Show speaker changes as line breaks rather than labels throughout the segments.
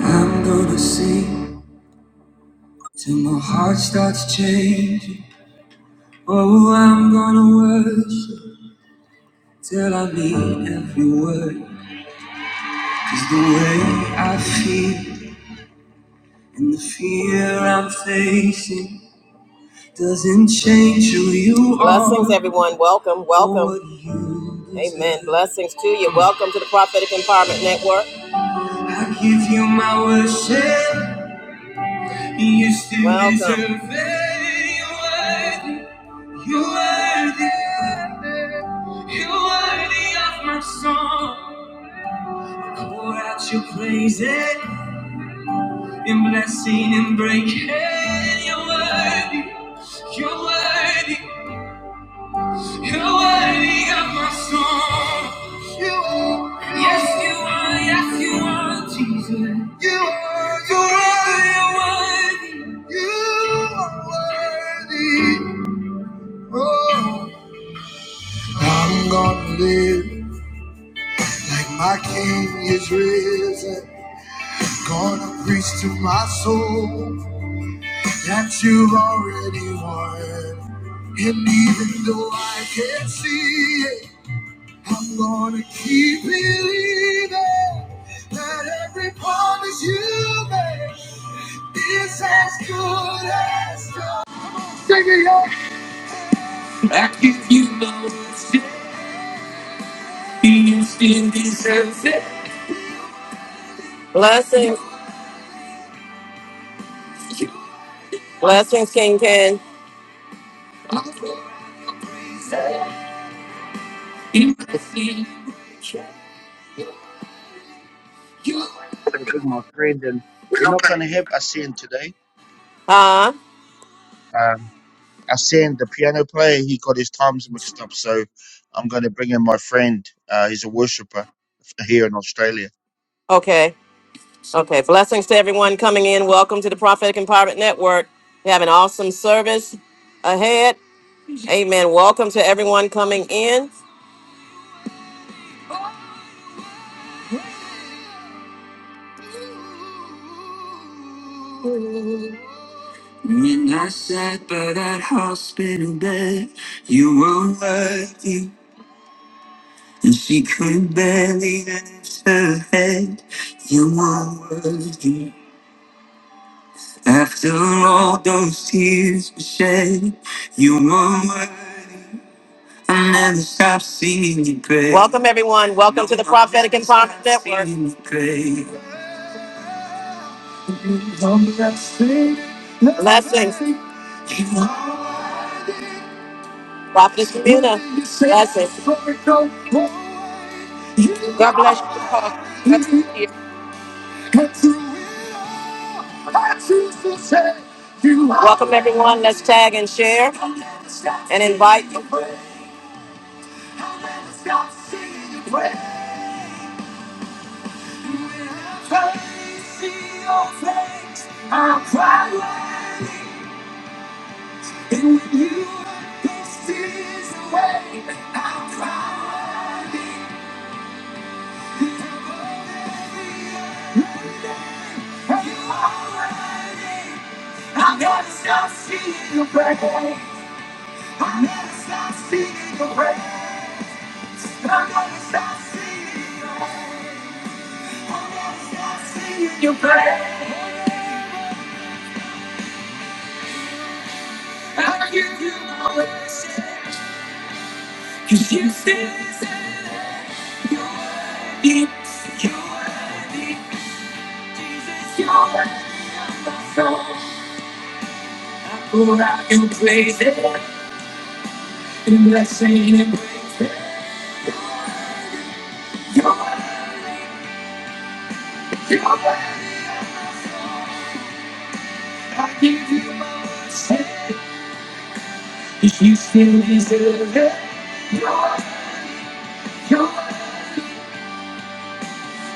I'm gonna sing till my heart starts changing. Oh, I'm gonna worship till I mean every word. 'Cause the way I feel and the fear I'm facing doesn't change who you are. Blessings, everyone. Welcome, welcome. or what you deserve. Amen. Blessings to you. Welcome to the Prophetic Empowerment Network. I give you my worship. You still welcome. deserve it. You're worthy. You are worthy, you are worthy of my song. Pour out your praise it in blessing and breaking. You're worthy, you're worthy, you're worthy of my song. You are, yes you are, yes you are, Jesus. You are, you are, you're worthy, you are worthy. Oh, the King is risen. Gonna preach to my soul that you've already won. And even though I can't see it, I'm gonna keep believing that every promise you make is as good as done. I give you my worst, you still deserve it. Blessings, blessings, King Ken.
going to bring my friend, and we're not going to have Asen today.
Huh?
Um, Asen, the piano player, he got his times mixed up, so I'm going to bring in my friend. Uh, he's a worshipper here in Australia.
Okay. Okay, blessings to everyone coming in. Welcome to the Prophetic Empowerment Network. We have an awesome service ahead. Amen. Welcome to everyone coming in. When I sat by that hospital bed, you were worthy, and she couldn't barely lift her head. You were worthy. After all those tears were shed, you were worthy. And it's top secret. Welcome, everyone. Welcome to the Prophetic and Prophet Network. Secret. Blessings. Prophetess Communal. Blessings.
God bless you, Apostle. Blessings to you.
Welcome, everyone. Let's tag and share and invite. I see your face, I'll cry ready. And when you this is away, I'll cry ready. You have you already? I never stop seeing your praise. I never stop seeing your praise. I never stop seeing your face. seeing your praise. I give you my wishes, 'cause you still say you It's your name, Jesus, your soul. Who I can praise it and bless it and praise it. Your your I give you my worship. If you still deserve it, your your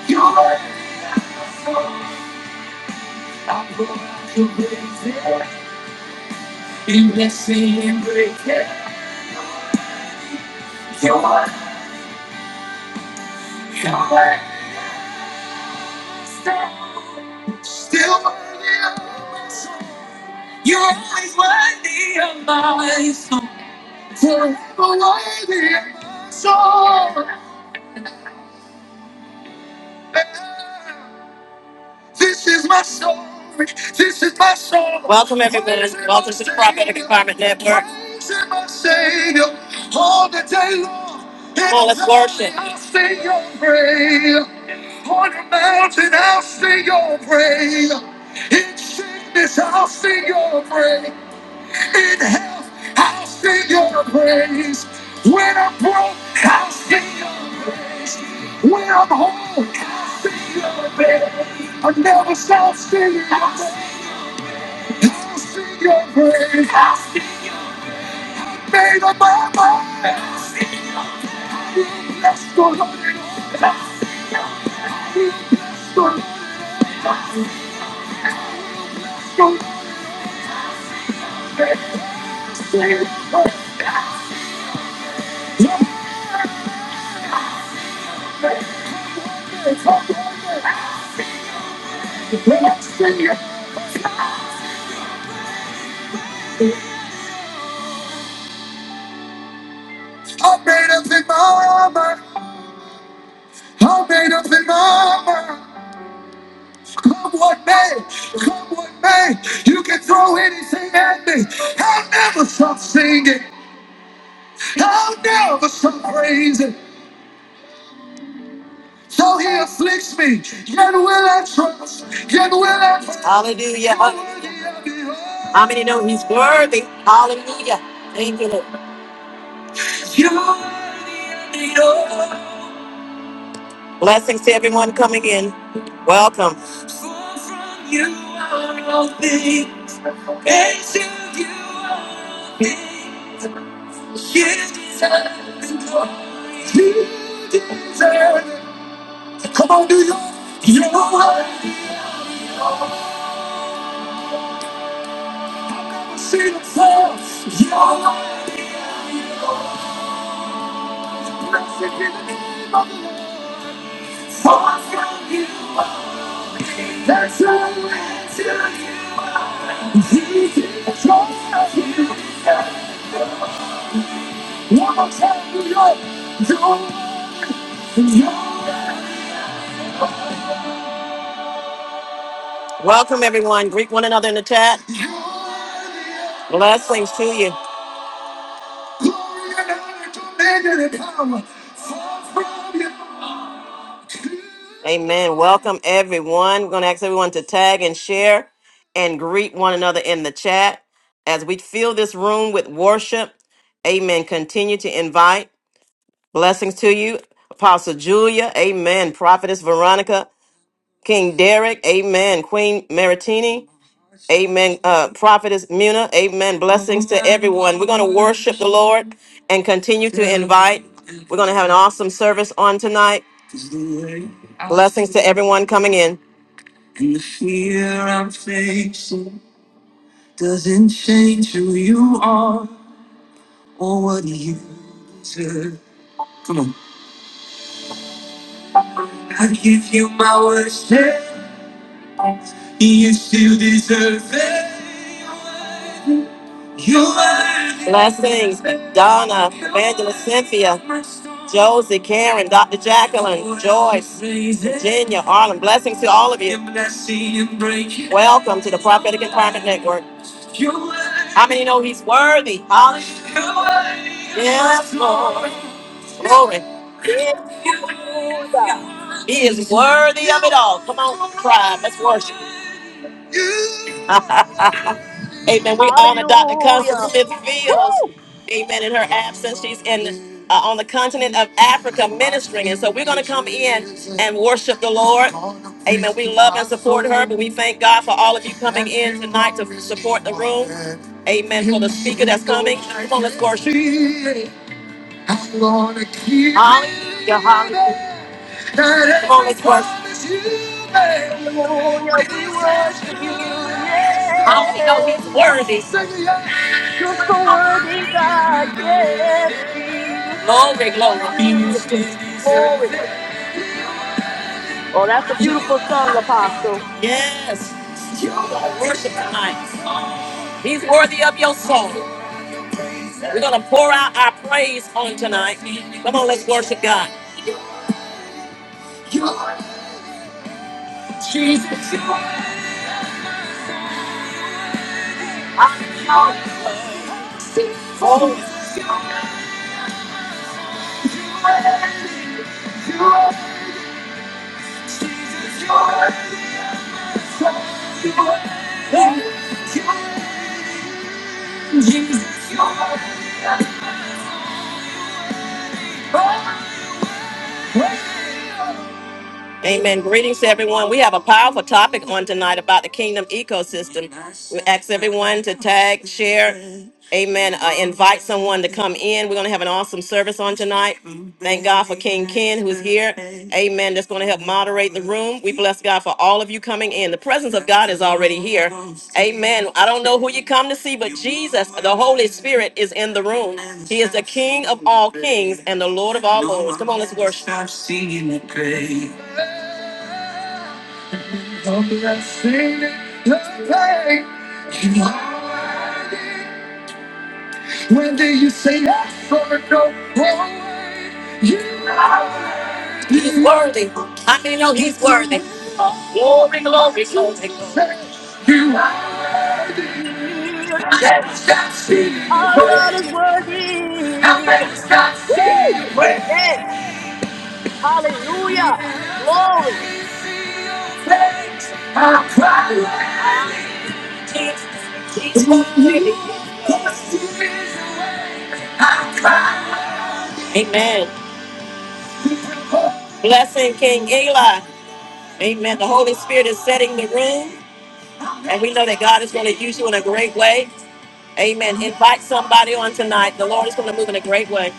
your soul. I go out to praise it and bless it and praise it. Your your soul. Still worthy of my soul. You're always worthy of my song. You're worthy of my song. This is my song. This is my song. Welcome everyone. Welcome to the Prophetic Empowerment Network. Praising my Savior all the day long. Come on, let's worship. I'll sing your praise. On the mountain, I'll sing your praise. In sickness, I'll sing your praise. in health, I'll sing your praise. When I'm broke, I'll sing your praise. When I'm whole, I'll sing your praise. I never stop singing your praise. I'll sing your praise. I'll sing. Made up my mind. I'll sing. Bless the Lord. and I'll sing. I'll sing. Bless the Lord. and I'll sing. your praise. I'll sing your praise. I'll sing your praise. I'm made up in my mind. I'm made up in my mind. Come what may, come what may, you can throw anything at me. I'll never stop singing. I'll never stop praising. So he afflicts me, yet will I trust, yet will I trust? Hallelujah, hallelujah. How many know he's worthy? Hallelujah. Thank you, Lord. You're worthy of the Blessings to everyone coming in. Welcome. For from you are all things, and to you are all things. You deserve the glory. You deserve it. Come on, New York. You're worthy. See the floor. You're worthy. Blessed be the name of the Lord. Far from you. That's all I do. He's in control of you. One more time, New York. You're- you're- Welcome, everyone. Greet one another in the chat. Blessings to you. Glory and honor, dominion and power. fall from you. Amen. Welcome everyone. We're going to ask everyone to tag and share and greet one another in the chat as we fill this room with worship. Amen. Continue to invite blessings to you. Apostle Julia. Amen. Prophetess Veronica. King Derek. Amen. Queen Maritini. Amen. Uh, Prophetess Muna, amen. Blessings to everyone. We're going to worship the Lord and continue to invite. We're going to have an awesome service on tonight. Blessings to everyone coming in. And the fear I'm facing doesn't change who you are or what you deserve. Come on. I give you my worship. You still deserve it. Blessings, Donna, Evangelist Cynthia, Josie, Karen, Dr. Jacqueline, Joyce, Virginia, Arlen. Blessings to all of you. Welcome to the Prophetic Empowerment Network. How many know he's worthy? Hallelujah. Yes, Lord. Glory.
Hallelujah.
He is worthy of it all. Come on, cry. Let's worship. Amen. We honor Dr. Constance
Hallelujah.
Smith Fields. Amen. In her absence, she's in uh, on the continent of Africa ministering, and so we're going to come in and worship the Lord. Amen. We love and support her, but we thank God for all of you coming in tonight to support the room. Amen. For the speaker that's coming, come on, let's worship. I'm gonna keep Hallelujah, hallelujah. Come on, let's worship.
Hallelujah. We worship you.
How many know
Yeah.
he's worthy?
You're so worthy, God.
Glory, glory.
Yes, Jesus. Hallelujah. Glory. Oh, that's a beautiful song, Apostle.
Yes. We're gonna Worship tonight. He's worthy of your song. We're going to pour out our praise on him tonight. Come on, let's worship God. Jesus. Oh, Jesus. Amen. Greetings to everyone. We have a powerful topic on tonight about the kingdom ecosystem. We ask everyone to tag, share, amen, uh, invite someone to come in. We're going to have an awesome service on tonight. Thank God for King Ken who's here. Amen. That's going to help moderate the room. We bless God for all of you coming in. The presence of God is already here. Amen. I don't know who you come to see, but Jesus, the Holy Spirit, is in the room. He is the King of all kings and the Lord of all lords. Come on, let's worship. Stop singing the grave. Don't let sin play. You are worthy. When did you say yes or no? Always. You are He's it. worthy. I can know he's worthy. Glory, glory, glory. You are it.
Jesus.
I never stop seeing your
Our God is
ways. I
worthy.
never stop seeing
Woo!
your ways.
Yes. Hallelujah. Glory.
I cry. It's my baby. Amen. Blessing King Eli. Amen. The Holy Spirit is setting the room, and we know that God is going to use you in a great way. Amen. Invite somebody on tonight. The Lord is going to move in a great way.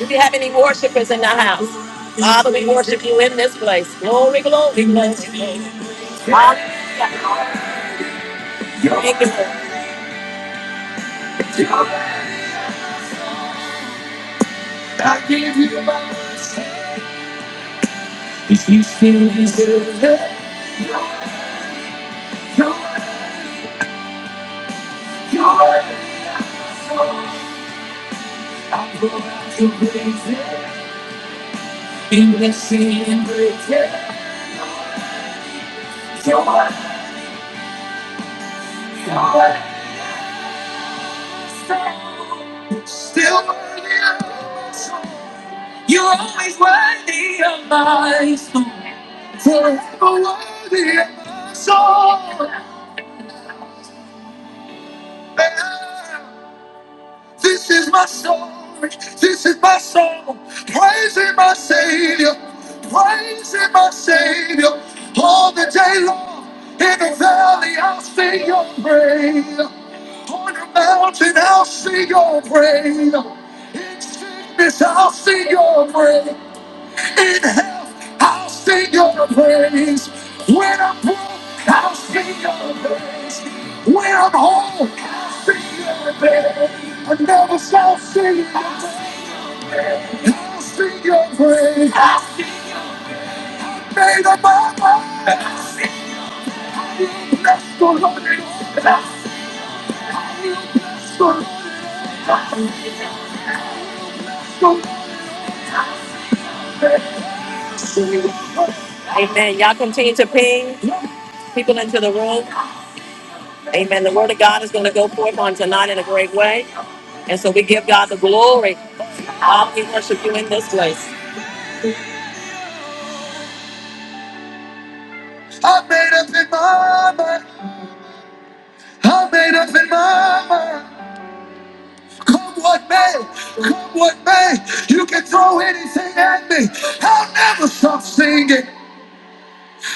Do we have any worshipers in the house? Father, we worship you in this place. Glory, glory, glory. glory. Hallelujah. Thank you, Lord. I give you my life. if you still deserve it. Your, your, I'm going to raise it in the same breath. Yeah. Your, your, still, still, You're always worthy of my soul. Forever worthy of my soul. Yeah. This is my soul. This is my soul. Praising my Savior. Praising my Savior. All the day long. In the valley, I'll sing your praise. On the mountain, I'll sing your praise. In sickness, I'll sing your praise. in health, I'll sing your praise. When I'm broke, I'll sing your praise. When I'm whole, I'll sing your praise. I never shall sing your praise. I'll sing your praise. I'll sing- Made up my mind. I'll sing you. Bless the Lord. I'll Bless the Lord. I'll Bless the Lord. I'll sing your praise. Amen. Y'all continue to ping people into the room. Amen. The word of God is going to go forth on tonight in a great way. And so we give God the glory. All we worship you in this place. I made up in my mind. I made up in my mind. Come what may, come what may. You can throw anything at me. I'll never stop singing.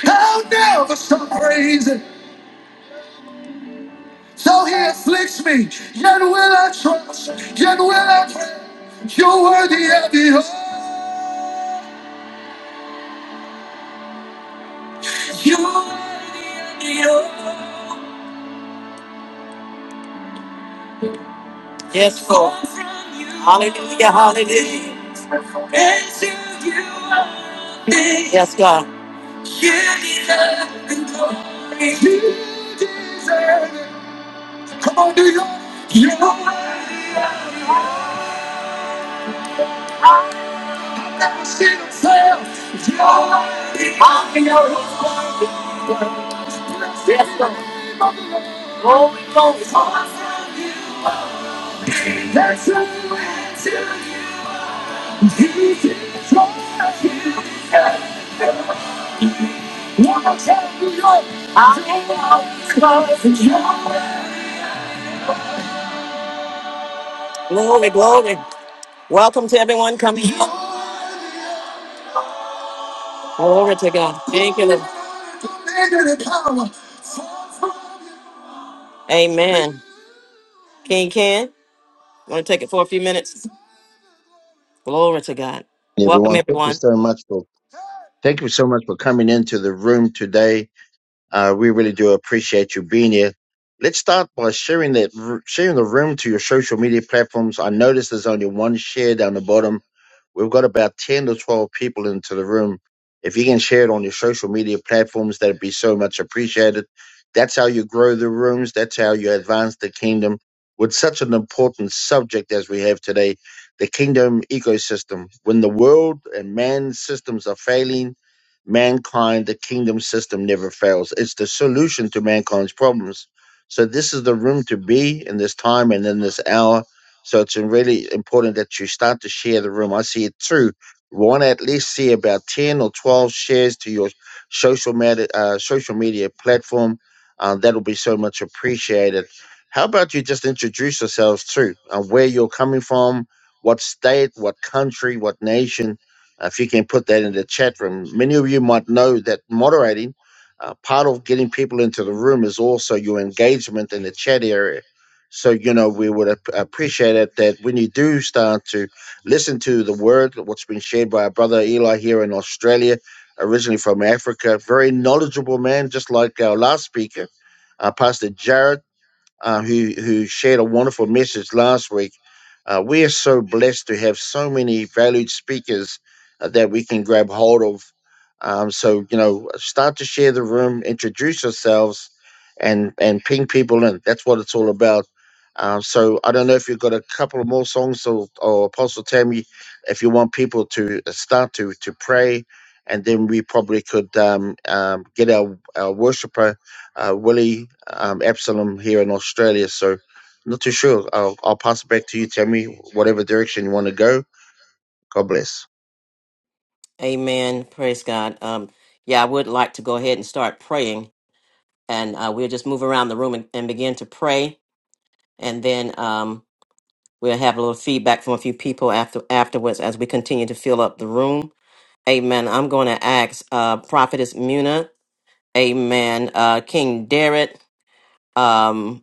I'll never stop praising. Though he afflicts me, yet will I trust, yet will I pray. You're worthy of the Yes, Lord. Hallelujah, hallelujah. Yes, God. Come on, do you? You know what? I've never seen a fail. You're worthy of your love. Yes, Lord. That's who answered you. Jesus, Lord, you. Glory, glory. Welcome to everyone coming. Glory to God. Thank you. Lord. Amen. King Ken, want to take it for a few minutes? Glory to God. Welcome,
Everyone, thank you
everyone.
so much for thank you so much for coming into the room today. Uh, we really do appreciate you being here. Let's start by sharing that sharing the room to your social media platforms. I noticed there's only one share down the bottom We've got about 10 to 12 people into the room. If you can share it on your social media platforms, that'd be so much appreciated. That's how you grow the rooms. That's how you advance the kingdom with such an important subject as we have today the kingdom ecosystem. When the world and man's systems are failing, mankind, the kingdom system never fails. It's the solution to mankind's problems. So, this is the room to be in this time and in this hour so it's really important that you start to share the room. I see it too. Want to at least see about ten or twelve shares to your social media uh, social media platform. Uh, that'll be so much appreciated. How about you just introduce yourselves too, uh, where you're coming from, what state, what country, what nation. Uh, if you can put that in the chat room, many of you might know that moderating. Uh, part of getting people into the room is also your engagement in the chat area so, you know, we would ap- appreciate it that when you do start to listen to the word, what's been shared by our brother Eli here in Australia, originally from Africa, very knowledgeable man, just like our last speaker, uh, Pastor Jared uh, who who shared a wonderful message last week. Uh, we are so blessed to have so many valued speakers uh, that we can grab hold of. Um, so you know, start to share the room, introduce yourselves, and and ping people in. That's what it's all about. Um, so I don't know if you've got a couple of more songs or, or Apostle Tammy, if you want people to uh, start to to pray, and then we probably could um, um, get our, our worshiper uh, Willie um, Absalom here in Australia. So, not too sure. I'll, I'll pass it back to you. Tell me whatever direction you want to go. God bless.
Amen. Praise God. Um, yeah, I would like to go ahead and start praying, and uh, we'll just move around the room and, and begin to pray, and then um, we'll have a little feedback from a few people after afterwards as we continue to fill up the room. Amen. I'm going to ask uh, Prophetess Muna. Amen. Uh, King Derek. Um,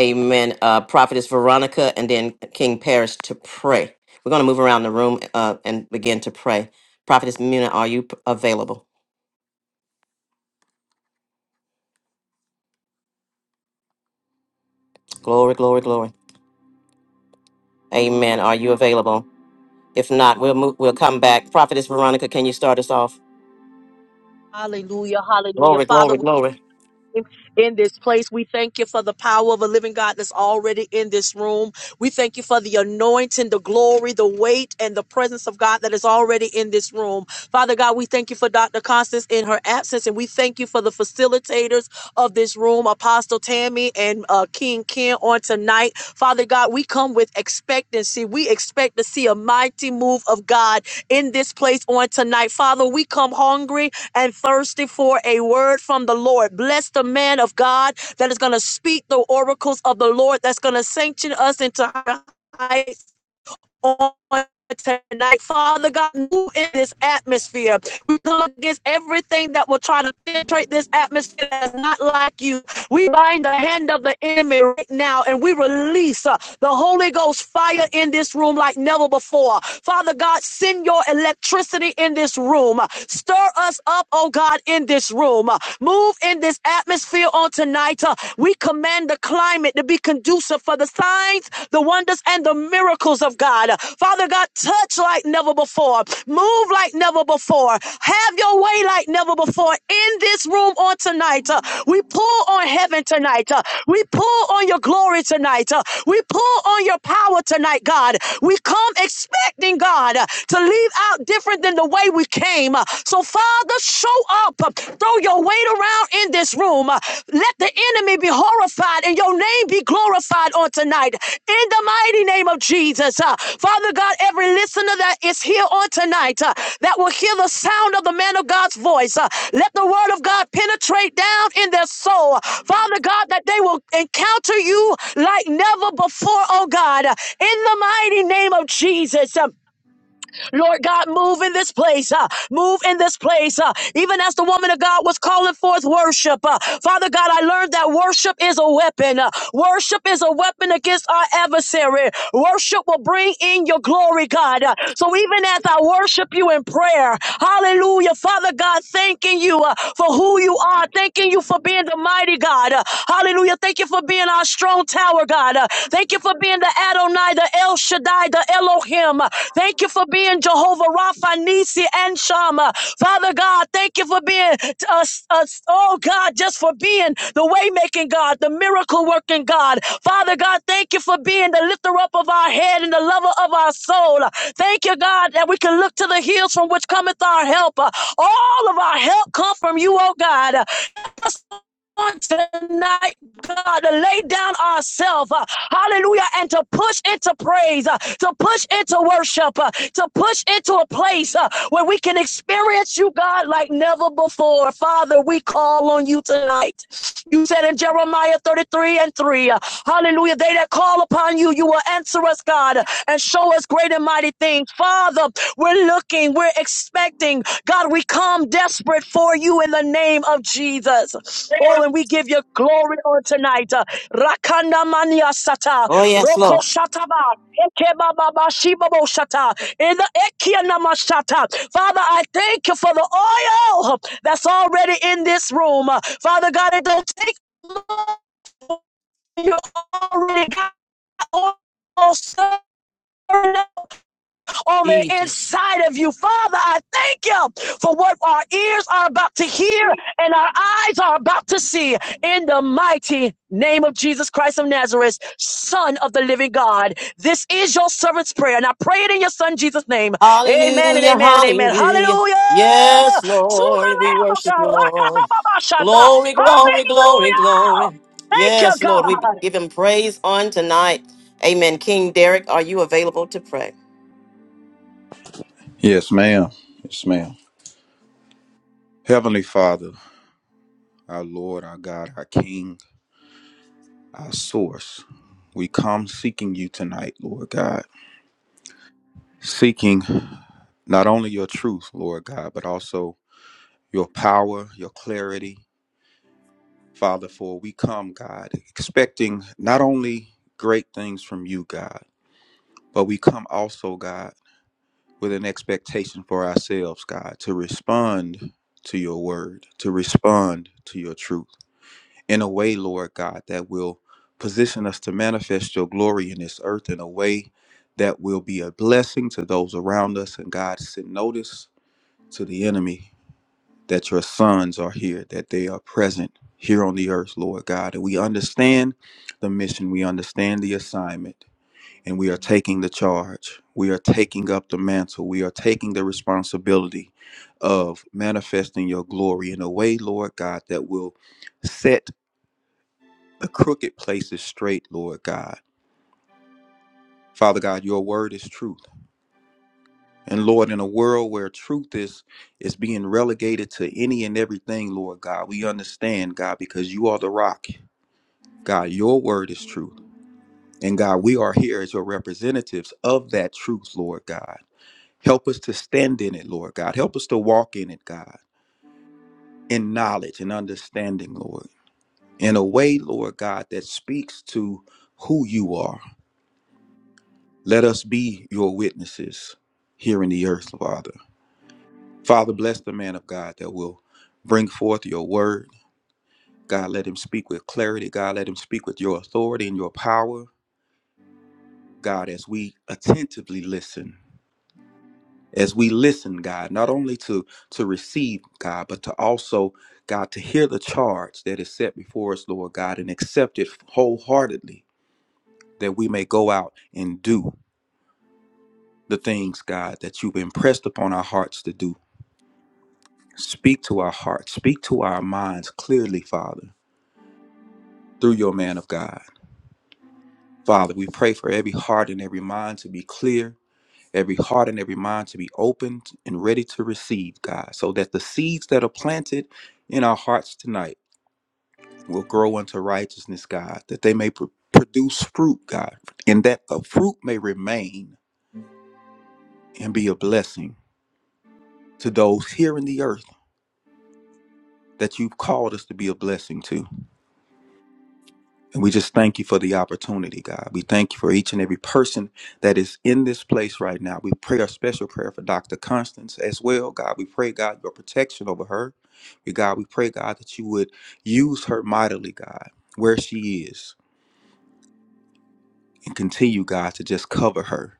amen. Uh, Prophetess Veronica, and then King Paris to pray. We're going to move around the room uh, and begin to pray. Prophetess Muna, are you p- available? Glory, glory, glory. Amen. Are you available? If not, we'll move, we'll come back. Prophetess Veronica, can you start us off?
Hallelujah. Hallelujah.
Glory,
Father,
glory, glory.
in this place. We thank you for the power of a living God that's already in this room. We thank you for the anointing, the glory, the weight, and the presence of God that is already in this room. Father God, we thank you for Dr. Constance in her absence, and we thank you for the facilitators of this room, Apostle Tammy and uh, King Ken on tonight. Father God, we come with expectancy. We expect to see a mighty move of God in this place on tonight. Father, we come hungry and thirsty for a word from the Lord. Bless the man of God that is going to speak the oracles of the Lord that's going to sanction us into on tonight. Father God, move in this atmosphere. We come against everything that will try to penetrate this atmosphere that's not like you. We bind the hand of the enemy right now and we release uh, the Holy Ghost fire in this room like never before. Father God, send your electricity in this room. Stir us up, oh God, in this room. Move in this atmosphere on tonight. Uh, We command the climate to be conducive conducive for the signs, the wonders, and the miracles of God. Father God, touch like never before, move like never before, have your way like never before in this room on tonight. Uh, We pull on heaven tonight. Uh, We pull on your glory tonight. Uh, We pull on your power tonight, God. We come expecting God uh, to leave out different than the way we came. Uh, So, Father, show up. Uh, Throw your weight around in this room. Uh, Let the enemy be horrified and your name be glorified on tonight. In the mighty name of Jesus. Uh, Father God, every listener that is here on tonight uh, that will hear the sound of the man of God's voice, uh, let the word of God penetrate down in their soul. Father God, that they will encounter you like never before, oh God. Uh, In the mighty name of Jesus. Um, Lord God, move in this place. Uh, move in this place. Uh, even as the woman of God was calling forth worship. Uh, Father God, I learned that worship is a weapon. Uh, worship is a weapon against our adversary. Worship will bring in your glory, God. Uh, so even as I worship you in prayer, hallelujah, Father God, thanking you uh, for who you are. Thanking you for being the mighty God. Uh, hallelujah. Thank you for being our strong tower, God. Uh, Thank you for being the Adonai, the El Shaddai, the Elohim. Thank you for being Jehovah Rapha, Nisi, and Shama. Father God, thank you for being us, us, oh God, just for being the way making God, the miracle working God. Father God, thank you for being the lifter up of our head and the lover of our soul. Thank you, God, that we can look to the hills from which cometh our help. All of our help come from you, oh God tonight, God, to lay down ourselves, uh, hallelujah, and to push into praise, uh, to push into worship, uh, to push into a place uh, where we can experience you, God, like never before. Father, we call on you tonight. You said in Jeremiah 33 and 3, uh, hallelujah, they that call upon you, you will answer us, God, and show us great and mighty things. Father, we're looking, we're expecting. God, we come desperate for you in the name of Jesus. Oh, and we give you glory on tonight. Uh, Rakanda mania sata,
Oh yes,
roko
Lord.
shataba, eke baba ba bo shata, in the ekia nama shata. Father, I thank you for the oil that's already in this room. Uh, Father God, it don't take long. You already got oil stirring on the
Jesus.
inside of you. Father, I thank you for what our ears are about to hear and our eyes are about to see in the mighty name of Jesus Christ of Nazareth, Son of the living God. This is your servant's prayer, and I pray it in your Son Jesus' name. Amen and
Hallelujah,
amen and amen.
hallelujah.
Hallelujah!
Yes,
To the
Lord, we
Lamb of
worship you,
God.
Lord.
Rakatababashata.
Glory, glory, glory,
Hallelujah!
glory.
Thank you,
Yes, Lord,
God.
we give him praise on tonight. Amen. King Derek, are you available to pray?
Yes, ma'am. Yes, ma'am. Heavenly Father, our Lord, our God, our King, our source, we come seeking you tonight, Lord God, seeking not only your truth, Lord God, but also your power, your clarity, Father, for we come, God, expecting not only great things from you, God, but we come also, God, with an expectation for ourselves, God, to respond to your word, to respond to your truth. in a way, Lord God, that will position us to manifest your glory in this earth in a way that will be a blessing to those around us. And God, send notice to the enemy that your sons are here, that they are present here on the earth, Lord God. And we understand the mission, we understand the assignment, and we are taking the charge. We are taking up the mantle, we are taking the responsibility of manifesting your glory in a way, Lord God, that will. Set the crooked place is straight, Lord God. Father God, your word is truth. And Lord, in a world where truth is is being relegated to any and everything, Lord God, we understand, God, because you are the rock. God, your word is truth. And God, we are here as your representatives of that truth, Lord God. Help us to stand in it, Lord God. Help us to walk in it, God, in knowledge and understanding, Lord, in a way, Lord God, that speaks to who you are Let us be your witnesses here in the earth, Father. Father, bless the man of God that will bring forth your word. God, let him speak with clarity. God, let him speak with your authority and your power. God, as we attentively listen, as we listen, God, not only to, to receive, God, but to also, God, to hear the charge that is set before us, Lord God, and accept it wholeheartedly that we may go out and do the things, God, that you've impressed upon our hearts to do Speak to our hearts, speak to our minds clearly, Father, through your man of God. Father, we pray for every heart and every mind to be clear, every heart and every mind to be opened and ready to receive, God, so that the seeds that are planted in our hearts tonight will grow unto righteousness, God, that they may pr- produce fruit, God, and that the fruit may remain and be a blessing to those here in the earth that you've called us to be a blessing to. And we just thank you for the opportunity, God. We thank you for each and every person that is in this place right now. We pray a special prayer for Dr. Constance as well, God. We pray, God, your protection over her. We, God, we pray, God, that you would use her mightily, God, where she is, and continue, God, to just cover her.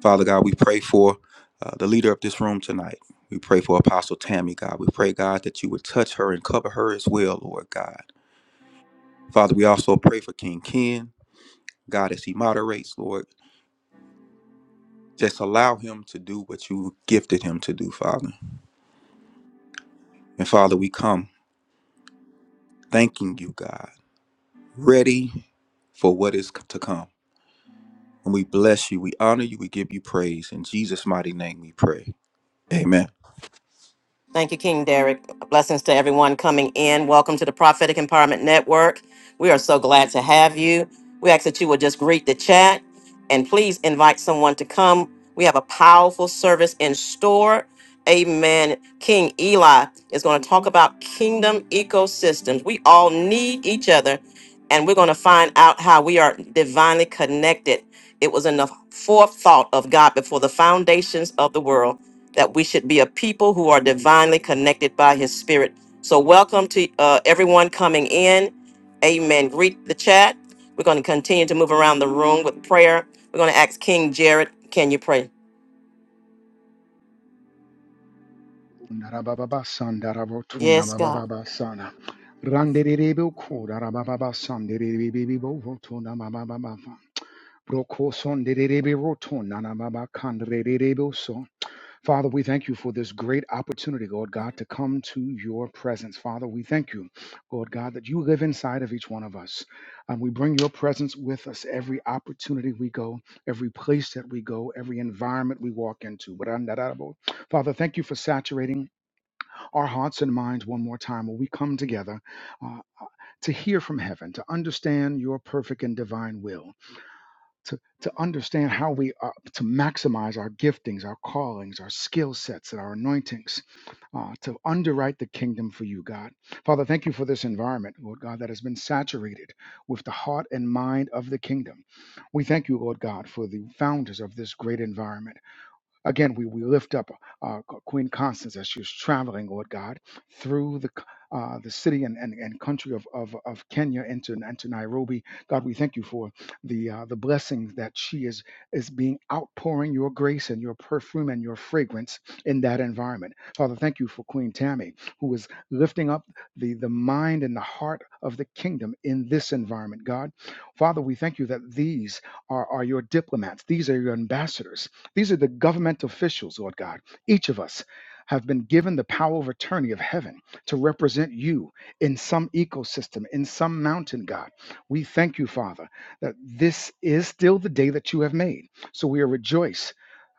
Father God, we pray for uh, the leader of this room tonight. We pray for Apostle Tammy, God. We pray, God, that you would touch her and cover her as well, Lord God. Father, we also pray for King Ken. God, as he moderates, Lord Just allow him to do what you gifted him to do, Father. And Father, we come thanking you, God, ready for what is to come. And we bless you, we honor you, we give you praise. In Jesus' mighty name we pray. Amen.
Thank you, King Derek. Blessings to everyone coming in. Welcome to the Prophetic Empowerment Network. We are so glad to have you. We ask that you would just greet the chat and please invite someone to come. We have a powerful service in store. Amen. King Eli is going to talk about kingdom ecosystems. We all need each other, and we're going to find out how we are divinely connected. It was in the forethought of God before the foundations of the world that we should be a people who are divinely connected by his spirit. So, welcome to uh, everyone coming in. Amen. Greet the chat. We're going to continue to move around the room with prayer. We're going to ask King Jared, can you pray? Yes, God.
Narabababasandarabotunamabababasana. Randererebokudarabababasandererebebebovotunamabababa. Brokosonderereberotunanamabakandererebeso. Father, we thank you for this great opportunity, Lord God, to come to your presence. Father, we thank you, Lord God, that you live inside of each one of us. And we bring your presence with us every opportunity we go, every place that we go, every environment we walk into. Randarabo. Father, thank you for saturating our hearts and minds one more time when we come together uh, to hear from heaven, to understand your perfect and divine will, to, to understand how we are to maximize our giftings, our callings, our skill sets, and our anointings, uh, to underwrite the kingdom for you, God. Father, thank you for this environment, Lord God, that has been saturated with the heart and mind of the kingdom. We thank you, Lord God, for the founders of this great environment. Again, we, we lift up uh, Queen Constance as she was traveling, Lord God, through the c- uh, the city and, and, and country of, of, of Kenya into, into Nairobi. God, we thank you for the uh, the blessings that she is is being outpouring your grace and your perfume and your fragrance in that environment. Father, thank you for Queen Tammy, who is lifting up the, the mind and the heart of the kingdom in this environment, God. Father, we thank you that these are, are your diplomats, these are your ambassadors these are the government officials, Lord God. Each of us have been given the power of attorney of heaven to represent you in some ecosystem, in some mountain, God. We thank you, Father, that this is still the day that you have made. So we are rejoiced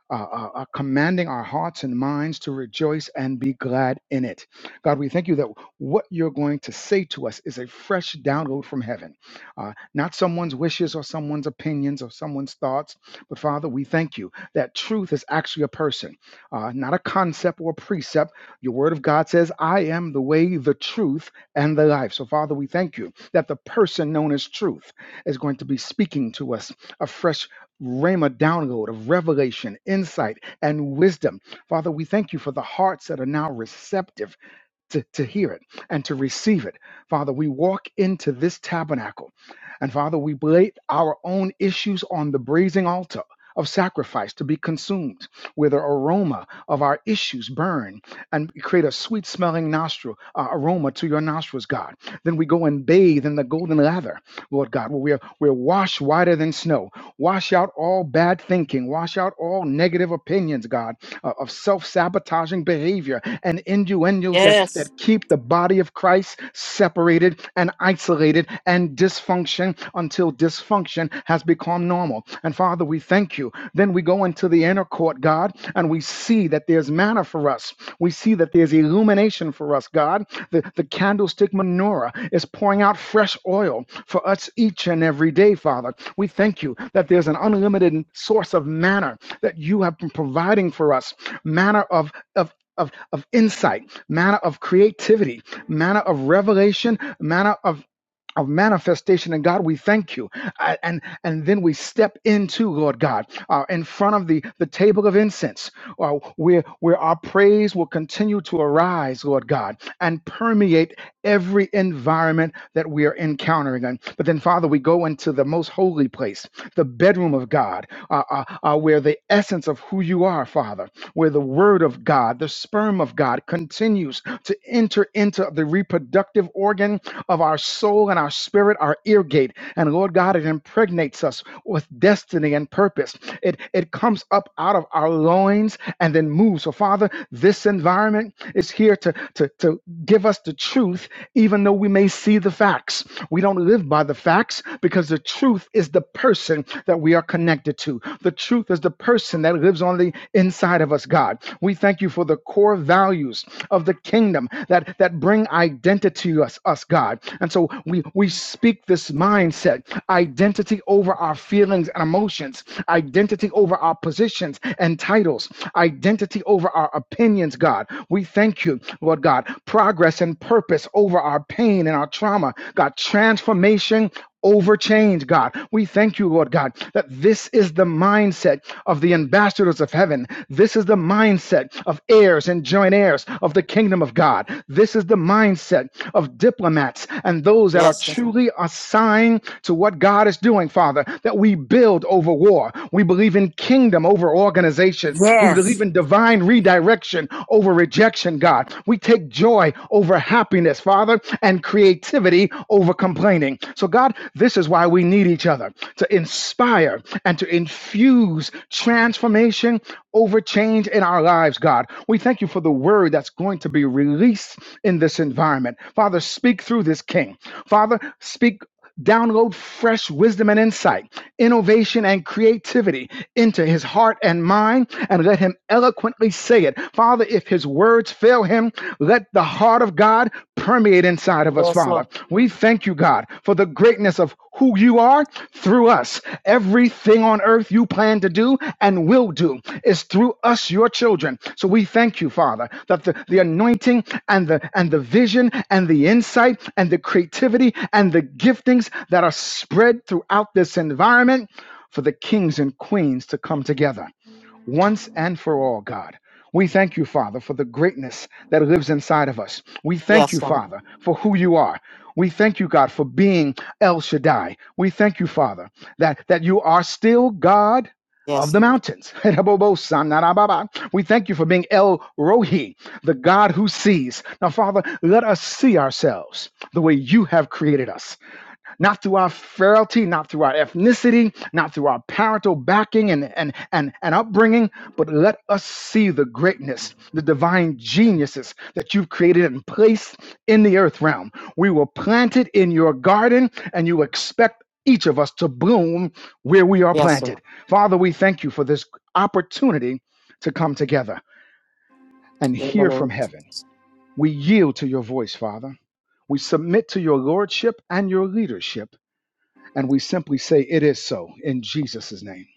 uh, uh, uh, commanding our hearts and minds to rejoice and be glad in it. God, we thank you that what you're going to say to us is a fresh download from heaven, uh, not someone's wishes or someone's opinions or someone's thoughts. But Father, we thank you that truth is actually a person, uh, not a concept or precept. Your word of God says, I am the way, the truth, and the life. So, Father, we thank you that the person known as truth is going to be speaking to us a fresh. Rhema download of revelation, insight, and wisdom. Father, we thank you for the hearts that are now receptive to, to hear it and to receive it. Father, we walk into this tabernacle. And Father, we lay our own issues on the brazen altar of sacrifice to be consumed, where the aroma of our issues burn and create a sweet smelling nostril uh, aroma to your nostrils, God. Then we go and bathe in the golden lather Lord God, where we're, we're washed whiter than snow. Wash out all bad thinking. Wash out all negative opinions, God, uh, of self sabotaging behavior and innuendos that,
Yes.
that keep the body of Christ separated and isolated and dysfunction until dysfunction has become normal. And Father, we thank you. Then we go into the inner court, God, and we see that there's manna for us. We see that there's illumination for us, God. The, the candlestick menorah is pouring out fresh oil for us each and every day, Father. We thank you that there's an unlimited source of manna that you have been providing for us, manna of, of of, of insight, manna of creativity, manna of revelation, manna of of manifestation and god we thank you I- and and then we step into lord god uh, in front of the the table of incense uh, where where our praise will continue to arise lord god and permeate every environment that we are encountering in. But then, Father, we go into the most holy place, the bedroom of God, uh, uh, uh, where the essence of who you are, Father, where the word of God, the sperm of God continues to enter into the reproductive organ of our soul and our spirit, our ear gate. And Lord God, it impregnates us with destiny and purpose. It, it comes up out of our loins and then moves. So, Father, this environment is here to, to, to to give us the truth, even though we may see the facts. We don't live by the facts because the truth is the person that we are connected to. The truth is the person that lives on the inside of us, God. We thank you for the core values of the kingdom that, that bring identity to us, us, God. And so we, we speak this mindset identity over our feelings and emotions, identity over our positions and titles, identity over our opinions, God. We thank thank you, Lord God. Progress and purpose over our pain and our trauma. God, transformation over change, God. We thank you, Lord God, that this is the mindset of the ambassadors of heaven. This is the mindset of heirs and joint heirs of the kingdom of God. This is the mindset of diplomats and those that are
Yes, God.
truly assigned to what God is doing, Father, that we build over war. We believe in kingdom over organization. We believe
Yes.
in divine redirection direction over rejection, God. We take joy over happiness, Father, and creativity over complaining. So, God, this is why we need each other to inspire and to infuse transformation over change in our lives, God. We thank you for the word that's going to be released in this environment. Father, speak through this king. Father, speak download fresh wisdom and insight, innovation and creativity into his heart and mind, and let him eloquently say it. Father, if his words fail him, let the heart of God permeate inside of us,
Yes, Lord.
Father. We thank you, God, for the greatness of who you are through us Everything on earth you plan to do and will do is through us, your children. So we thank you, Father, that the, the anointing and the and the vision and the insight and the creativity and the giftings that are spread throughout this environment for the kings and queens to come together once and for all, God. We thank you, Father, for the greatness that lives inside of us. We thank
Yes,
you,
God.
Father, for who you are. We thank you, God, for being El Shaddai. We thank you, Father, that, that you are still God of
Yes,
the
Lord.
mountains. We thank you for being El Rohi, the God who sees. Now, Father, let us see ourselves the way you have created us not through our frailty, not through our ethnicity, not through our parental backing and, and, and, and upbringing, but let us see the greatness, the divine geniuses that you've created and placed in the earth realm. We were planted in your garden, and you expect each of us to bloom where we are
Yes, Lord.
planted. Father, we thank you for this opportunity to come together and
In the
hear from
name.
heaven. We yield to your voice, Father. We submit to your lordship and your leadership and we simply say, It is so in Jesus' name.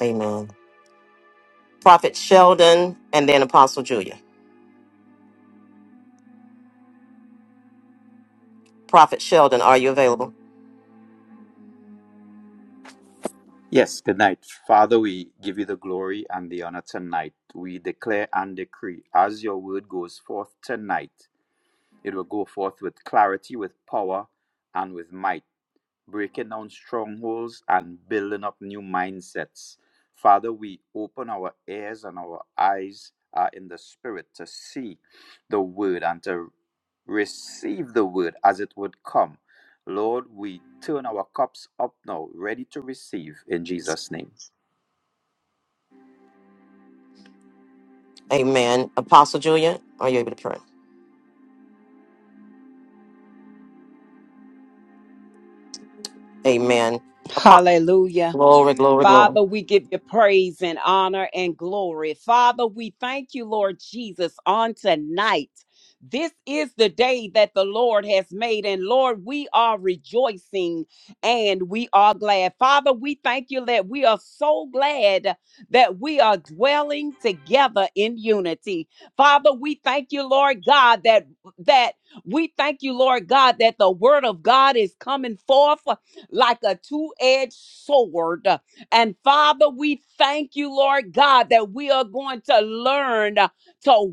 Amen. Prophet Sheldon and then Apostle Julia. Prophet Sheldon, are you available?
Yes, good night. Father, we give you the glory and the honor tonight. We declare and decree as your word goes forth tonight, it will go forth with clarity, with power, and with might breaking down strongholds and building up new mindsets. Father, we open our ears and our eyes uh, in the spirit to see the word and to receive the word as it would come. Lord, we turn our cups up now, ready to receive in Jesus' name.
Amen. Apostle Julia, are you able to pray? Amen. Apo-
Hallelujah.
Glory, glory, glory.
Father, we give you praise and honor and glory. Father, we thank you, Lord Jesus, on tonight. This is the day that the Lord has made, and Lord, we are rejoicing and we are glad. Father, we thank you that we are so glad that we are dwelling together in unity. Father, we thank you, Lord God, that that we thank you, Lord God, that the word of God is coming forth like a two-edged sword. And Father, we thank you, Lord God, that we are going to learn to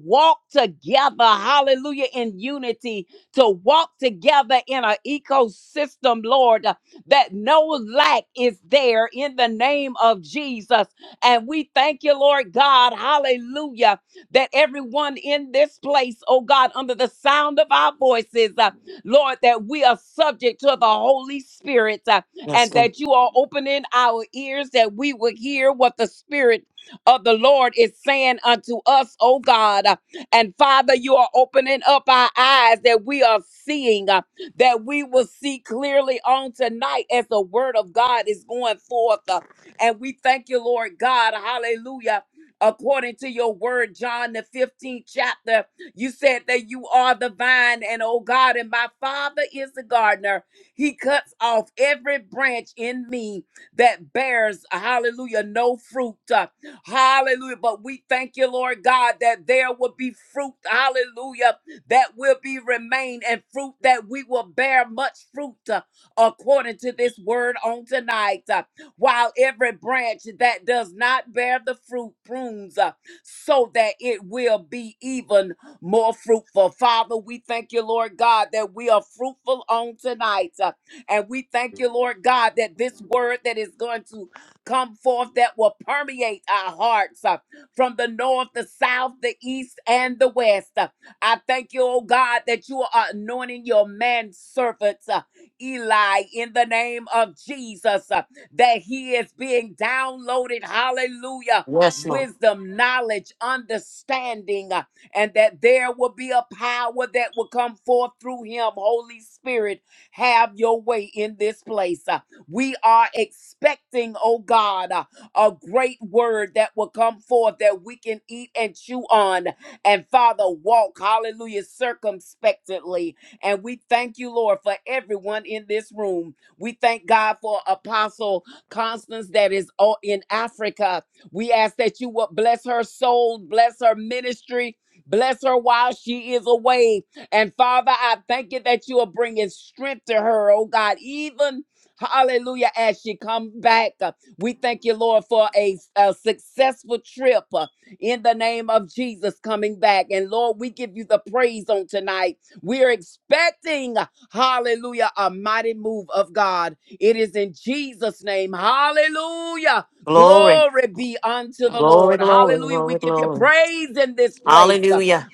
walk together, hallelujah, in unity, to walk together in an ecosystem, Lord, that no lack is there in the name of Jesus. And we thank you, Lord God, hallelujah, that everyone in this place, oh God, under the sound of our voices, uh, Lord, that we are subject to the Holy Spirit. uh,
Yes,
and
God.
that you are opening our ears that we would hear what the Spirit of the Lord is saying unto us, oh God. And Father, you are opening up our eyes that we are seeing, uh, that we will see clearly on tonight as the word of God is going forth. uh, And we thank you, Lord God. Hallelujah. According to your word, John, the 15th chapter, you said that you are the vine, and oh God, and my Father is the gardener. He cuts off every branch in me that bears, hallelujah, no fruit. Uh, Hallelujah. But we thank you, Lord God, that there will be fruit, hallelujah, that will be remain and fruit that we will bear much fruit uh, according to this word on tonight. Uh, While every branch that does not bear the fruit prunes uh, so that it will be even more fruitful. Father, we thank you, Lord God, that we are fruitful on tonight. Uh, And we thank you, Lord God, that this word that is going to come forth that will permeate our hearts uh, from the north, the south, the east, and the west. Uh, I thank you, oh God, that you are anointing your man servants, uh, Eli, in the name of Jesus, uh, that he is being downloaded. Hallelujah.
Yes, Lord.
Wisdom, knowledge, understanding. uh, and that there will be a power that will come forth through him. Holy Spirit, have your way in this place. Uh, We are expecting, oh God, uh, a great word that will come forth that we can eat and chew on. And Father, walk, hallelujah, circumspectly. And we thank you, Lord, for everyone in this room. We thank God for Apostle Constance that is o- in Africa. We ask that you will bless her soul, bless her ministry, Bless her while she is away. And Father, I thank you that you are bringing strength to her, oh God, even. Hallelujah. As she comes back, Uh, we thank you, Lord, for a, a successful trip uh, in the name of Jesus coming back. And Lord, we give you the praise on tonight. We're expecting, hallelujah, a mighty move of God. It is in Jesus' name. Hallelujah.
Glory,
Glory be unto the
glory,
Lord.
glory,
Hallelujah. We
glory,
give you
glory.
praise in this place.
Hallelujah.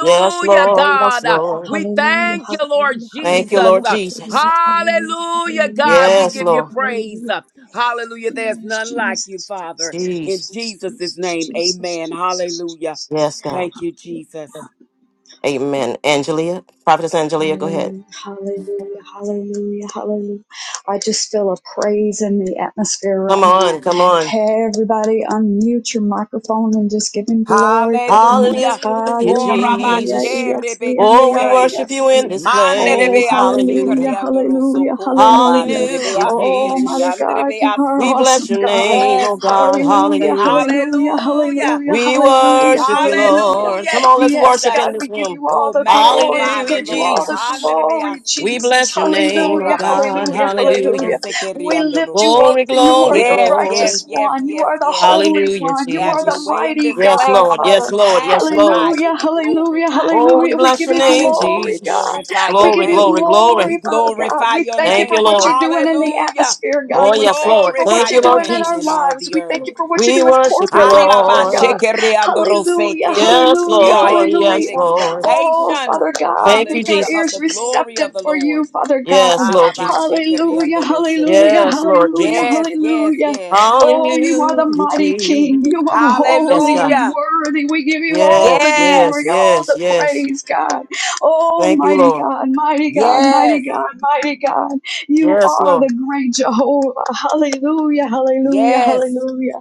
Yes, Lord. Yes,
God.
Lord.
We
Hallelujah,
thank you, Lord
hallelujah,
Thank you,
Jesus.
hallelujah,
Lord Jesus.
hallelujah, hallelujah,
Hallelujah,
hallelujah,
God. We
Yes,
give you
hallelujah,
Lord.
praise.
hallelujah.
Hallelujah. There's
Yes,
none like you,
Jesus,
Father.
Jesus,
In
Jesus.
Jesus,
Jesus'
Jesus,
name,
Jesus,
amen.
Jesus,
Hallelujah.
Jesus.
Yes, God.
Thank you, Jesus.
Hallelujah,
Amen. Angelia, Prophetess Angelia, go ahead.
Hallelujah, hallelujah, hallelujah, hallelujah. I just feel a praise in the atmosphere right
Come
now.
on, come on.
Hey, everybody, unmute your microphone and just give him glory for a few minutes.
Hallelujah.
Hallelujah,
Hallelujah, hallelujah,
Jesus.
Korabashe
yes, and
Oh, we
yeah,
rebekise.
worship
yes.
you in this
Mande de
Oh,
place.
beasi
Hallelujah.
hallelujah,
carriando
hallelujah,
rosoco rabande
hallelujah.
de
Hallelujah,
beasi
Oh, mighty
Jesus.
carriando de
God, you are
We
beasi.
bless
awesome,
your
God.
name, oh
Yes, Lord
God.
Jesus.
Hallelujah,
Hallelujah.
hallelujah,
Hallelujah.
hallelujah,
We
hallelujah,
worship you,
hallelujah.
Lord.
Hallelujah,
Come on, let's
Yes,
worship
Jesus.
in
God,
this
we give
room.
you all
Oh,
the glory. We
magnify the
give
Hallelujah,
you all
Lord.
the
Hande
Jesus.
de
glory,
We
beasi.
Jesus.
bless your name, oh
Hallelujah,
Corabashe
God.
hallelujah,
carriando
Hallelujah.
hallelujah.
rose
We
carriando
lift you
rose.
up
Glory,
for you are
glory,
the
Yes,
glory.
yes,
righteous
yes,
one. You
yes,
are the
yes.
holy
Hallelujah,
one. You
Have
are
your
the
Jesus.
way in
mighty
this
Yes,
God,
place,
Lord.
Lord.
Yes,
Father.
We
Lord. Yes, Lord.
magnify you.
Hallelujah,
We
hallelujah,
glorify you.
Oh, we
hallelujah. We
bless
give
your
you
name,
Hallelujah. We
glory,
Jesus.
God.
glorify your
We
Glory,
give you
glory,
name. We
glory.
glory, Father God.
glorify
We
your
thank you
Thank
for
you,
name.
what
Lord.
you're doing in the
Hallelujah.
atmosphere,
We
God.
Oh,
We
yes,
thank you
Lord.
for
glorify
what
Thank you,
you're
your
Lord
doing in
name
our
in
Jesus.
all
lives.
the
We thank
earth.
you for what you're
We
doing
worship you,
corporately, Father God.
Lord.
Hallelujah,
Harabashekereandoroseke.
Yes,
We
hallelujah,
are
Lord.
in great
hallelujah.
Yes, Lord.
Oh,
expectation.
Father God,
Thank you,
make our
Hallelujah. Of
Jesus.
ears
the glory
receptive
of the
for you,
Lord.
Father God.
Yes, Lord Jesus.
Hallelujah,
Harabashekereandoroseke.
hallelujah,
Yes, Lord
hallelujah,
Jesus.
Yes, yes,
hallelujah.
yes.
Oh, you are
Hallelujah,
the mighty
Jesus.
King. You are
Yes,
holy
God.
and
Hallelujah.
worthy. We give you all the
Yes, yes,
glory,
Yes,
all
yes,
the
yes.
praise, God. Oh,
Thank you,
mighty
Lord.
God, mighty God, mighty
yes,
God, mighty God. You
Yes,
are
Lord.
the great Jehovah. Hallelujah, hallelujah,
yes.
hallelujah.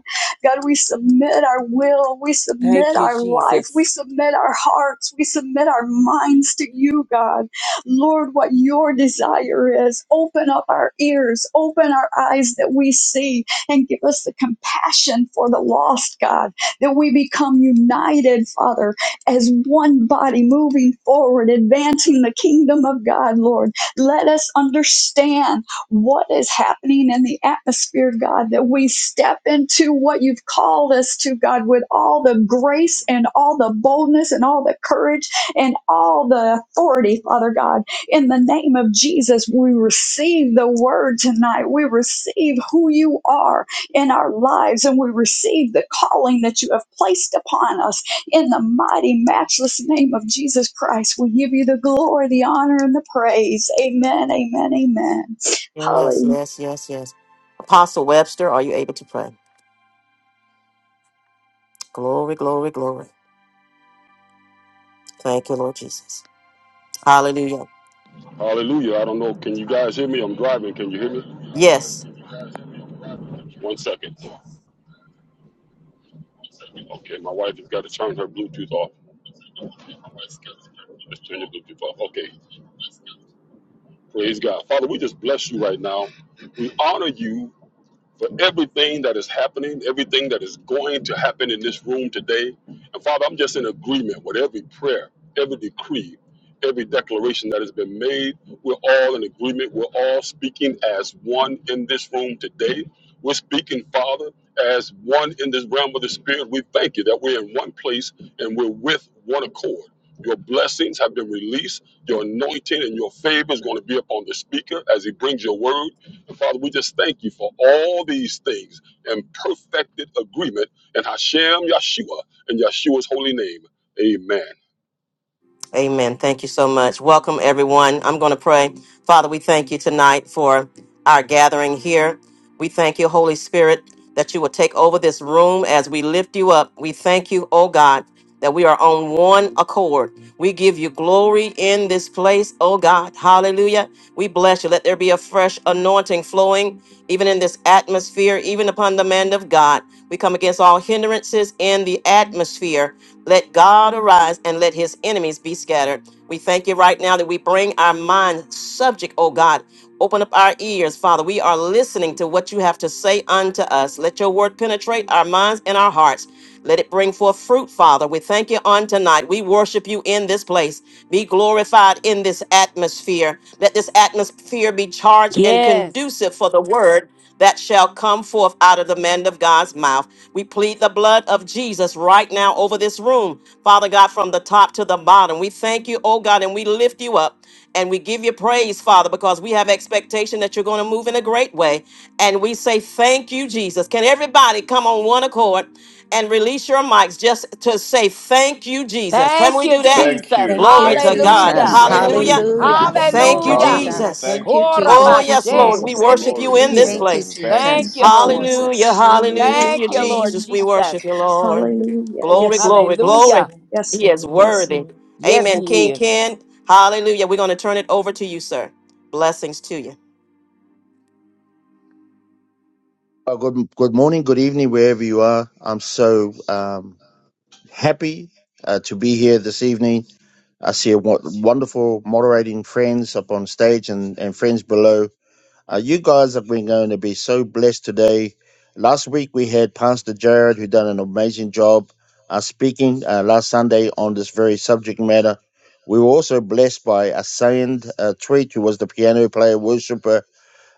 God, we submit our will, we
Thank
submit
you,
our life,
Jesus.
we submit our hearts, we submit our minds to you, God. Lord, what your desire is, open up our ears, open our eyes that we see, and give us the compassion for the lost, God, that we become united, Father, as one body moving forward, advancing the kingdom of God, Lord. Let us understand what is happening in the atmosphere, God, that we step into what you've called us to, God, with all the grace and all the boldness and all the courage and all the authority, Father God. In the name of Jesus, we receive the word tonight. We receive who you are in our lives and we receive the calling that you have placed upon us in the mighty, matchless name of Jesus Christ. We give you the glory, the honor, and the praise. Amen, amen, amen.
Yes,
Hallelujah.
yes, yes, yes. Apostle Webster, are you able to pray? Glory, glory, glory. Thank you, Lord Jesus. Hallelujah.
Hallelujah. I don't know. Can you guys hear me? I'm driving. Can you hear me?
Yes.
One second. Okay, my wife has got to turn her Bluetooth off. Just turn your Bluetooth off. Okay. Praise God. Father, we just bless you right now. We honor you. for everything that is happening, everything that is going to happen in this room today. And Father, I'm just in agreement with every prayer, every decree, every declaration that has been made. We're all in agreement. We're all speaking as one in this room today. We're speaking, Father, as one in this realm of the Spirit. We thank you that we're in one place and we're with one accord. Your blessings have been released. Your anointing and your favor is going to be upon the speaker as he brings your word Father, we just thank you for all these things in perfected agreement in Hashem Yeshua and Yeshua's holy name. Amen.
Amen. Thank you so much. Welcome, everyone. I'm going to pray. Father, we thank you tonight for our gathering here. We thank you, Holy Spirit, that you will take over this room as we lift you up. We thank you, oh God, that we are on one accord. We give you glory in this place, oh God. Hallelujah. We bless you. Let there be a fresh anointing flowing, even in this atmosphere, even upon the man of God. We come against all hindrance differences in the atmosphere. Let God arise and let his enemies be scattered. We thank you right now that we bring our mind subject, oh God. Open up our ears, Father. We are listening to what you have to say unto us. Let your word penetrate our minds and our hearts. Let it bring forth fruit, Father. We thank you on tonight. We worship you in this place. Be glorified in this atmosphere. Let this atmosphere be charged and
Yes.
conducive for the word that shall come forth out of the man of God's mouth. We plead the blood of Jesus right now over this room, Father God, from the top to the bottom. We thank you, oh God, and we lift you up and we give you praise, Father, because we have expectation that you're going to move in a great way. And we say thank you, Jesus. Can everybody come on one accord and release your mics just to say thank you, Jesus? Can
Thank
we
you,
do that?
Thank
Jesus.
you.
Thank
Glory
you,
Thank
to
you,
Thank you,
God.
Yeshua.
Hallelujah.
Jesus.
Jesus.
Thank you.
Hallelujah.
Hallelujah. Thank you,
Hallelujah.
Father.
Thank you,
Glory to
Hallelujah.
Hallelujah.
God.
Jesus.
Thank
Thank
you,
you.
Oh,
Thank you,
yes,
Jesus.
Lord.
Korabashe
We
Jesus. Thank
worship
you,
you
Glory be
in
to
this
rebekishe.
your
Thank you,
Jesus.
place.
name. Thank you.
Thank
Thank
Jesus.
you,
you,
Lord.
Jesus.
Hallelujah,
Hallelujah.
Thank
hallelujah,
you, Lord
Hallelujah.
Jesus. We
Jesus.
worship you, Lord.
Hallelujah.
Glory,
Yes, Lord.
glory,
Yes,
glory.
Hallelujah.
Lord. Yes,
He is
Lord. Yes,
worthy.
Lord.
Yes,
Amen.
He
King
is.
Ken, hallelujah. We're going to turn it over to you, sir. Blessings to you.
Well, good good morning, good evening, wherever you are. I'm so um, happy uh, to be here this evening. I see a w- wonderful moderating friends up on stage and, and friends below. Uh, you guys have been going to be so blessed today. Last week we had Pastor Jared, who done an amazing job uh, speaking uh, last Sunday on this very subject matter. We were also blessed by a saint, uh, Treat, who was the piano player, worshiper,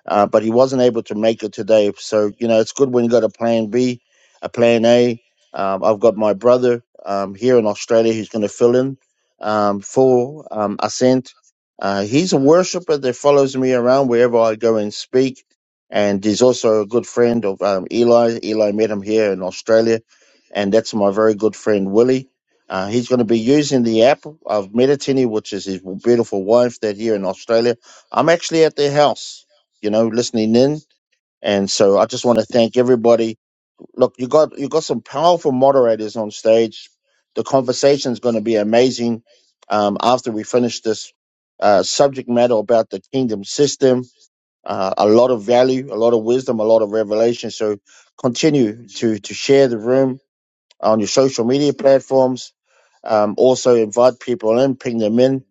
uh, but he wasn't able to make it today. So you know, it's good when you got a plan B, a plan A. Um, I've got my brother um, here in Australia who's going to fill in um, for um, Ascent. Uh, he's a worshiper that follows me around wherever I go and speak, and he's also a good friend of um, Eli. Eli met him here in Australia, and that's my very good friend Willie. Uh, he's going to be using the app of Meditini, which is his beautiful wife that here in Australia. I'm actually at their house you know, listening in. And so I just want to thank everybody. Look, you got you got some powerful moderators on stage. The conversation is going to be amazing um, after we finish this uh, subject matter about the kingdom system. Uh, a lot of value, a lot of wisdom, a lot of revelation. So continue to to share the room on your social media platforms. Um, also invite people in, ping them in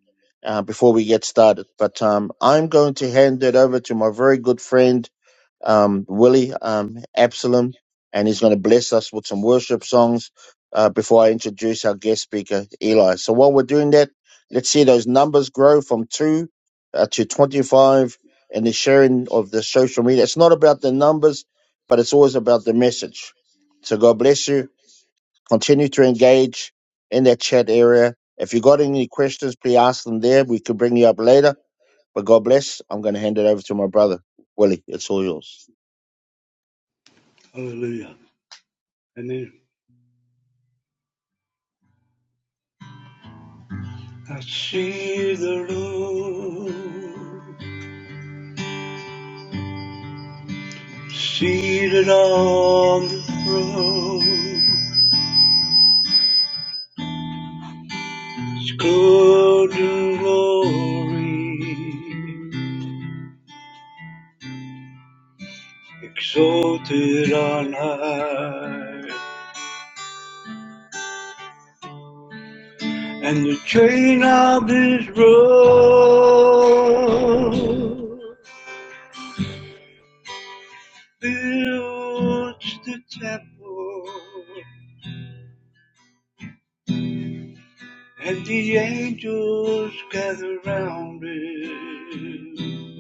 uh, before we get started. But um, I'm going to hand it over to my very good friend um, Willie um, Absalom, and he's going to bless us with some worship songs uh, before I introduce our guest speaker, Eli. So while we're doing that, let's see those numbers grow from two uh, to 25 and the sharing of the social media. It's not about the numbers, but it's always about the message. So God bless you. Continue to engage in that chat area. If you got any questions, please ask them there. We could bring you up later. But God bless. I'm going to hand it over to my brother, Willie. It's all yours.
Hallelujah. And then I see the Lord seated on the throne, His clothed in glory, exalted on high, and the train of His robe fills the temple. And the angels gather round him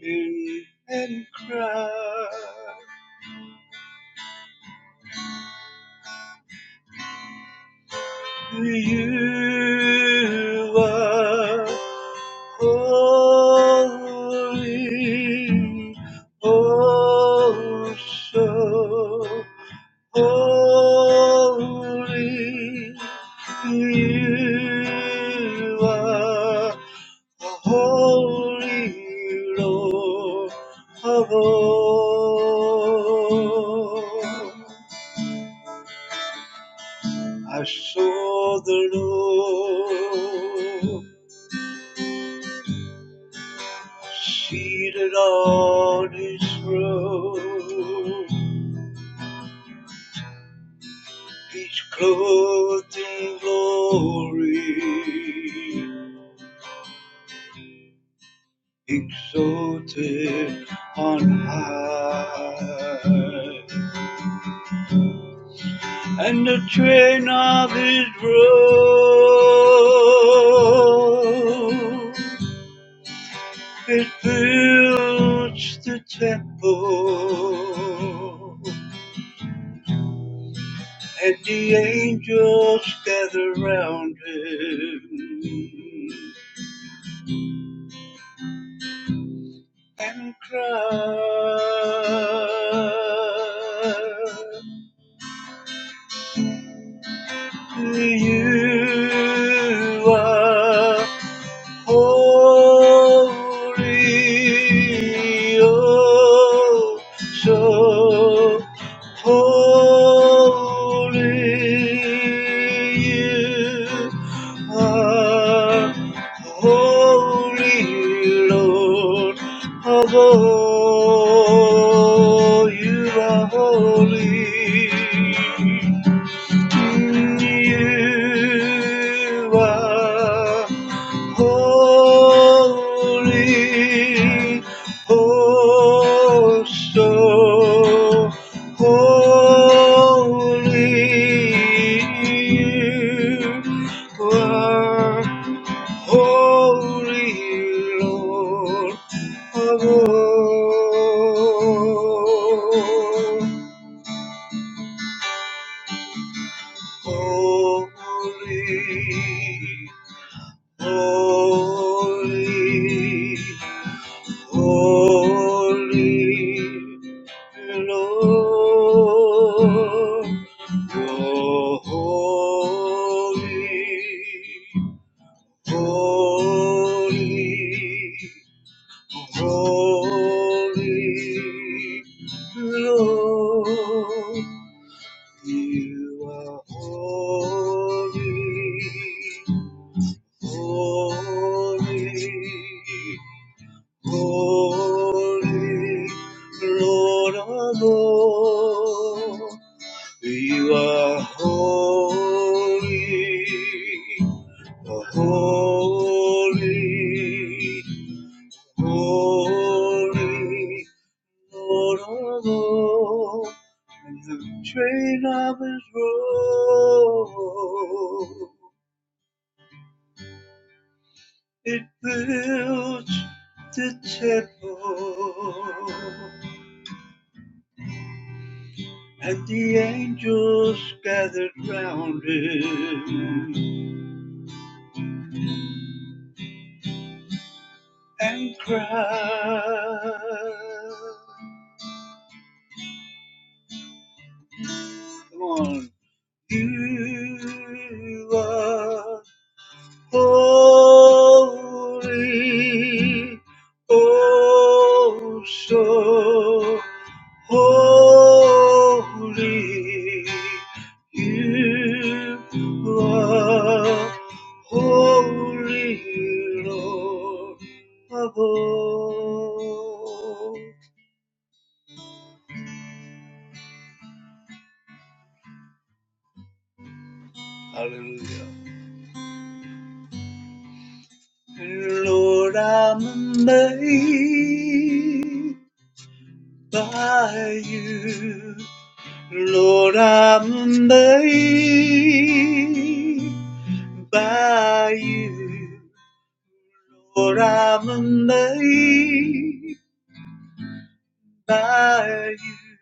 and and cry. You are holy, oh so holy. You are the holy Lord of all. I saw the Lord seated on his throne. He's clothed in glory, exalted on high. And the train of his robe, it fills the temple. Let the angels gather round him and cry to you. are Holy, oh, so holy you are, holy Lord of all, you are holy. You are Holy, oh so holy, you are holy Lord of all. Holy, holy. Holy Lord, you're holy, holy, holy Lord, you are holy, holy. Holy Lord of all, you are holy, holy, holy, Lord of all, and the train of his robe, it builds the temple. And the angels gathered round him and cried, Come on. You are holy, oh so holy. You are holy, Lord above. Hallelujah. Lord, I'm amazed by you. Lord, I'm amazed by you. Lord, I'm amazed by you.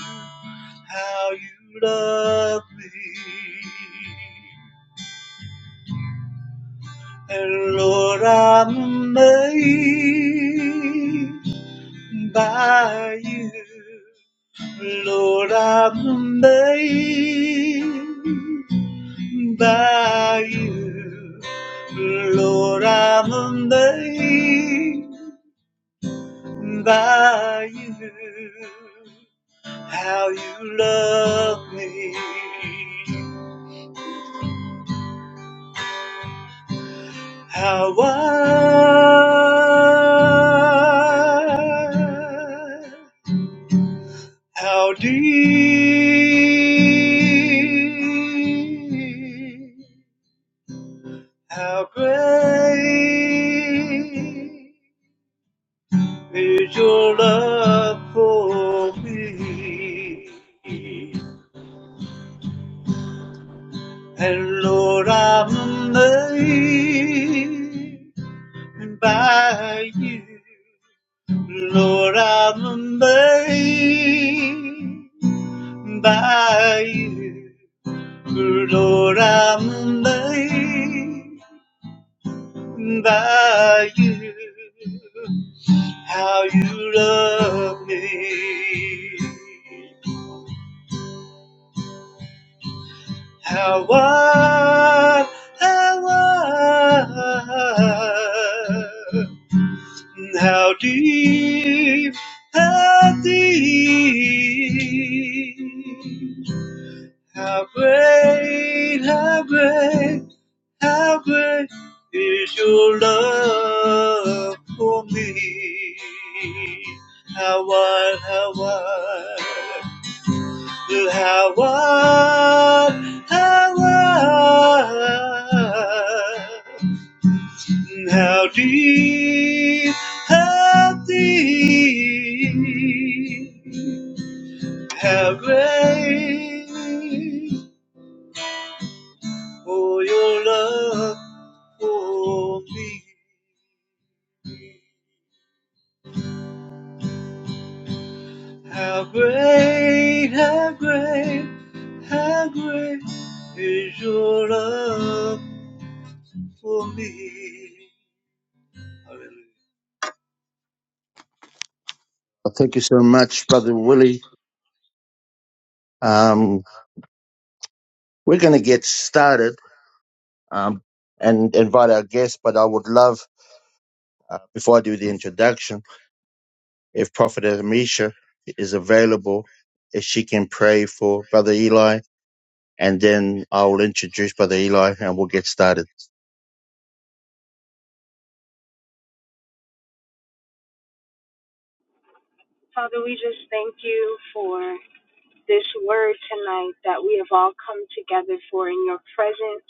How you love me. And Lord, I'm amazed by you. Lord, I'm amazed. by you. Lord, I'm amazed by you. How you love me. How wide, how deep, how great Is your love for me? And Lord, I'm amazed by you. Lord, I'm amazed by you. Lord, I'm amazed by you. How you love me. How what? How wide, How deep? How deep? How great? How great? How great is your love for me? How wide? How wide? Howard, Howard, how deep, how deep, how great, oh, your love for me. How great, how great, how great is your love for me. Hallelujah.
Well,
Thank you
thank
so
you
much.
so much, Brother Willie. Um, we're going to get started um, and invite our guests, but I would love, uh, before I do the introduction, if Prophet Amisha is available, if she can pray for Brother Eli, and then I'll introduce Brother Eli and we'll get started.
Father, we just thank you for this word tonight that we have all come together for in your presence.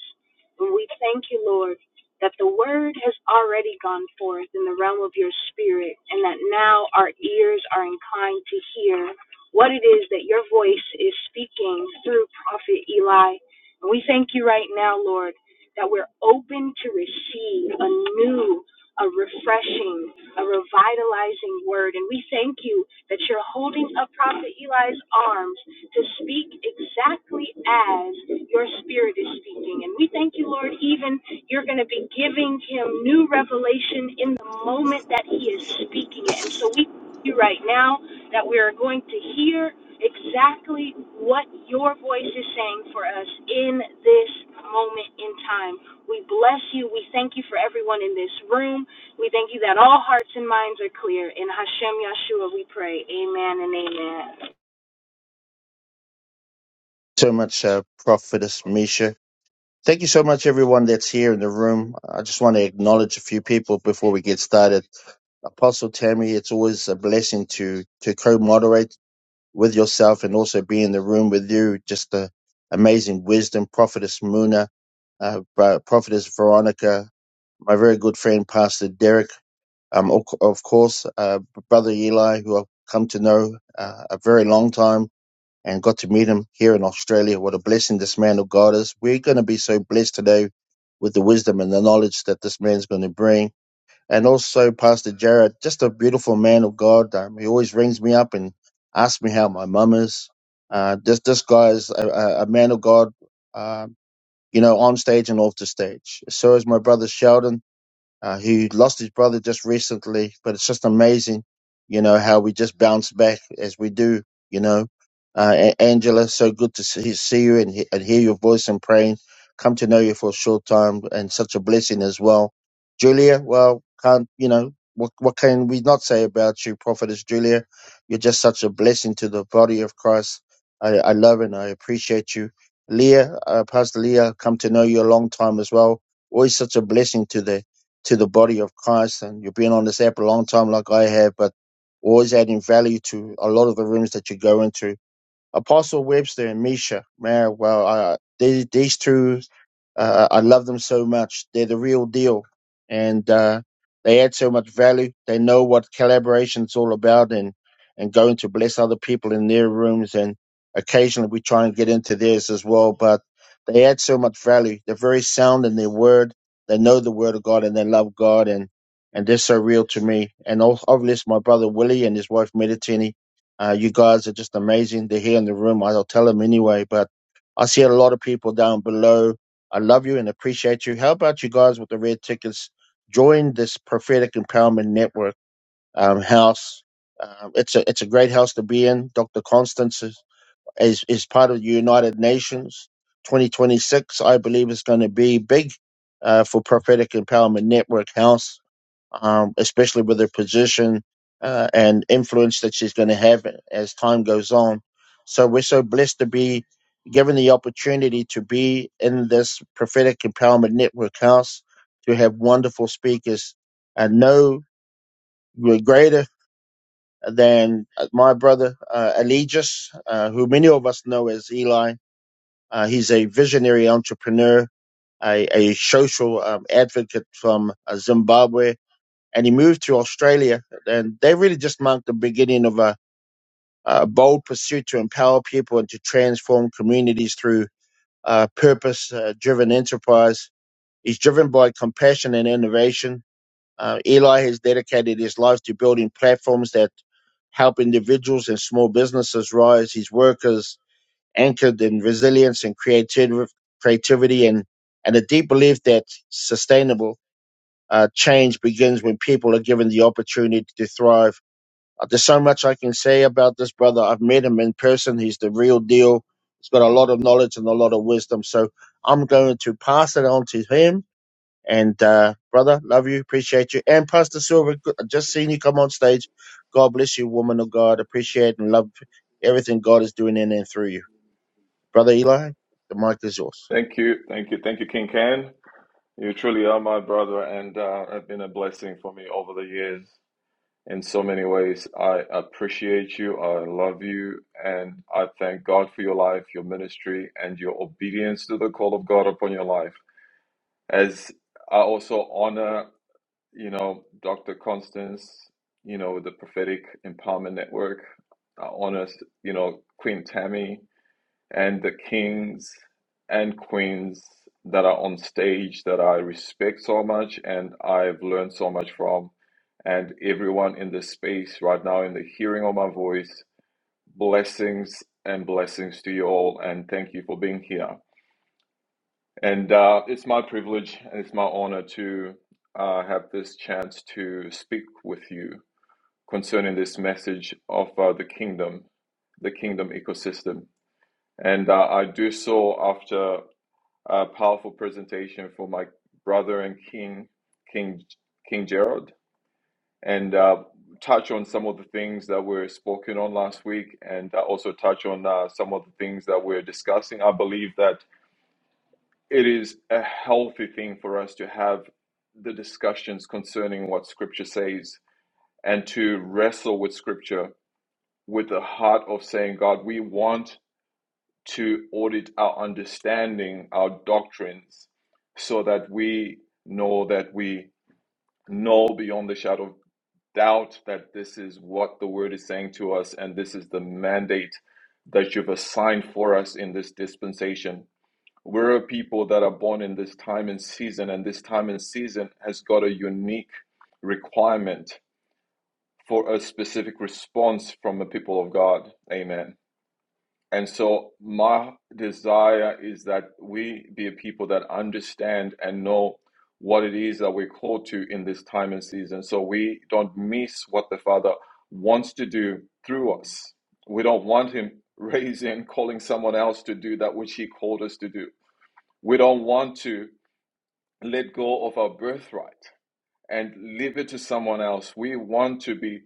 And we thank you, Lord, that the word has already gone forth in the realm of your spirit, and that now our ears are inclined to hear what it is that your voice is speaking through Prophet Eli. And we thank you right now, Lord, that we're open to receive a new, a refreshing, a revitalizing word. And we thank you that you're holding up Prophet Eli's arms to speak exactly as your spirit is speaking. And we thank you, Lord, even you're going to be giving him new revelation in the moment that he is speaking it. And so we thank you right now that we are going to hear exactly what your voice is saying for us in this moment in time. We bless you. We thank you for everyone in this room. We thank you that all hearts and minds are clear. In Hashem Yeshua we pray. Amen and amen.
So much, uh, Prophetess Misha. Thank you so much, everyone that's here in the room. I just want to acknowledge a few people before we get started. Apostle Tammy, it's always a blessing to to co-moderate with yourself and also be in the room with you. Just the amazing wisdom, Prophetess Muna, uh, Bro- Prophetess Veronica, my very good friend, Pastor Derek, um, of of course, uh, Brother Eli, who I've come to know uh, a very long time and got to meet him here in Australia. What a blessing this man of God is. We're going to be so blessed today with the wisdom and the knowledge that this man's going to bring and also Pastor Jared, just a beautiful man of God. Um, he always rings me up and asks me how my mum is. Uh, this this guy is a, a a man of God, um, you know, on stage and off the stage. So is my brother Sheldon uh, who lost his brother just recently. But it's just amazing, you know, how we just bounce back as we do, you know. Uh, A- Angela, so good to see, see you and, he- and hear your voice and praying. Come to know you for a short time and such a blessing as well. Julia, well, can't, you know, what, what can we not say about you, Prophetess Julia? You're just such a blessing to the body of Christ. I, I love and I appreciate you. Leah, uh, Pastor Leah, come to know you a long time as well always such a blessing to the to the body of Christ. And you've been on this app a long time, like I have, but always adding value to a lot of the rooms that you go into. Apostle Webster and Misha, man, well, uh, they, these two, uh, I love them so much. They're the real deal, and uh, they add so much value. They know what collaboration's all about, and and going to bless other people in their rooms, and occasionally we try and get into theirs as well. But they add so much value. They're very sound in their word. They know the word of God, and they love God, and and they're so real to me. And al- I've blessed my brother Willie and his wife Meditini uh, you guys are just amazing. They're here in the room. I'll tell them anyway. But I see a lot of people down below. I love you and appreciate you. How about you guys with the red tickets? Join this prophetic empowerment network um, house. Um, it's a it's a great house to be in. Dr. Constance is, is, is part of the United Nations 2026. I believe is going to be big uh, for prophetic empowerment network house um, especially with her position uh, and influence that she's going to have as time goes on. So we're so blessed to be given the opportunity to be in this prophetic empowerment network house to have wonderful speakers and no greater than uh, my brother uh, Allegius, uh, who many of us know as Eli. Uh, he's a visionary entrepreneur, a, a social um, advocate from uh, Zimbabwe, and he moved to Australia. And they really just marked the beginning of a, a bold pursuit to empower people and to transform communities through uh, purpose uh, driven enterprise. He's driven by compassion and innovation. Uh, Eli has dedicated his life to building platforms that help individuals and small businesses rise. His work is anchored in resilience and creativ- creativity and, and a deep belief that sustainable uh, change begins when people are given the opportunity to thrive. Uh, there's so much I can say about this brother. I've met him in person. He's the real deal. He's got a lot of knowledge and a lot of wisdom. So I'm going to pass it on to him. And uh, brother, love you, appreciate you. And Pastor Silver, good- I just seen you come on stage. God bless you, woman of God. Appreciate and love everything God is doing in and through you, brother Eli. The mic is yours.
Thank you. Thank you. Thank you, King Ken. You truly are my brother and uh, have been a blessing for me over the years in so many ways. I appreciate you. I love you. And I thank God for your life, your ministry, and your obedience to the call of God upon your life. As I also honor. you know, Dr. Constance, you know, the Prophetic Empowerment Network, our honest, you know, Queen Tammy, and the kings and queens that are on stage that I respect so much and I've learned so much from, and everyone in this space right now in the hearing of my voice. Blessings and blessings to you all, and thank you for being here. And uh, it's my privilege and it's my honor to uh, have this chance to speak with you concerning this message of uh, the kingdom, the kingdom ecosystem. And uh, I do so after a powerful presentation from my brother and King, King, King Gerald, and uh, touch on some of the things that were spoken on last week, and uh, also touch on uh, some of the things that we're discussing. I believe that it is a healthy thing for us to have the discussions concerning what scripture says and to wrestle with scripture with the heart of saying god we want to audit our understanding our doctrines so that we know that we know beyond the shadow of doubt that this is what the word is saying to us and this is the mandate that you've assigned for us in this dispensation we're a people that are born in this time and season, and this time and season has got a unique requirement for a specific response from the people of God. Amen. And so, my desire is that we be a people that understand and know what it is that we're called to in this time and season. So, we don't miss what the Father wants to do through us. We don't want Him raising, calling someone else to do that which He called us to do. We don't want to let go of our birthright and leave it to someone else. We want to be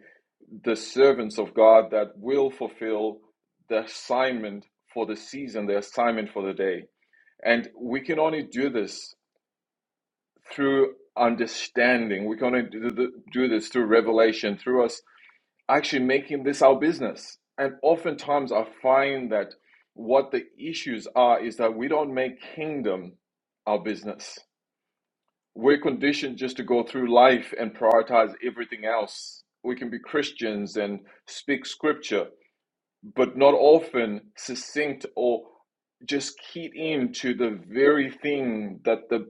the servants of God that will fulfill the assignment for the season, the assignment for the day. And we can only do this through understanding. We can only do th- do this through revelation, through us actually making this our business. And oftentimes I find that what the issues are is that we don't make kingdom our business we're conditioned just to go through life and prioritize everything else. We can be Christians and speak scripture, but not often succinct or just keyed into the very thing that the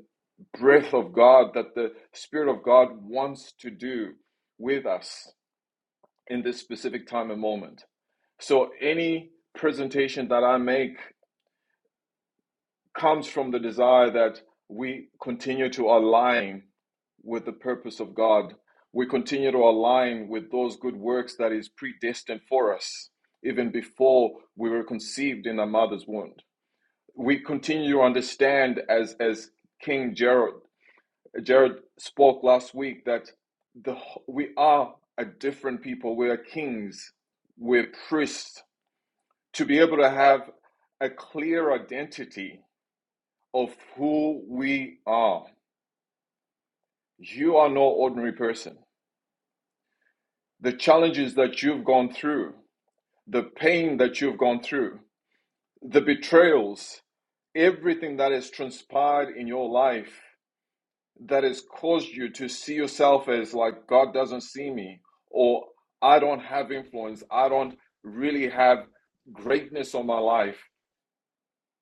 breath of God, that the Spirit of God wants to do with us in this specific time and moment. So, any presentation that I make comes from the desire that we continue to align with the purpose of God. We continue to align with those good works that is predestined for us, even before we were conceived in our mother's womb. We continue to understand, as as King Jared Jared spoke last week, that the we are a different people. We are kings. We're priests. To be able to have a clear identity of who we are. You are no ordinary person the challenges that you've gone through, the pain that you've gone through, the betrayals, everything that has transpired in your life that has caused you to see yourself as like, God doesn't see me, or I don't have influence, I don't really have greatness on my life,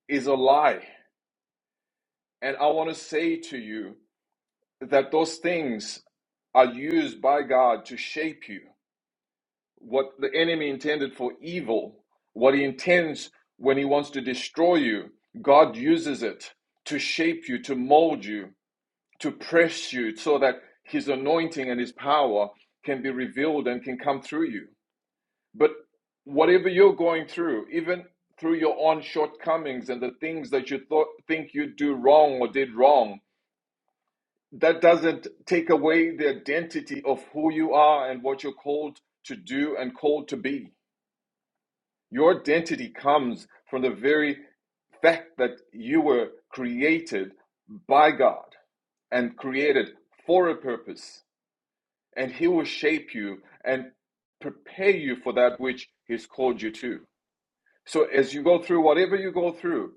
is a lie. And I want to say to you that those things are used by God to shape you what the enemy intended for evil, what he intends when he wants to destroy you, God uses it to shape you, to mold you, to press you so that his anointing and his power can be revealed and can come through you. But whatever you're going through, even through your own shortcomings and the things that you thought, think you do wrong or did wrong, that doesn't take away the identity of who you are and what you're called to do and called to be Your identity comes from the very fact that you were created by God and created for a purpose, and He will shape you and prepare you for that which He's called you to. So, as you go through whatever you go through,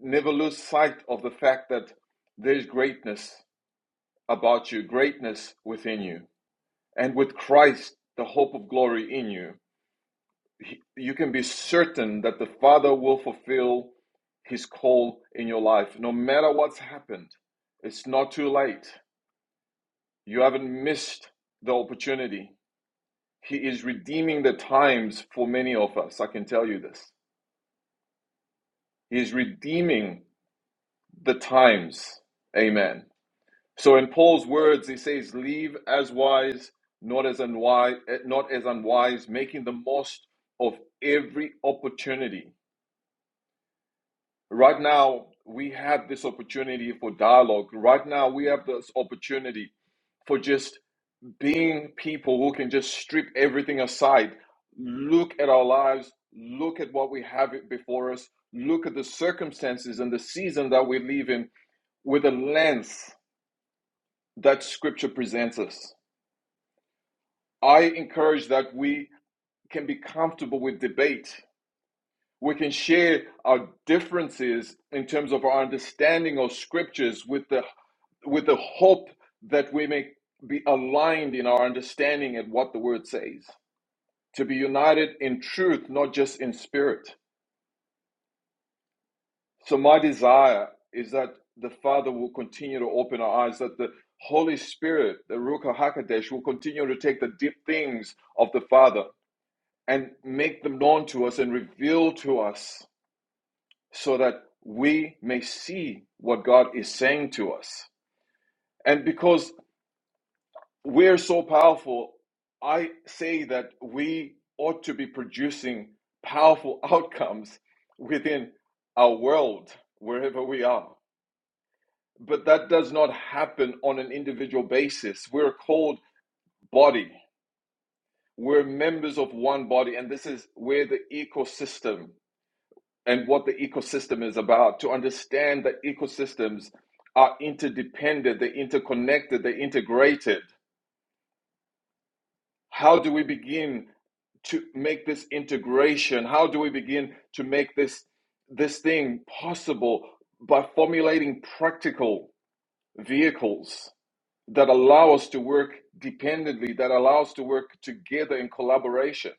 never lose sight of the fact that there's greatness about you, greatness within you, and with Christ, the hope of glory in you. he- you can be certain that the Father will fulfill His call in your life. No matter what's happened, it's not too late. You haven't missed the opportunity. He is redeeming the times for many of us. I can tell you this. He is redeeming the times. Amen. So in Paul's words, he says, "Leave as wise, not as unwise, not as unwise, making the most of every opportunity." Right now, we have this opportunity for dialogue. Right now, we have this opportunity for just being people who can just strip everything aside, look at our lives, look at what we have before us, look at the circumstances and the season that we live in with a lens that scripture presents us. I encourage that we can be comfortable with debate We can share our differences in terms of our understanding of scriptures with the with the hope that we may be aligned in our understanding at what the word says, to be united in truth, not just in spirit. So, my desire is that the Father will continue to open our eyes, that the Holy Spirit, the Ruach HaKodesh, will continue to take the deep things of the Father and make them known to us and reveal to us so that we may see what God is saying to us. And because we're so powerful, I say that we ought to be producing powerful outcomes within our world, wherever we are. But that does not happen on an individual basis. We're called body. We're members of one body, and this is where the ecosystem and what the ecosystem is about, to understand that ecosystems are interdependent, they're interconnected, they're integrated. How do we begin to make this integration? How do we begin to make this this thing possible by formulating practical vehicles that allow us to work dependently, that allow us to work together in collaboration?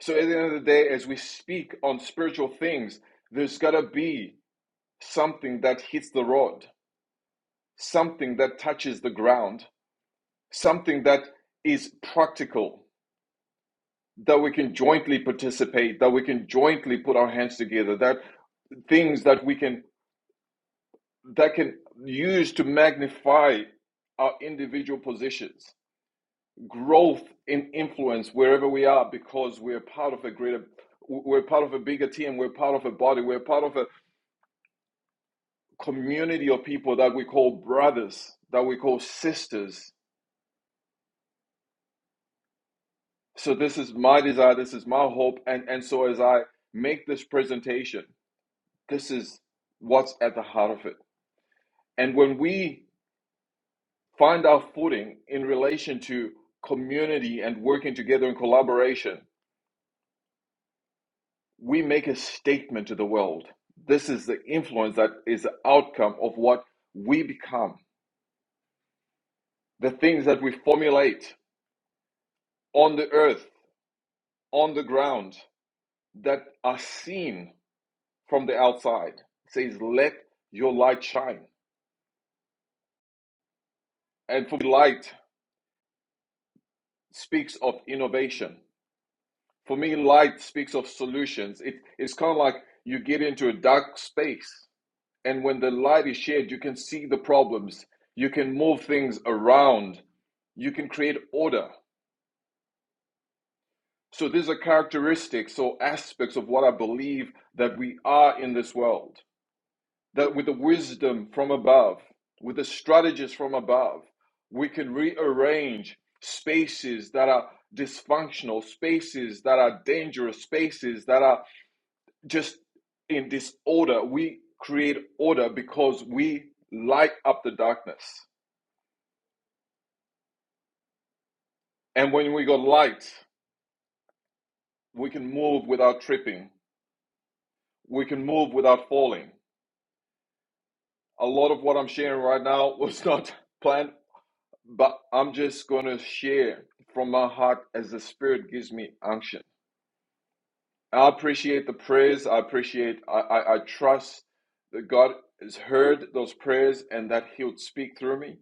So at the end of the day, as we speak on spiritual things, there's gotta be something that hits the rod, something that touches the ground, something that is practical, that we can jointly participate, that we can jointly put our hands together, that things that we can that can use to magnify our individual positions, growth in influence wherever we are, because we're part of a greater we're part of a bigger team, we're part of a body, we're part of a community of people that we call brothers, that we call sisters, So this is my desire, this is my hope, and and so as I make this presentation, this is what's at the heart of it. And when we find our footing in relation to community and working together in collaboration, we make a statement to the world. This is the influence that is the outcome of what we become. The things that we formulate on the earth, on the ground, that are seen from the outside. It says, let your light shine And for me, light speaks of innovation. For me, light speaks of solutions. It, it's kind of like you get into a dark space, and when the light is shared, you can see the problems, you can move things around, you can create order. So, these are characteristics or aspects of what I believe that we are in this world. that with the wisdom from above, with the strategies from above, we can rearrange spaces that are dysfunctional, spaces that are dangerous, spaces that are just in disorder. We create order because we light up the darkness. And when we got light, we can move without tripping, we can move without falling. A lot of what I'm sharing right now was not planned but I'm just going to share from my heart as the Spirit gives me unction. I appreciate the prayers. I appreciate, I, I, I trust that God has heard those prayers and that He'll speak through me.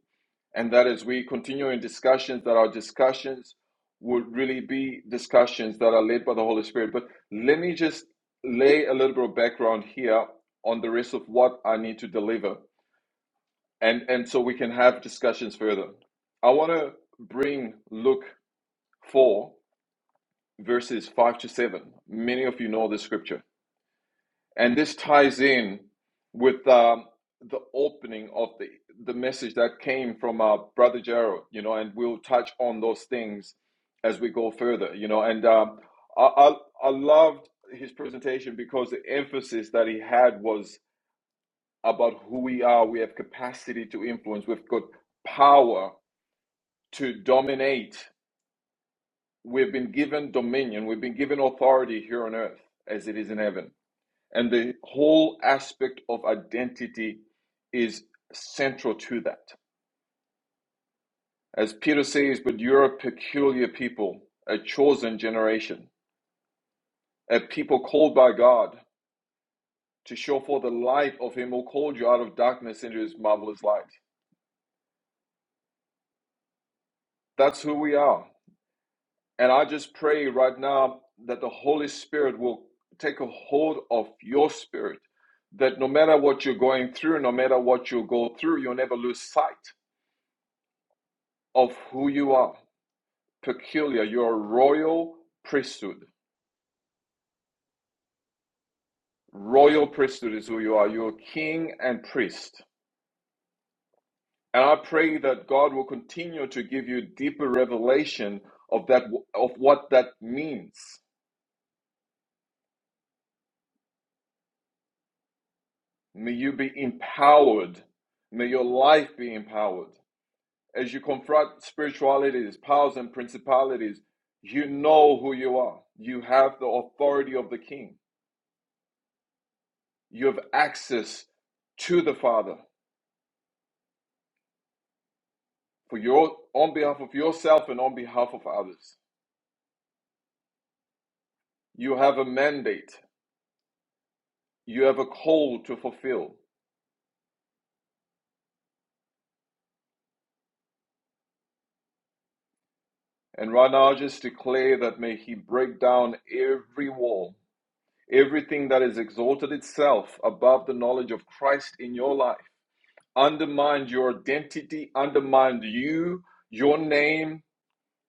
And that as we continue in discussions, that our discussions would really be discussions that are led by the Holy Spirit. But let me just lay a little bit of background here on the rest of what I need to deliver and and so we can have discussions further. I want to bring Luke four verses five to seven. Many of you know this scripture, and this ties in with um, the opening of the the message that came from our brother Gerald. You know, and we'll touch on those things as we go further. You know, and um, I, I I loved his presentation because the emphasis that he had was about who we are. We have capacity to influence. We've got power to dominate. We've been given dominion, we've been given authority here on earth as it is in heaven. And the whole aspect of identity is central to that. As Peter says, but you're a peculiar people, a chosen generation, a people called by God to show forth the light of Him who called you out of darkness into His marvelous light. That's who we are. And I just pray right now that the Holy Spirit will take a hold of your spirit, that no matter what you're going through, no matter what you go through, you'll never lose sight of who you are. Peculiar, you're a royal priesthood. Royal priesthood is who you are. You're king and priest. And I pray that God will continue to give you deeper revelation of that of what that means. May you be empowered. May your life be empowered. As you confront spiritualities, powers, and principalities, you know who you are. You have the authority of the King. You have access to the Father for your on behalf of yourself and on behalf of others. You have a mandate. You have a call to fulfill. And right now, I just declare that may He break down every wall, everything that has exalted itself above the knowledge of Christ in your life undermined your identity, undermined you, your name,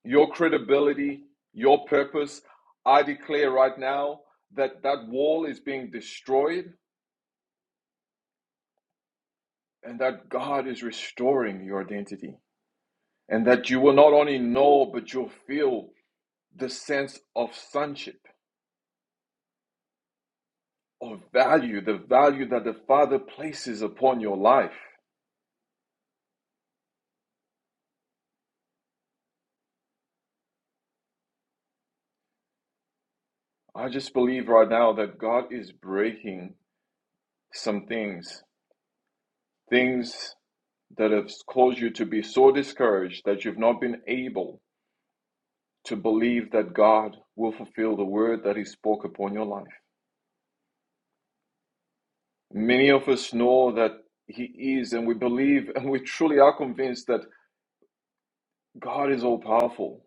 your credibility, your purpose. I declare right now that that wall is being destroyed and that God is restoring your identity and that you will not only know, but you'll feel the sense of sonship, of value, the value that the Father places upon your life. I just believe right now that God is breaking some things, things that have caused you to be so discouraged that you've not been able to believe that God will fulfill the word that He spoke upon your life. Many of us know that He is, and we believe and we truly are convinced that God is all powerful,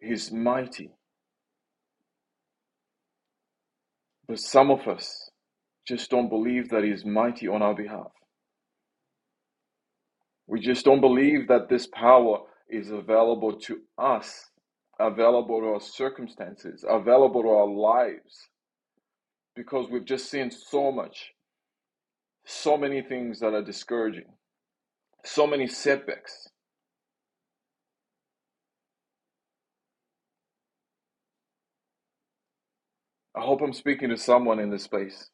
He's mighty. But some of us just don't believe that He's mighty on our behalf. We just don't believe that this power is available to us, available to our circumstances, available to our lives because we've just seen so much, so many things that are discouraging, so many setbacks. I hope I'm speaking to someone in this place.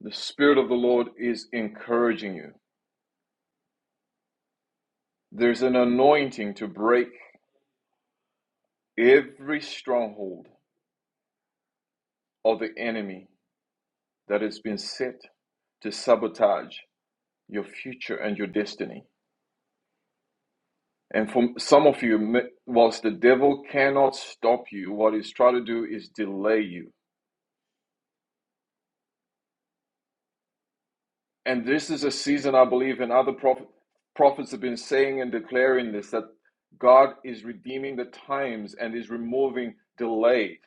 The Spirit of the Lord is encouraging you. There's an anointing to break every stronghold of the enemy that has been set to sabotage your future and your destiny. And for some of you, whilst the devil cannot stop you, what he's trying to do is delay you And this is a season, I believe, and other prophet, prophets have been saying and declaring this that God is redeeming the times and is removing delay.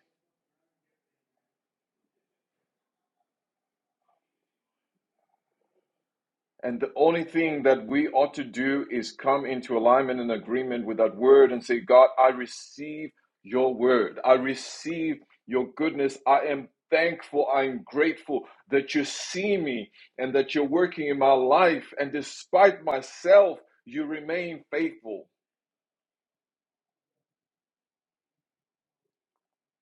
And the only thing that we ought to do is come into alignment and agreement with that word and say, God, I receive your word. I receive your goodness. I am thankful. I am grateful that you see me and that you're working in my life. And despite myself, you remain faithful.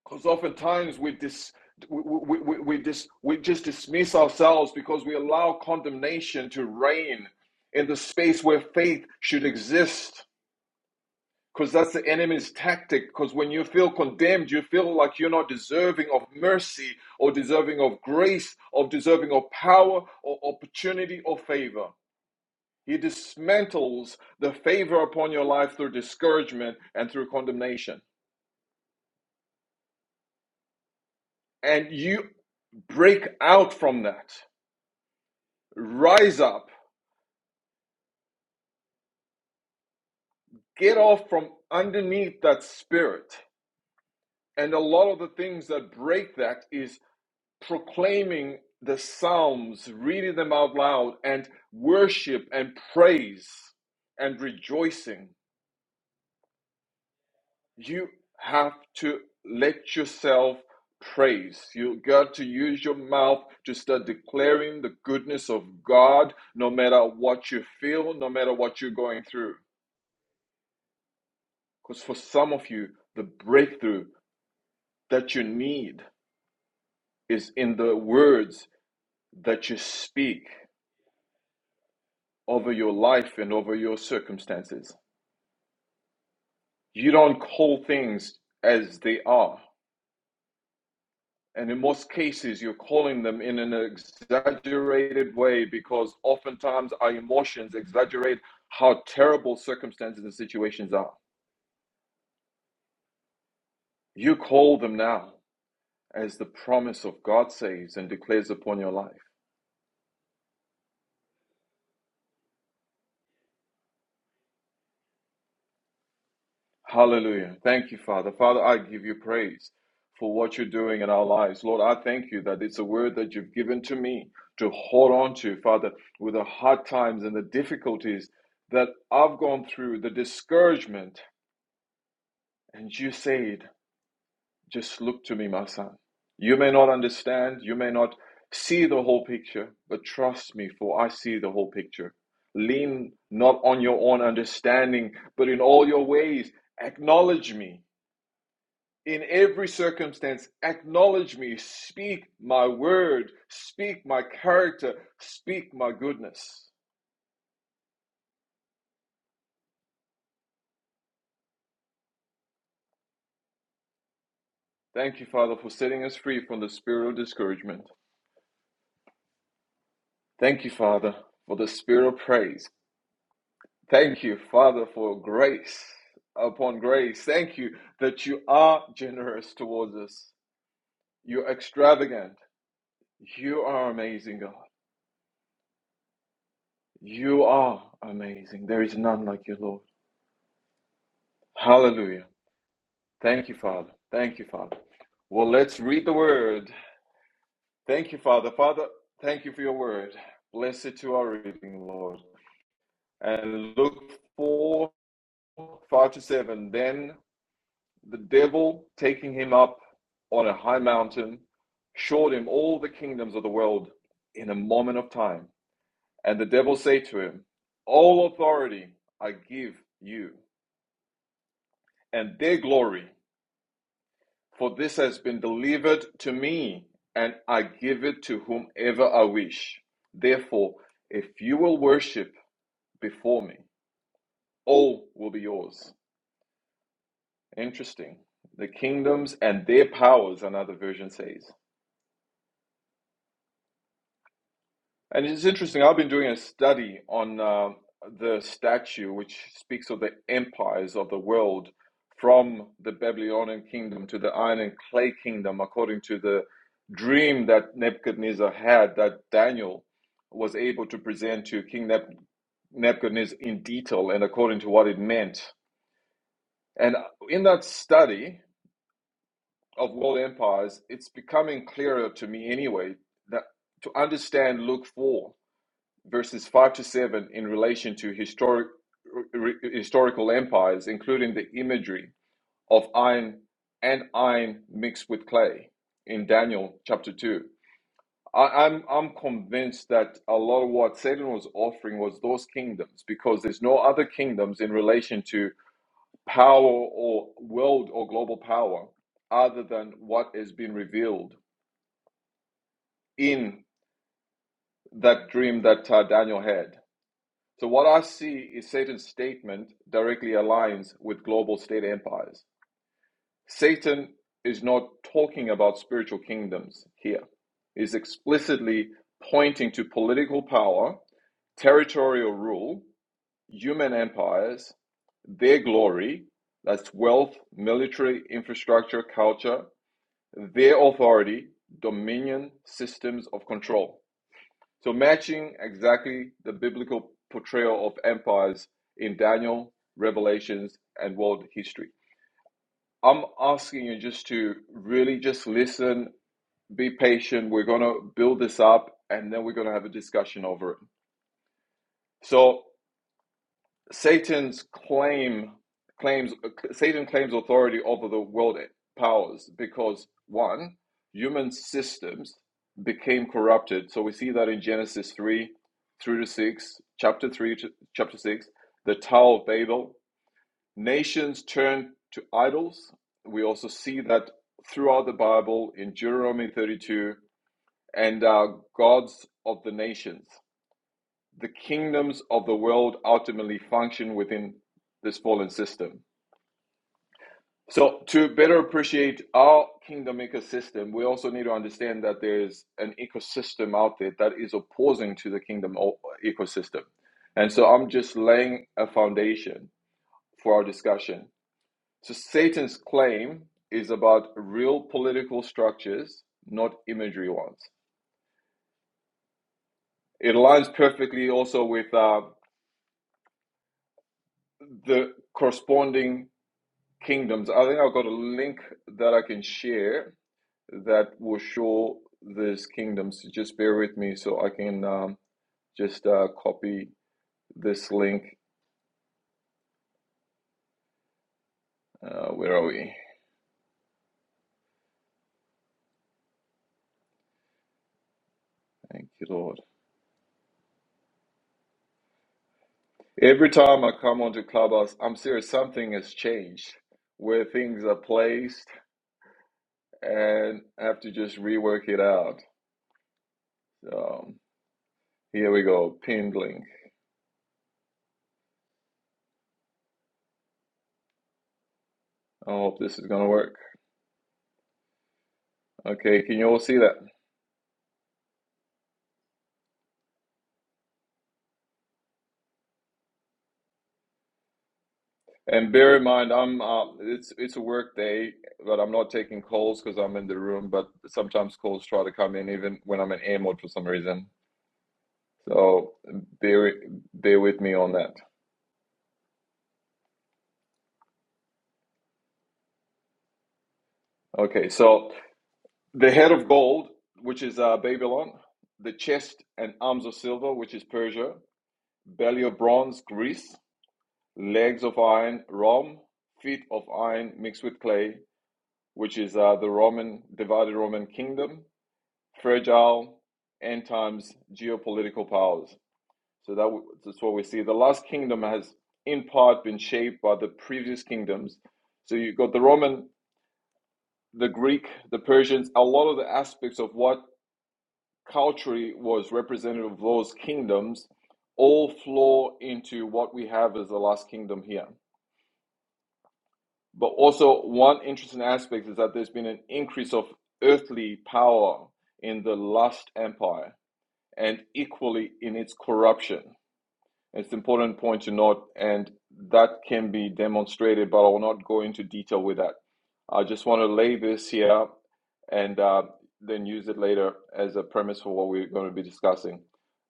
because oftentimes we dis we, we, we, we, dis, we just dismiss ourselves because we allow condemnation to reign in the space where faith should exist because that's the enemy's tactic because when you feel condemned you feel like you're not deserving of mercy or deserving of grace or deserving of power or opportunity or favor he dismantles the favor upon your life through discouragement and through condemnation and you break out from that Rise up, get off from underneath that spirit. And a lot of the things that break that is proclaiming the Psalms, reading them out loud, and worship and praise and rejoicing. You have to let yourself praise. You got to use your mouth to start declaring the goodness of God, no matter what you feel, no matter what you're going through. Because for some of you, the breakthrough that you need is in the words that you speak over your life and over your circumstances. You don't call things as they are. And in most cases, you're calling them in an exaggerated way because oftentimes our emotions exaggerate how terrible circumstances and situations are. You call them now as the promise of God saves and declares upon your life. Hallelujah. Thank you, Father. Father, I give you praise for what you're doing in our lives. Lord, I thank you that it's a word that you've given to me to hold on to, Father, with the hard times and the difficulties that I've gone through, the discouragement. And you said, just look to me, my son. You may not understand, you may not see the whole picture, but trust me, for I see the whole picture. Lean not on your own understanding, but in all your ways, acknowledge me In every circumstance, acknowledge me. Speak my word. Speak my character. Speak my goodness. Thank you, Father, for setting us free from the spirit of discouragement. Thank you, Father, for the spirit of praise. Thank you, Father, for grace upon grace. Thank you that you are generous towards us. You're extravagant. You are amazing, God. You are amazing. There is none like you, Lord. Hallelujah. Thank you, Father. Thank you, Father. Well, let's read the word. Thank you, Father. Father, thank you for your word. Bless it to our reading, Lord. And Luke 4 5 to 7. Then the devil, taking him up on a high mountain, showed him all the kingdoms of the world in a moment of time. And the devil said to him, All authority I give you, and their glory For this has been delivered to me, and I give it to whomever I wish. Therefore, if you will worship before me, all will be yours. Interesting. The kingdoms and their powers, another version says. And it's interesting, I've been doing a study on uh, the statue which speaks of the empires of the world from the Babylonian kingdom to the iron and clay kingdom, according to the dream that Nebuchadnezzar had that Daniel was able to present to King Neb- Nebuchadnezzar in detail and according to what it meant. And uh, in that study of world empires, it's becoming clearer to me anyway that to understand look for verses 5 to 7 in relation to historic, re- historical empires, including the imagery of iron and iron mixed with clay in Daniel chapter 2. I, I'm, I'm convinced that a lot of what Satan was offering was those kingdoms because there's no other kingdoms in relation to power or world or global power other than what has been revealed in that dream that uh, Daniel had. So what I see is Satan's statement directly aligns with global state empires. Satan is not talking about spiritual kingdoms here. He's explicitly pointing to political power, territorial rule, human empires, their glory, that's wealth, military infrastructure, culture, their authority, dominion, systems of control. So, matching exactly the biblical portrayal of empires in Daniel, Revelations, and world history. I'm asking you just to really just listen, be patient. We're going to build this up, and then we're going to have a discussion over it. So, Satan's claim claims Satan claims authority over the world powers because one, human systems became corrupted. So we see that in Genesis three through to six, chapter three to chapter six, the Tower of Babel. Nations turned to idols. We also see that throughout the Bible in Deuteronomy thirty two and uh, gods of the nations the kingdoms of the world ultimately function within this fallen system. So, to better appreciate our kingdom ecosystem, we also need to understand that there's an ecosystem out there that is opposing to the kingdom ecosystem. And so, I'm just laying a foundation for our discussion. So, Satan's claim is about real political structures, not imagery ones. It aligns perfectly also with uh, the corresponding kingdoms. I think I've got a link that I can share that will show these kingdoms. Just bear with me so I can um, just uh, copy this link. Uh, where are we? Thank you, Lord. Every time I come onto Clubhouse, I'm serious, something has changed where things are placed and I have to just rework it out. Um, here we go, pinned link. I hope this is going to work. Okay, can you all see that? And bear in mind, I'm uh, it's it's a work day, but I'm not taking calls because I'm in the room. But sometimes calls try to come in even when I'm in air mode for some reason. So bear bear with me on that. Okay, so the head of gold, which is uh, Babylon, the chest and arms of silver, which is Persia, belly of bronze, Greece, legs of iron, Rome, feet of iron mixed with clay, which is uh, the Roman divided Roman kingdom fragile end times geopolitical powers. So that that's what we see. The last kingdom has, in part, been shaped by the previous kingdoms. So you've got the Roman, the Greek, the Persians. A lot of the aspects of what culturally was representative of those kingdoms all flow into what we have as the last kingdom here. But also, one interesting aspect is that there's been an increase of earthly power in the last empire. and equally in its corruption. It's an important point to note, and that can be demonstrated, but I will not go into detail with that. I just want to lay this here and uh, then use it later as a premise for what we're going to be discussing.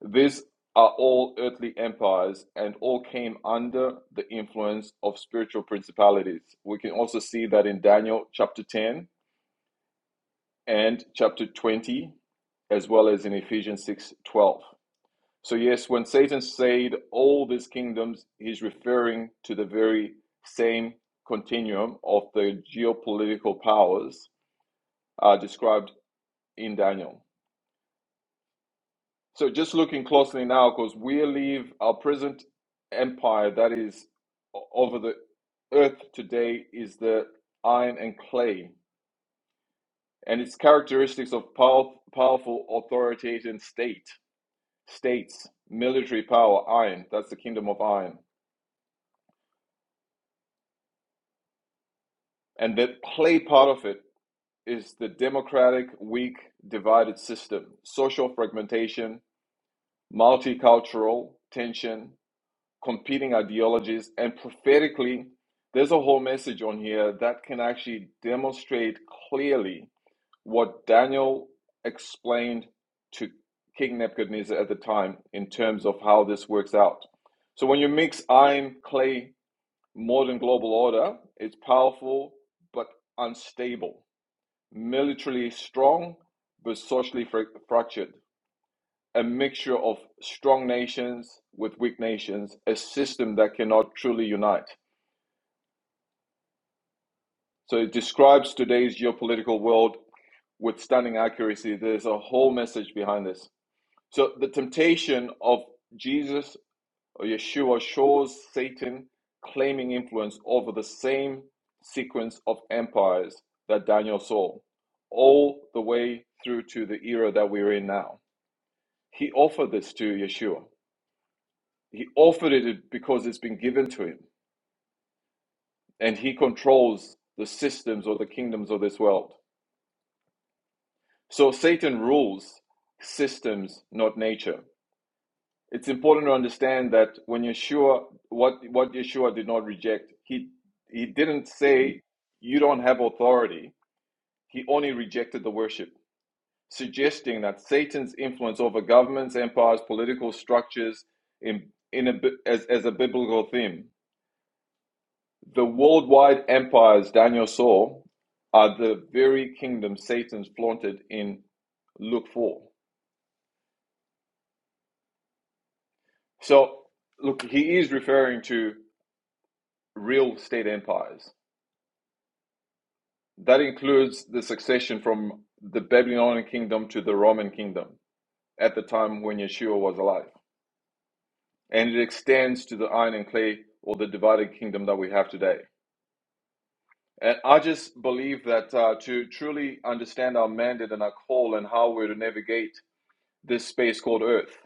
These are all earthly empires and all came under the influence of spiritual principalities. We can also see that in Daniel chapter 10 and chapter 20, as well as in Ephesians 6 12. So, yes, when Satan said all these kingdoms, he's referring to the very same continuum of the geopolitical powers uh, described in Daniel. So, just looking closely now, because we leave our present empire that is over the earth today is the iron and clay, and its characteristics of power, powerful authoritarian state, states, military power, iron, that's the kingdom of iron And the play part of it is the democratic, weak, divided system, social fragmentation, multicultural tension, competing ideologies, and prophetically, there's a whole message on here that can actually demonstrate clearly what Daniel explained to King Nebuchadnezzar at the time in terms of how this works out. So when you mix iron, clay, modern global order, it's powerful but unstable militarily strong but socially fr- fractured. A mixture of strong nations with weak nations, a system that cannot truly unite. So it describes today's geopolitical world with stunning accuracy. There's a whole message behind this. So the temptation of Jesus or Yeshua shows Satan claiming influence over the same sequence of empires that Daniel saw, all the way through to the era that we're in now He offered this to Yeshua. He offered it because it's been given to him, and he controls the systems or the kingdoms of this world. So Satan rules systems, not nature. It's important to understand that when Yeshua, what what Yeshua did not reject, he he didn't say you don't have authority. He only rejected the worship, suggesting that Satan's influence over governments, empires, political structures, in in a as as a biblical theme The worldwide empires Daniel saw are the very kingdom Satan's flaunted in Luke 4. So, look, he is referring to real state empires. That includes the succession from the Babylonian kingdom to the Roman kingdom at the time when Yeshua was alive. And it extends to the iron and clay or the divided kingdom that we have today. And I just believe that uh, to truly understand our mandate and our call and how we're to navigate this space called Earth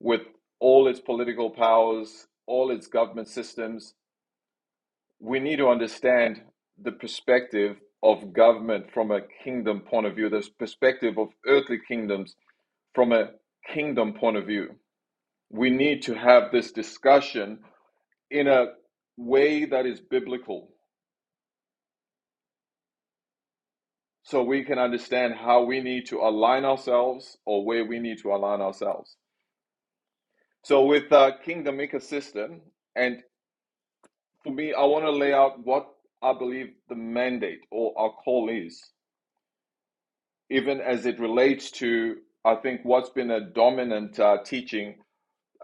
with all its political powers, all its government systems. We need to understand the perspective of government from a kingdom point of view, this perspective of earthly kingdoms from a kingdom point of view. We need to have this discussion in a way that is biblical so we can understand how we need to align ourselves or where we need to align ourselves. So, with uh, Kingdom Ecosystem and for me, I want to lay out what I believe the mandate or our call is, even as it relates to, I think, what's been a dominant uh, teaching.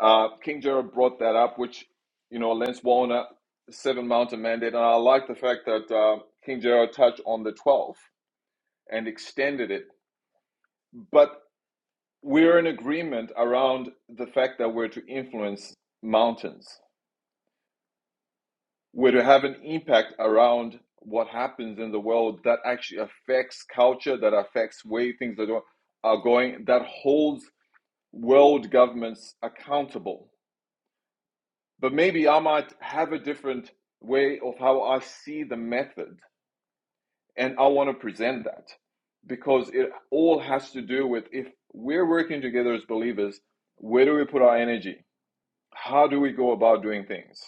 Uh, King Jared brought that up, which, you know, Lance Warner, Seven Mountain Mandate. And I like the fact that uh, King Jared touched on the 12 and extended it. But we're in agreement around the fact that we're to influence mountains were to have an impact around what happens in the world that actually affects culture, that affects way things are, are going, that holds world governments accountable. But maybe I might have a different way of how I see the method, and I want to present that because it all has to do with if we're working together as believers, where do we put our energy? How do we go about doing things?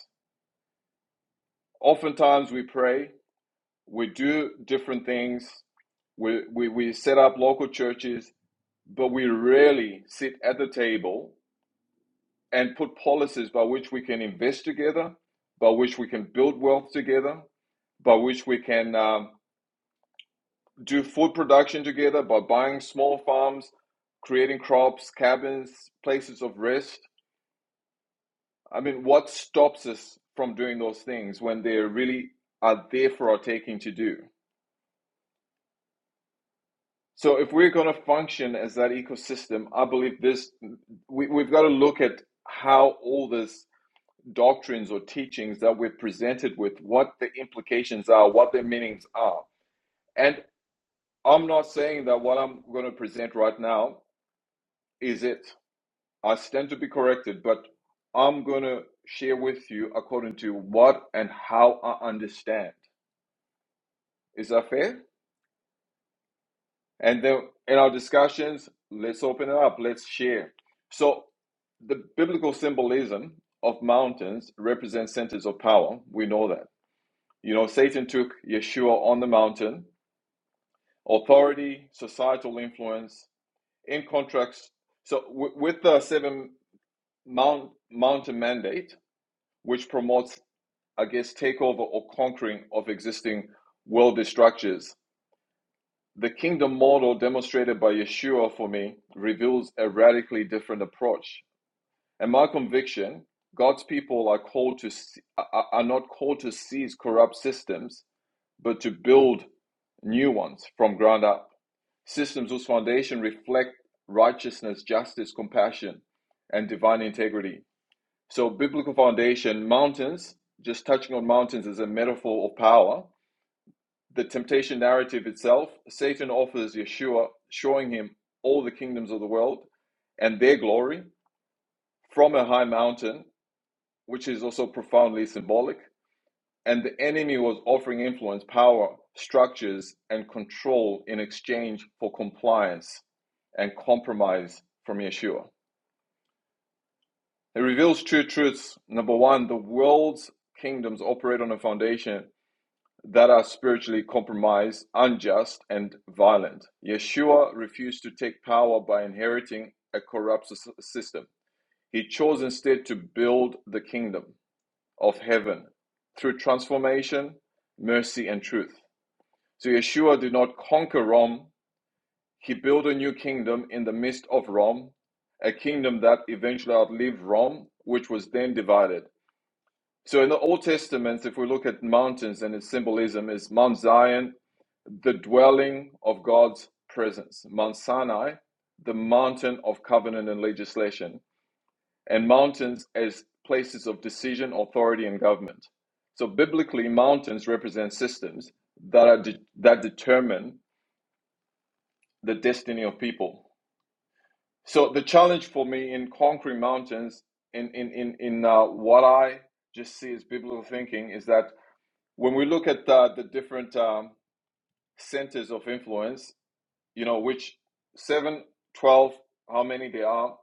Oftentimes we pray, we do different things. We, we, we set up local churches, but we rarely sit at the table and put policies by which we can invest together, by which we can build wealth together, by which we can um, do food production together by buying small farms, creating crops, cabins, places of rest. I mean, what stops us from doing those things when they really are there for our taking to do? So if we're going to function as that ecosystem, I believe this we, we've got to look at how all these doctrines or teachings that we're presented with, what the implications are, what their meanings are. And I'm not saying that what I'm going to present right now is it. I stand to be corrected, but I'm going to share with you according to what and how I understand. Is that fair? And then in our discussions, let's open it up, let's share. So, the biblical symbolism of mountains represents centers of power. We know that. You know, Satan took Yeshua on the mountain, authority, societal influence, in contracts. So, w- with the seven mount, mountain mandate, which promotes, I guess, takeover or conquering of existing worldly structures, The kingdom model demonstrated by Yeshua for me reveals a radically different approach. And my conviction, God's people are called to are are not called to seize corrupt systems, but to build new ones from ground up. Systems whose foundation reflect righteousness, justice, compassion, and divine integrity. So biblical foundation, mountains, just touching on mountains as a metaphor of power, the temptation narrative itself, Satan offers Yeshua, showing him all the kingdoms of the world and their glory from a high mountain, which is also profoundly symbolic. And the enemy was offering influence, power, structures, and control in exchange for compliance and compromise from Yeshua. It reveals two truths. Number one, the world's kingdoms operate on a foundation that are spiritually compromised, unjust, and violent. Yeshua refused to take power by inheriting a corrupt system. He chose instead to build the kingdom of heaven through transformation, mercy, and truth. So Yeshua did not conquer Rome, he built a new kingdom in the midst of Rome, a kingdom that eventually outlived Rome, which was then divided. So in the Old Testament, if we look at mountains and its symbolism, is Mount Zion the dwelling of God's presence. Mount Sinai, the mountain of covenant and legislation, and mountains as places of decision, authority, and government. So biblically, mountains represent systems that are de- that determine the destiny of people. So the challenge for me in conquering mountains, in in in in uh, what I just see as biblical thinking, is that when we look at uh, the different um, centers of influence you know, which 7, 12, how many they are,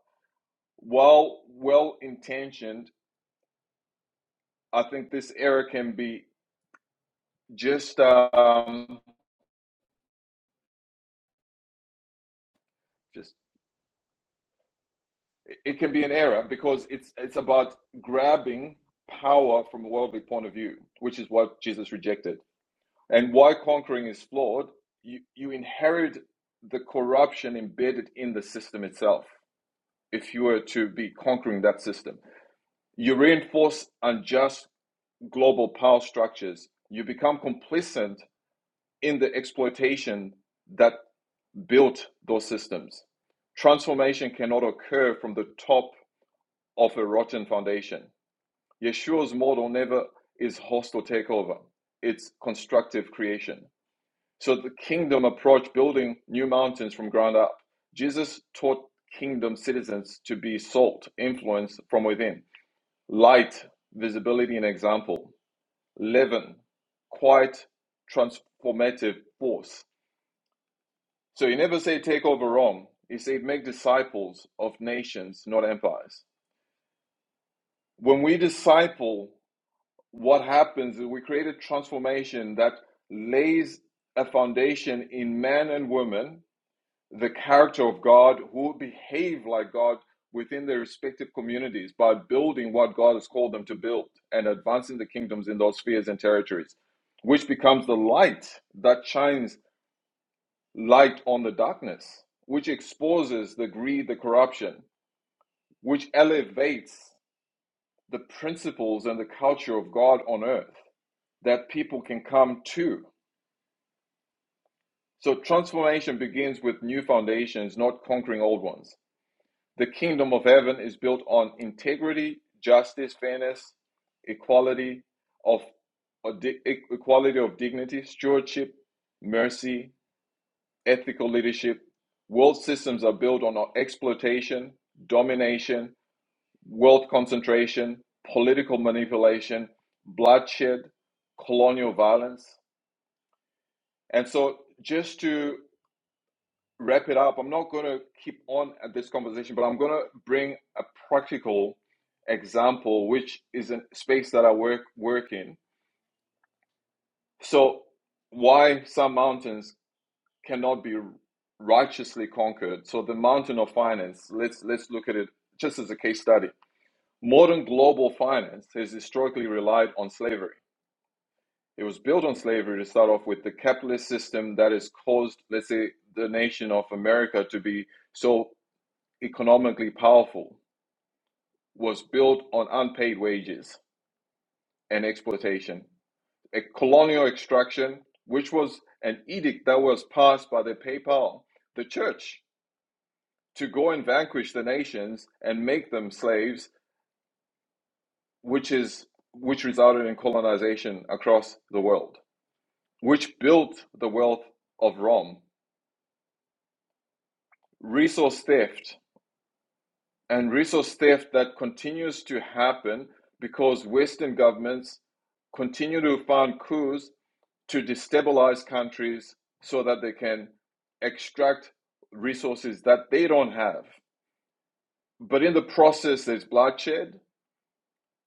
while well intentioned, I think this error can be just, um, just it can be an error because it's it's about grabbing power from a worldly point of view, which is what Jesus rejected. And why conquering is flawed, you, you inherit the corruption embedded in the system itself if you were to be conquering that system. You reinforce unjust global power structures, you become complicit in the exploitation that built those systems. Transformation cannot occur from the top of a rotten foundation. Yeshua's model never is hostile takeover, it's constructive creation. So the kingdom approach building new mountains from ground up. Jesus taught kingdom citizens to be salt, influence from within, light, visibility, and example. 11, quite transformative force. So he never said take over Rome. He said make disciples of nations, not empires. When we disciple, what happens is we create a transformation that lays a foundation in men and women the character of God, who behave like God within their respective communities by building what God has called them to build and advancing the kingdoms in those spheres and territories, which becomes the light that shines light on the darkness, which exposes the greed, the corruption, which elevates the principles and the culture of God on earth that people can come to. So transformation begins with new foundations, not conquering old ones. The kingdom of heaven is built on integrity, justice, fairness, equality of e- equality of dignity, stewardship, mercy, ethical leadership. World systems are built on uh, exploitation, domination, wealth concentration, political manipulation, bloodshed, colonial violence. And so just to wrap it up. I'm not going to keep on at this conversation, but I'm going to bring a practical example, which is a space that I work work in. So, why some mountains cannot be righteously conquered? So, the mountain of finance. Let's let's look at it just as a case study. Modern global finance has historically relied on slavery. It was built on slavery to start off with the capitalist system that has caused, let's say, the nation of America to be so economically powerful was built on unpaid wages and exploitation, a colonial extraction, which was an edict that was passed by the papal, the church, to go and vanquish the nations and make them slaves, which is which resulted in colonization across the world, which built the wealth of Rome, resource theft, and resource theft that continues to happen because Western governments continue to fund coups to destabilize countries so that they can extract resources that they don't have. But in the process, there's bloodshed,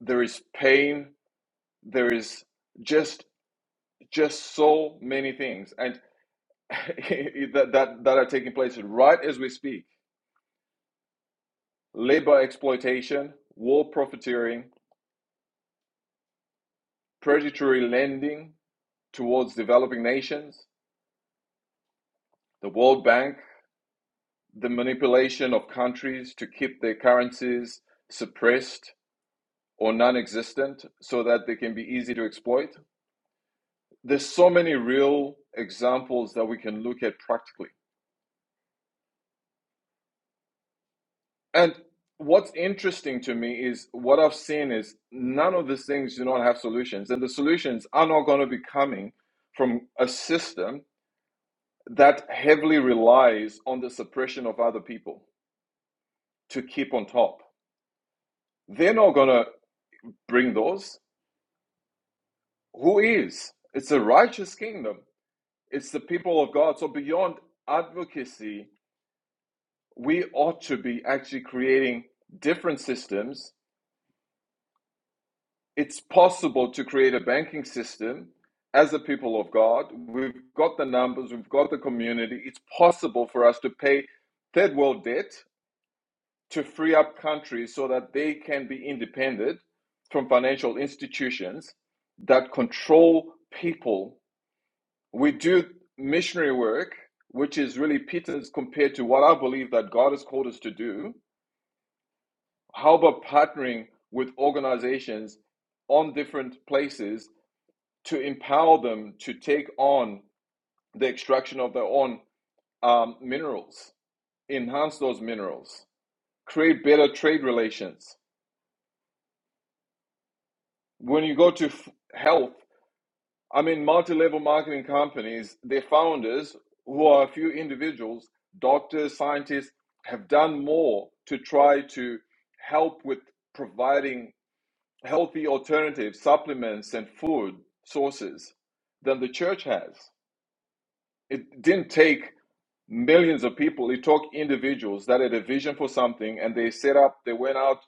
there is pain, there is just just so many things and that, that that are taking place right as we speak labor exploitation war profiteering predatory lending towards developing nations, the World Bank, the manipulation of countries to keep their currencies suppressed or non existent so that they can be easy to exploit. There's so many real examples that we can look at practically. And what's interesting to me is what I've seen is none of these things do not have solutions. And the solutions are not going to be coming from a system that heavily relies on the suppression of other people to keep on top. They're not going to bring those. Who is? It's a righteous kingdom. It's the people of God. So beyond advocacy, we ought to be actually creating different systems. It's possible to create a banking system as a people of God. We've got the numbers, we've got the community. It's possible for us to pay third world debt to free up countries so that they can be independent from financial institutions that control people we do missionary work, which is really Peter's compared to what I believe that God has called us to do. How about partnering with organizations on different places to empower them to take on the extraction of their own um, minerals, enhance those minerals, create better trade relations? When you go to f- health, I mean, multi-level marketing companies, their founders, who are a few individuals, doctors, scientists, have done more to try to help with providing healthy alternatives, supplements, and food sources than the church has. It didn't take millions of people. It took individuals that had a vision for something, and they set up. They went out,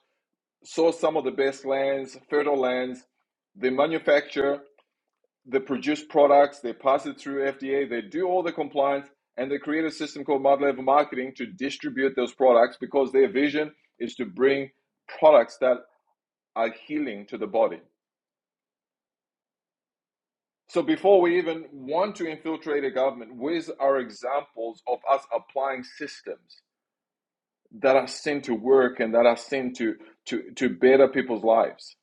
saw some of the best lands, fertile lands. They manufacture. They produce products, they pass it through FDA, they do all the compliance, and they create a system called multi level marketing to distribute those products because their vision is to bring products that are healing to the body. So before we even want to infiltrate a government, where's our examples of us applying systems that are seen to work and that are seen to, to, to better people's lives?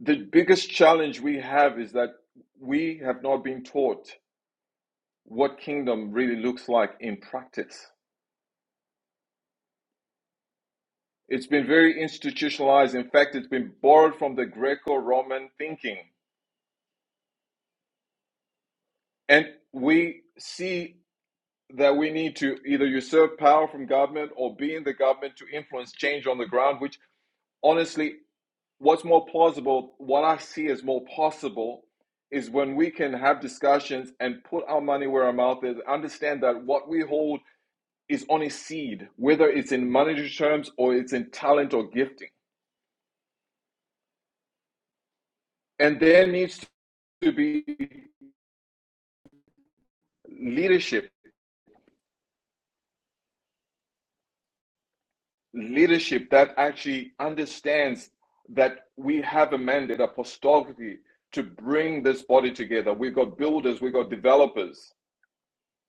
The biggest challenge we have is that we have not been taught what kingdom really looks like in practice. It's been very institutionalized. In fact, it's been borrowed from the Greco Roman thinking. And we see that we need to either usurp power from government or be in the government to influence change on the ground, which honestly, what's more plausible, what I see as more possible, is when we can have discussions and put our money where our mouth is, understand that what we hold is on a seed, whether it's in monetary terms or it's in talent or gifting and there needs to be leadership leadership that actually understands that we have a mandate apostolically to bring this body together we've got builders we've got developers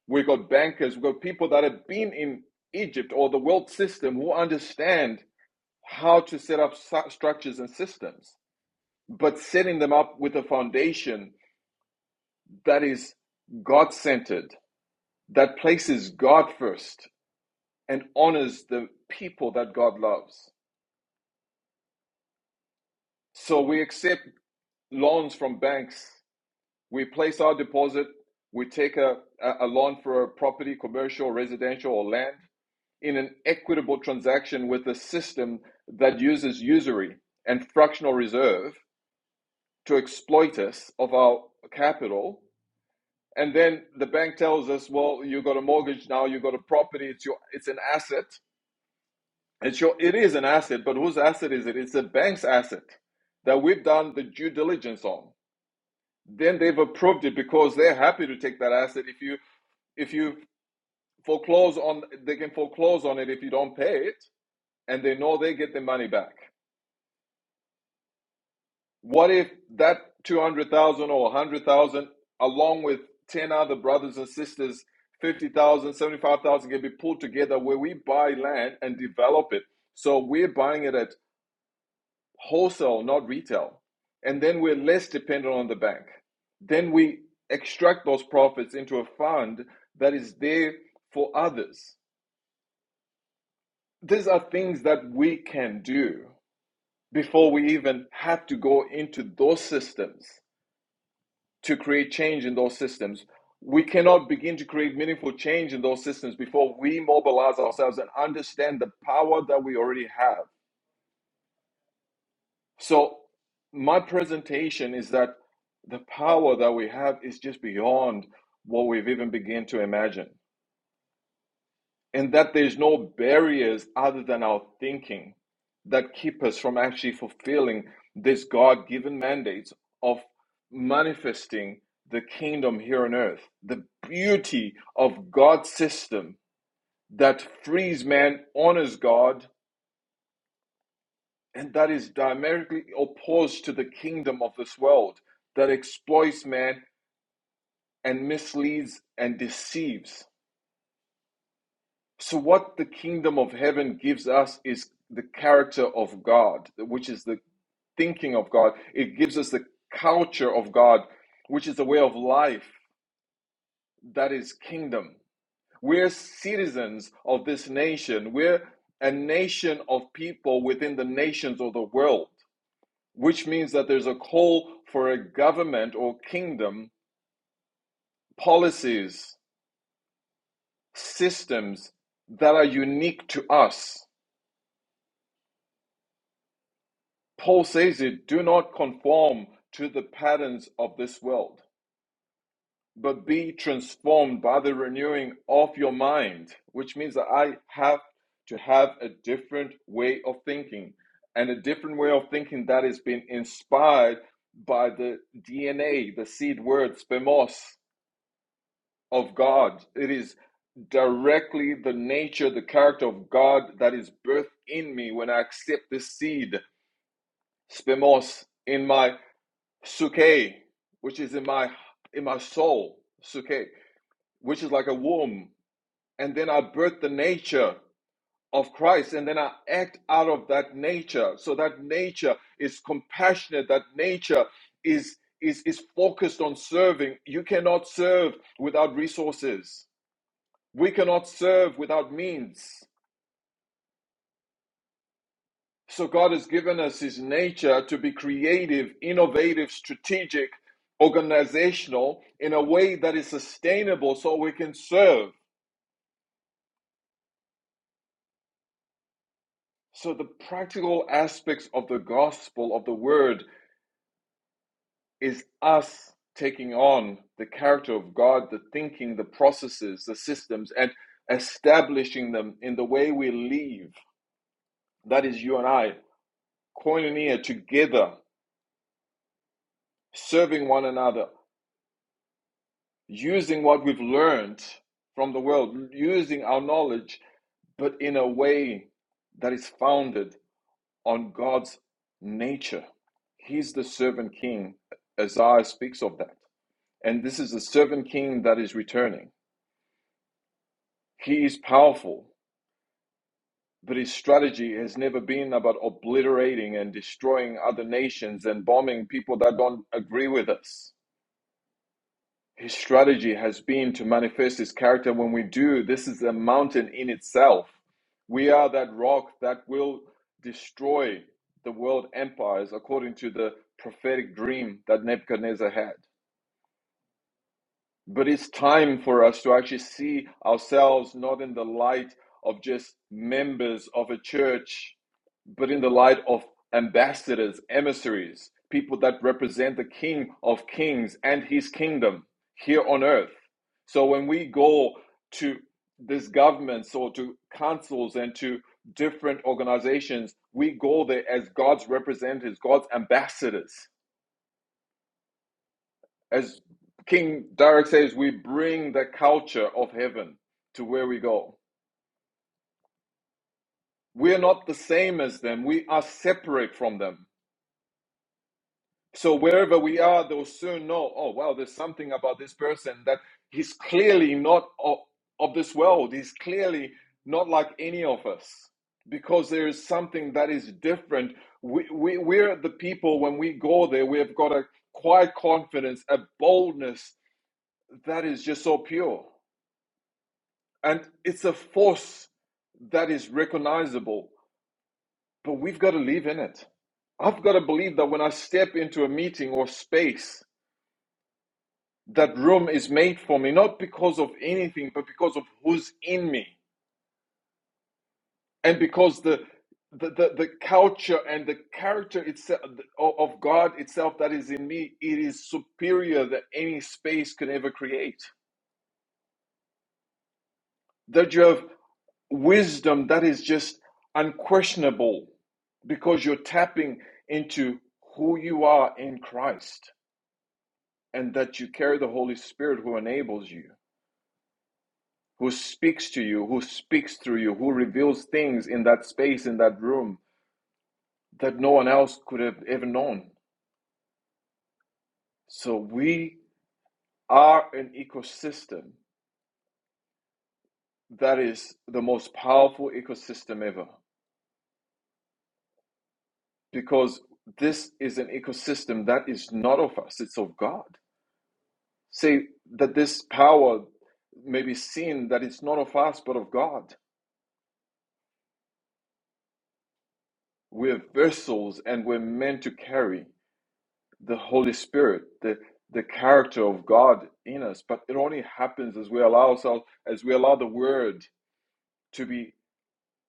we've got bankers we've got people that have been in egypt or the world system who understand how to set up structures and systems but setting them up with a foundation that is god-centered that places god first and honors the people that God loves. So we accept loans from banks. We place our deposit. We take a, a loan for a property, commercial, residential, or land in an equitable transaction with a system that uses usury and fractional reserve to exploit us of our capital. And then the bank tells us, well, you've got a mortgage now, you've got a property, it's, your, it's an asset And sure, it is an asset, but whose asset is it? It's a bank's asset that we've done the due diligence on. Then they've approved it because they're happy to take that asset. If you if you foreclose on, they can foreclose on it if you don't pay it, and they know they get their money back. What if that two hundred thousand or a hundred thousand, along with ten other brothers and sisters, fifty thousand, seventy five thousand, can be pulled together where we buy land and develop it. So we're buying it at wholesale, not retail. And then we're less dependent on the bank. Then we extract those profits into a fund that is there for others. These are things that we can do before we even have to go into those systems to create change in those systems. We cannot begin to create meaningful change in those systems before we mobilize ourselves and understand the power that we already have So, my presentation is that the power that we have is just beyond what we've even begun to imagine, and that there's no barriers other than our thinking that keep us from actually fulfilling this God given mandates of manifesting the kingdom here on earth. The beauty of God's system that frees man, honors God, and that is diametrically opposed to the kingdom of this world that exploits man and misleads and deceives. So, what the kingdom of heaven gives us is the character of God, which is the thinking of God. It gives us the culture of God, which is the way of life that is kingdom. We're citizens of this nation, we're a nation of people within the nations of the world. which means that there's a call for a government or kingdom policies, systems that are unique to us. Paul says it do not conform to the patterns of this world, but be transformed by the renewing of your mind, which means that I have to have a different way of thinking and a different way of thinking that has been inspired by the DNA, the seed word, spemos of God. It is directly the nature, the character of God that is birthed in me when I accept this seed, spemos, in my suke, which is in my in my soul, suke, which is like a womb. And then I birth the nature of Christ, and then I act out of that nature. So that nature is compassionate, that nature is is is focused on serving. You cannot serve without resources. We cannot serve without means. So God has given us His nature to be creative, innovative, strategic, organizational in a way that is sustainable so we can serve. So the practical aspects of the gospel of the word is us taking on the character of God, the thinking, the processes, the systems, and establishing them in the way we live. That is you and I, koinonia, together, serving one another, using what we've learned from the world, using our knowledge, but in a way that is founded on God's nature. He's the servant king. Isaiah speaks of that. And this is the servant king that is returning. He is powerful, but his strategy has never been about obliterating and destroying other nations and bombing people that don't agree with us. His strategy has been to manifest his character. When we do, this is a mountain in itself. We are that rock that will destroy the world empires according to the prophetic dream that Nebuchadnezzar had. But it's time for us to actually see ourselves not in the light of just members of a church, but in the light of ambassadors, emissaries, people that represent the King of Kings and his kingdom here on earth. So when we go to these governments or to councils and to different organizations, we go there as God's representatives, God's ambassadors. As King Derek says, we bring the culture of heaven to where we go. We are not the same as them. We are separate from them. So wherever we are, they'll soon know, oh, wow, there's something about this person that he's clearly not of, of this world. He's clearly not like any of us because there is something that is different. We, we, we're the people, when we go there, we have got a quiet confidence, a boldness that is just so pure. And it's a force that is recognizable, but we've got to live in it. I've got to believe that when I step into a meeting or space, that room is made for me, not because of anything, but because of who's in me, and because the the, the, the culture and the character itself of God itself that is in me, it is superior that any space can ever create. That you have wisdom that is just unquestionable because you're tapping into who you are in Christ and that you carry the Holy Spirit who enables you. who speaks to you, who speaks through you, who reveals things in that space, in that room that no one else could have ever known. So we are an ecosystem that is the most powerful ecosystem ever because this is an ecosystem that is not of us, it's of God. Say that this power may be seen that it's not of us but of God. We're vessels and we're meant to carry. the Holy Spirit, the the character of God in us, but it only happens as we allow ourselves, as we allow the Word to be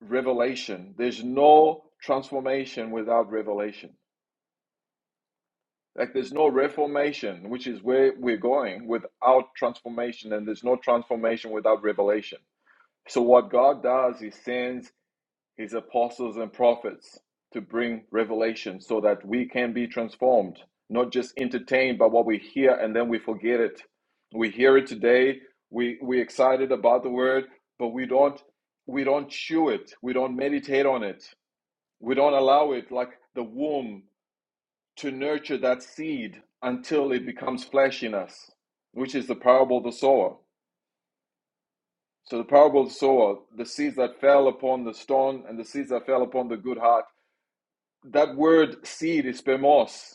revelation. There's no transformation without revelation. Like there's no reformation, which is where we're going, without transformation, and there's no transformation without revelation. So what God does, He sends his apostles and prophets to bring revelation so that we can be transformed, not just entertained by what we hear and then we forget it. We hear it today, we we excited about the word, but we don't we don't chew it, we don't meditate on it, we don't allow it like the womb to nurture that seed until it becomes flesh in us, which is the parable of the sower. So the parable of the sower, the seeds that fell upon the stone and the seeds that fell upon the good heart that word seed is spermos.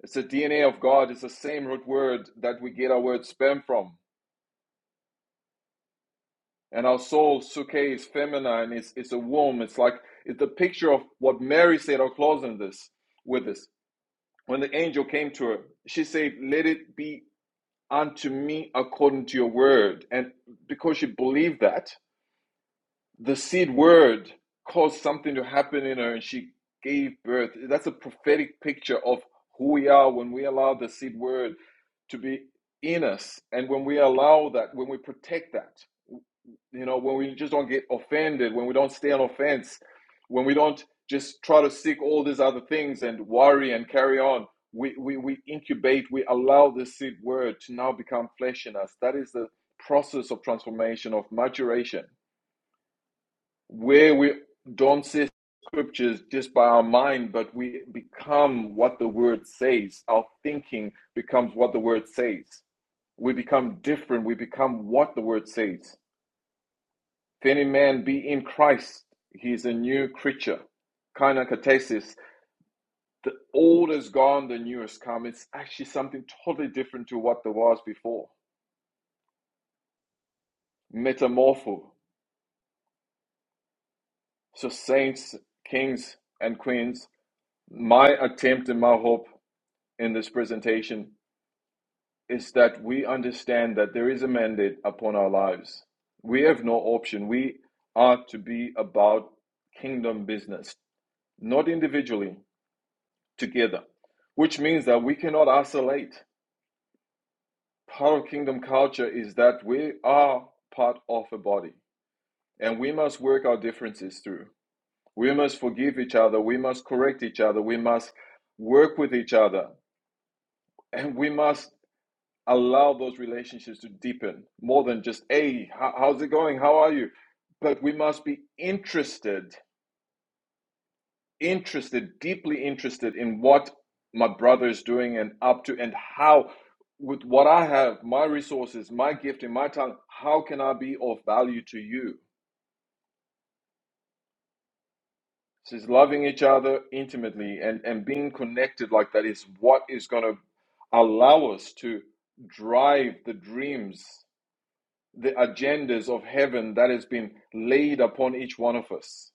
It's the DNA of God. It's the same root word that we get our word sperm from. And our soul, suke, is feminine. It's, it's a womb. It's like it's the picture of what Mary said. I'll close on this with this. When the angel came to her, she said, Let it be unto me according to your word. And because she believed that, the seed word caused something to happen in her and she gave birth. That's a prophetic picture of who we are when we allow the seed word to be in us. And when we allow that, when we protect that, you know, when we just don't get offended, when we don't stay on offense, when we don't just try to seek all these other things and worry and carry on, we, we, we incubate, we allow the seed word to now become flesh in us. That is the process of transformation, of maturation where we don't say scriptures just by our mind, but we become what the word says. Our thinking becomes what the word says. We become different. We become what the word says. If any man be in Christ, he is a new creature. Kainakatesis. The old is gone, the new has come. It's actually something totally different to what there was before. Metamorpho. So saints, kings, and queens, my attempt and my hope in this presentation is that we understand that there is a mandate upon our lives. We have no option. We are to be about kingdom business, not individually, together, which means that we cannot isolate. Part of kingdom culture is that we are part of a body and we must work our differences through. We must forgive each other. We must correct each other. We must work with each other. And we must allow those relationships to deepen more than just hey how's it going how are you but we must be interested interested deeply interested in what my brother is doing and up to and how with what i have my resources my gift and my talent how can i be of value to you so it's loving each other intimately and and being connected like that is what is going to allow us to drive the dreams the agendas of heaven that has been laid upon each one of us.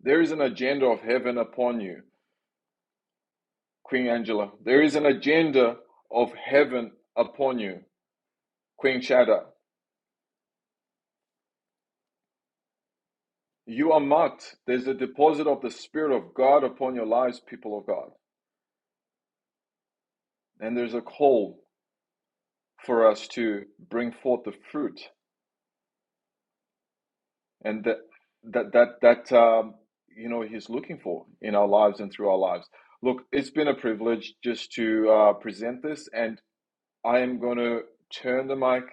There is an agenda of heaven upon you, Queen Angela. There is an agenda of heaven upon you, Queen Shada. You are marked. There's a deposit of the Spirit of God upon your lives, people of God. And there's a call for us to bring forth the fruit and that that that that um, you know he's looking for in our lives and through our lives. Look, it's been a privilege just to uh, present this, and I am going to turn the mic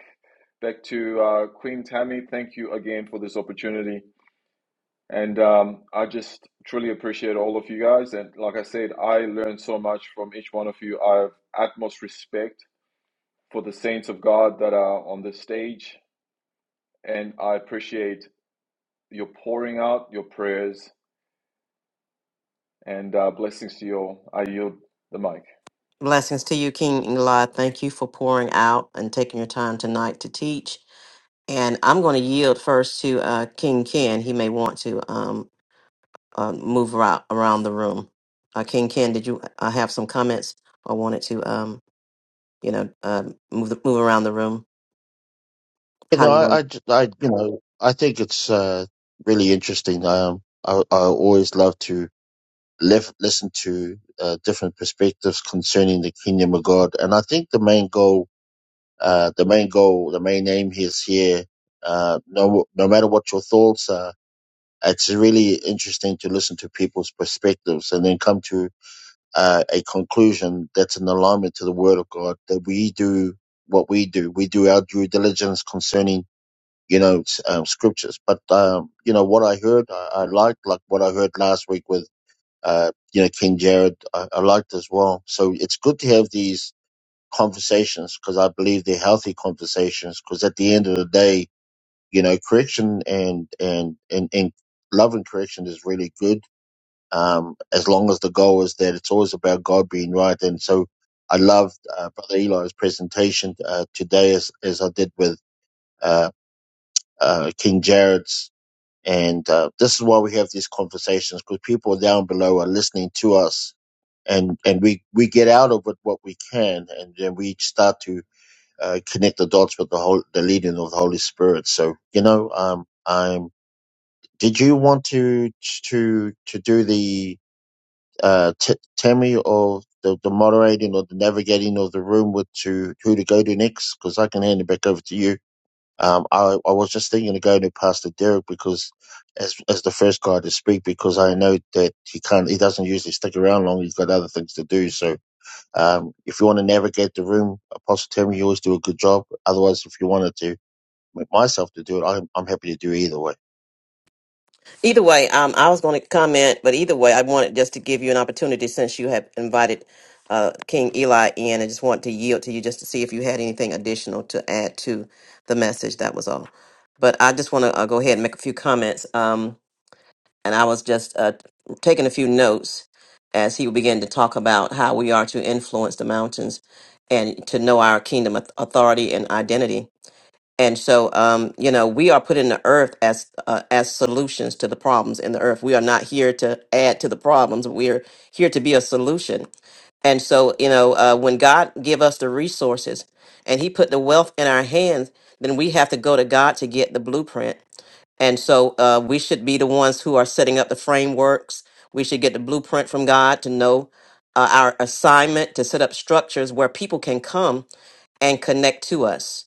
back to uh, Queen Tammy. Thank you again for this opportunity, and um, I just truly appreciate all of you guys. And like I said, I learned so much from each one of you. I have utmost respect for the saints of God that are on this stage, and I appreciate your pouring out your prayers and uh, blessings to you all. I yield the mic.
Blessings to you, King Eli. Thank you for pouring out and taking your time tonight to teach. And I'm going to yield first to uh, King Ken. He may want to. Um, uh, move around, around the room. Uh, King Ken, did you uh, have some comments or wanted to, um, you know, um move the, move around the room?
You
How
know,
do you
I, I,
want?
j- I- you know, I think it's uh, really interesting. Um, I, I always love to. lef- listen to uh, different perspectives concerning the kingdom of God. And I think the main goal, uh, the main goal, the main aim is here. Uh, no, no matter what your thoughts are, it's really interesting to listen to people's perspectives and then come to uh, a conclusion that's in alignment to the Word of God. That we do what we do. We do our due diligence concerning you know s- um, scriptures. But um, you know what I heard, I, I liked like what I heard last week with uh, you know, King Jared, I, I liked as well. So it's good to have these conversations because I believe they're healthy conversations because at the end of the day, you know, correction and, and, and, and love and correction is really good. Um, as long as the goal is that it's always about God being right. And so I loved, uh, Brother Eli's presentation, uh, today as, as I did with, uh, uh, King Jared's. And, uh, this is why we have these conversations because people down below are listening to us and and we we get out of it what we can, and then we start to uh, connect the dots with the whole the leading of the Holy Spirit. So you know, um, I'm. Did you want to to to do the uh, t- Tammy or the, the moderating or the navigating of the room with to who to go to next? Because I can hand it back over to you. Um, I I was just thinking of going to Pastor Derek because as as the first guy to speak because I know that he can't he doesn't usually stick around long. He's got other things to do. So um, if you want to navigate the room, Apostle Tim, you always do a good job. Otherwise, if you wanted to make myself to do it, I'm, I'm happy to do either way.
Either way, um, I was going to comment, but either way, I wanted just to give you an opportunity since you have invited uh, King Eli in. I just want to yield to you just to see if you had anything additional to add to the message. That was all. But I just want to uh, go ahead and make a few comments. Um, and I was just uh, taking a few notes as he began to talk about how we are to influence the mountains and to know our kingdom auth- authority and identity and so, um, you know, we are put in the earth as uh, as solutions to the problems in the earth. We are not here to add to the problems. We are here to be a solution. And so, you know, uh, when God give us the resources and He put the wealth in our hands, then we have to go to God to get the blueprint. And so, uh, we should be the ones who are setting up the frameworks. We should get the blueprint from God to know uh, our assignment to set up structures where people can come and connect to us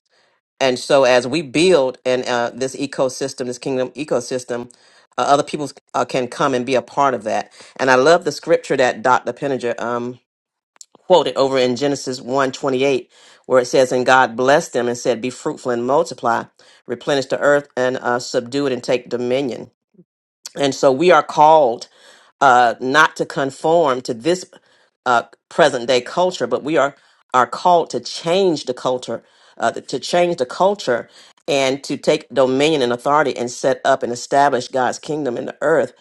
and so as we build and uh, this ecosystem this kingdom ecosystem uh, other people uh, can come and be a part of that and i love the scripture that dr penninger um, quoted over in genesis one twenty eight, where it says and god blessed them and said be fruitful and multiply replenish the earth and uh, subdue it and take dominion and so we are called uh, not to conform to this uh, present day culture, but we are are called to change the culture, uh, to change the culture, and to take dominion and authority and set up and establish God's kingdom in the earth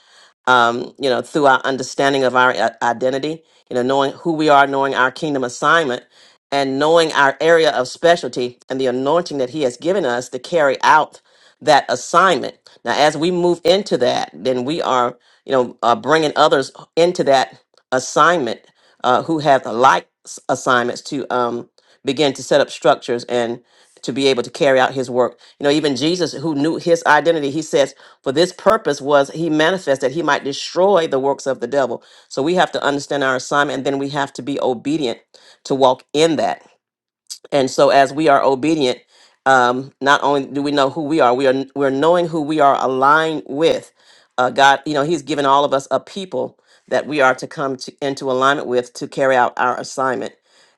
um, you know, through our understanding of our i- identity, you know, knowing who we are, knowing our kingdom assignment, and knowing our area of specialty and the anointing that He has given us to carry out that assignment. Now, as we move into that, then we are, you know, uh, bringing others into that assignment uh, who have the like s- assignments to um, begin to set up structures and to be able to carry out His work. You know, even Jesus, who knew His identity, He says for this purpose was he manifest that he might destroy the works of the devil. So we have to understand our assignment and then we have to be obedient to walk in that. And so as we are obedient, um, not only do we know who we are, we are we're knowing who we are aligned with. Uh, God, you know, He's given all of us a people that we are to come to, into alignment with to carry out our assignment.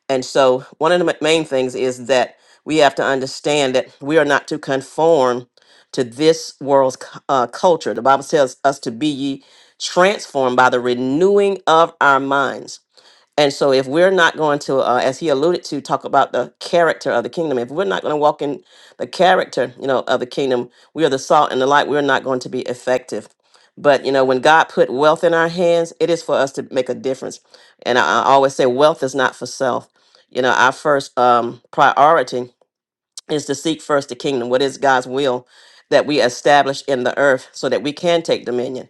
And so one of the ma- main things is that we have to understand that we are not to conform to this world's cu- uh, culture. The Bible tells us to be ye transformed by the renewing of our minds. And so, if we're not going to, uh, as he alluded to, talk about the character of the kingdom, if we're not going to walk in the character, you know, of the kingdom, we are the salt and the light. We're not going to be effective. But you know, when God put wealth in our hands, it is for us to make a difference. And I, I always say, wealth is not for self. You know, our first um, priority is to seek first the kingdom, what is God's will that we establish in the earth so that we can take dominion.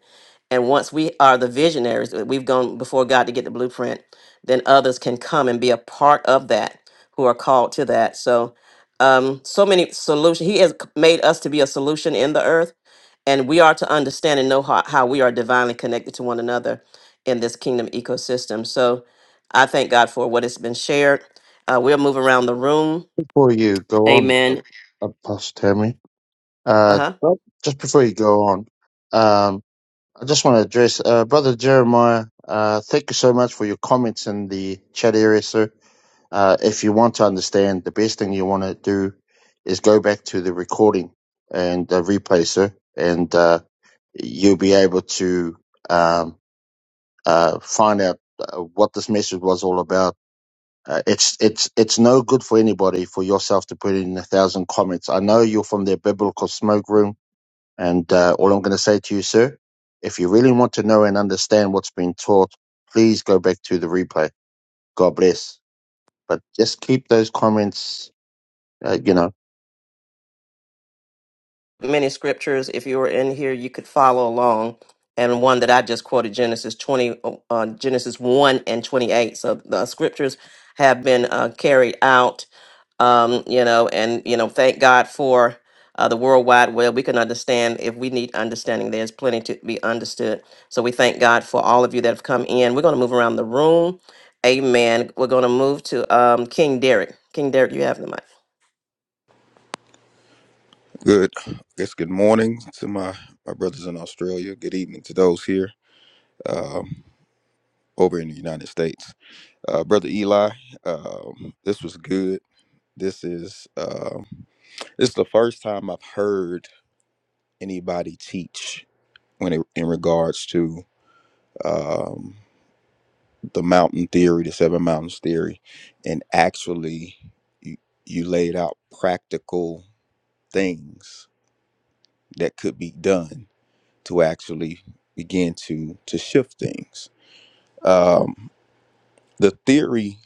And once we are the visionaries, uh, we've gone before God to get the blueprint, then others can come and be a part of that who are called to that. So, um, so many solutions. He has c- made us to be a solution in the earth, and we are to understand and know how, how we are divinely connected to one another in this kingdom ecosystem. So, I thank God for what has been shared. Uh, we'll move around the room.
Before you go on,
Amen
A- Apostle Tammy, uh,
uh-huh
well, just before you go on, um, I just want to address uh, Brother Jeremiah. Uh, thank you so much for your comments in the chat area, sir. Uh, if you want to understand, the best thing you want to do is go back to the recording and uh, replay, sir, and uh, you'll be able to. Um, uh, find out uh, what this message was all about. Uh, it's it's it's no good for anybody for yourself to put in a thousand comments. I know you're from the biblical smoke room, and uh, all I'm going to say to you, sir, if you really want to know and understand what's been taught, please go back to the replay. God bless. But just keep those comments, uh, you know.
many scriptures if you were in here you could follow along and one that i just quoted genesis 20 uh, uh, genesis 1 and 28 so the scriptures have been uh, carried out um, you know and you know thank god for uh, the world wide web we can understand if we need understanding there's plenty to be understood so we thank god for all of you that have come in we're going to move around the room amen we're going to move to um, king derek king derek you have the mic
Good. I guess good morning to my, my brothers in Australia. Good evening to those here um, over in the United States. Uh, Brother Eli, um, this was good. This is um, this is the first time I've heard anybody teach when it, in regards to um, the mountain theory, the seven mountains theory, and actually you, you laid out practical things that could be done to actually begin to to shift things. Um, the theory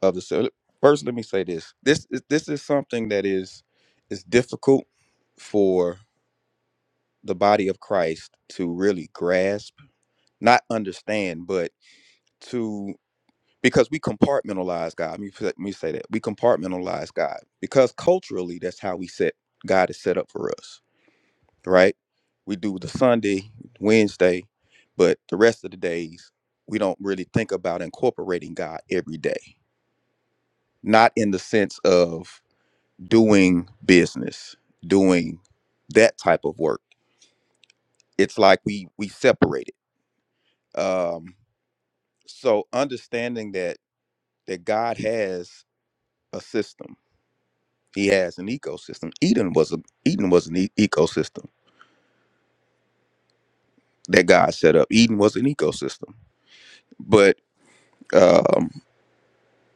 of the so first, let me say this: this is this is something that is is difficult for the body of Christ to really grasp, not understand, but to. because we compartmentalize God. Let me, say- let me say that we compartmentalize God because culturally that's how we set God is set up for us, right? We do the Sunday, Wednesday, but the rest of the days we don't really think about incorporating God every day. Not in the sense of doing business, doing that type of work. It's like we we separate it. Um, so understanding that that God has a system He has an ecosystem. Eden was a Eden was an e- ecosystem that God set up. Eden was an ecosystem. But um,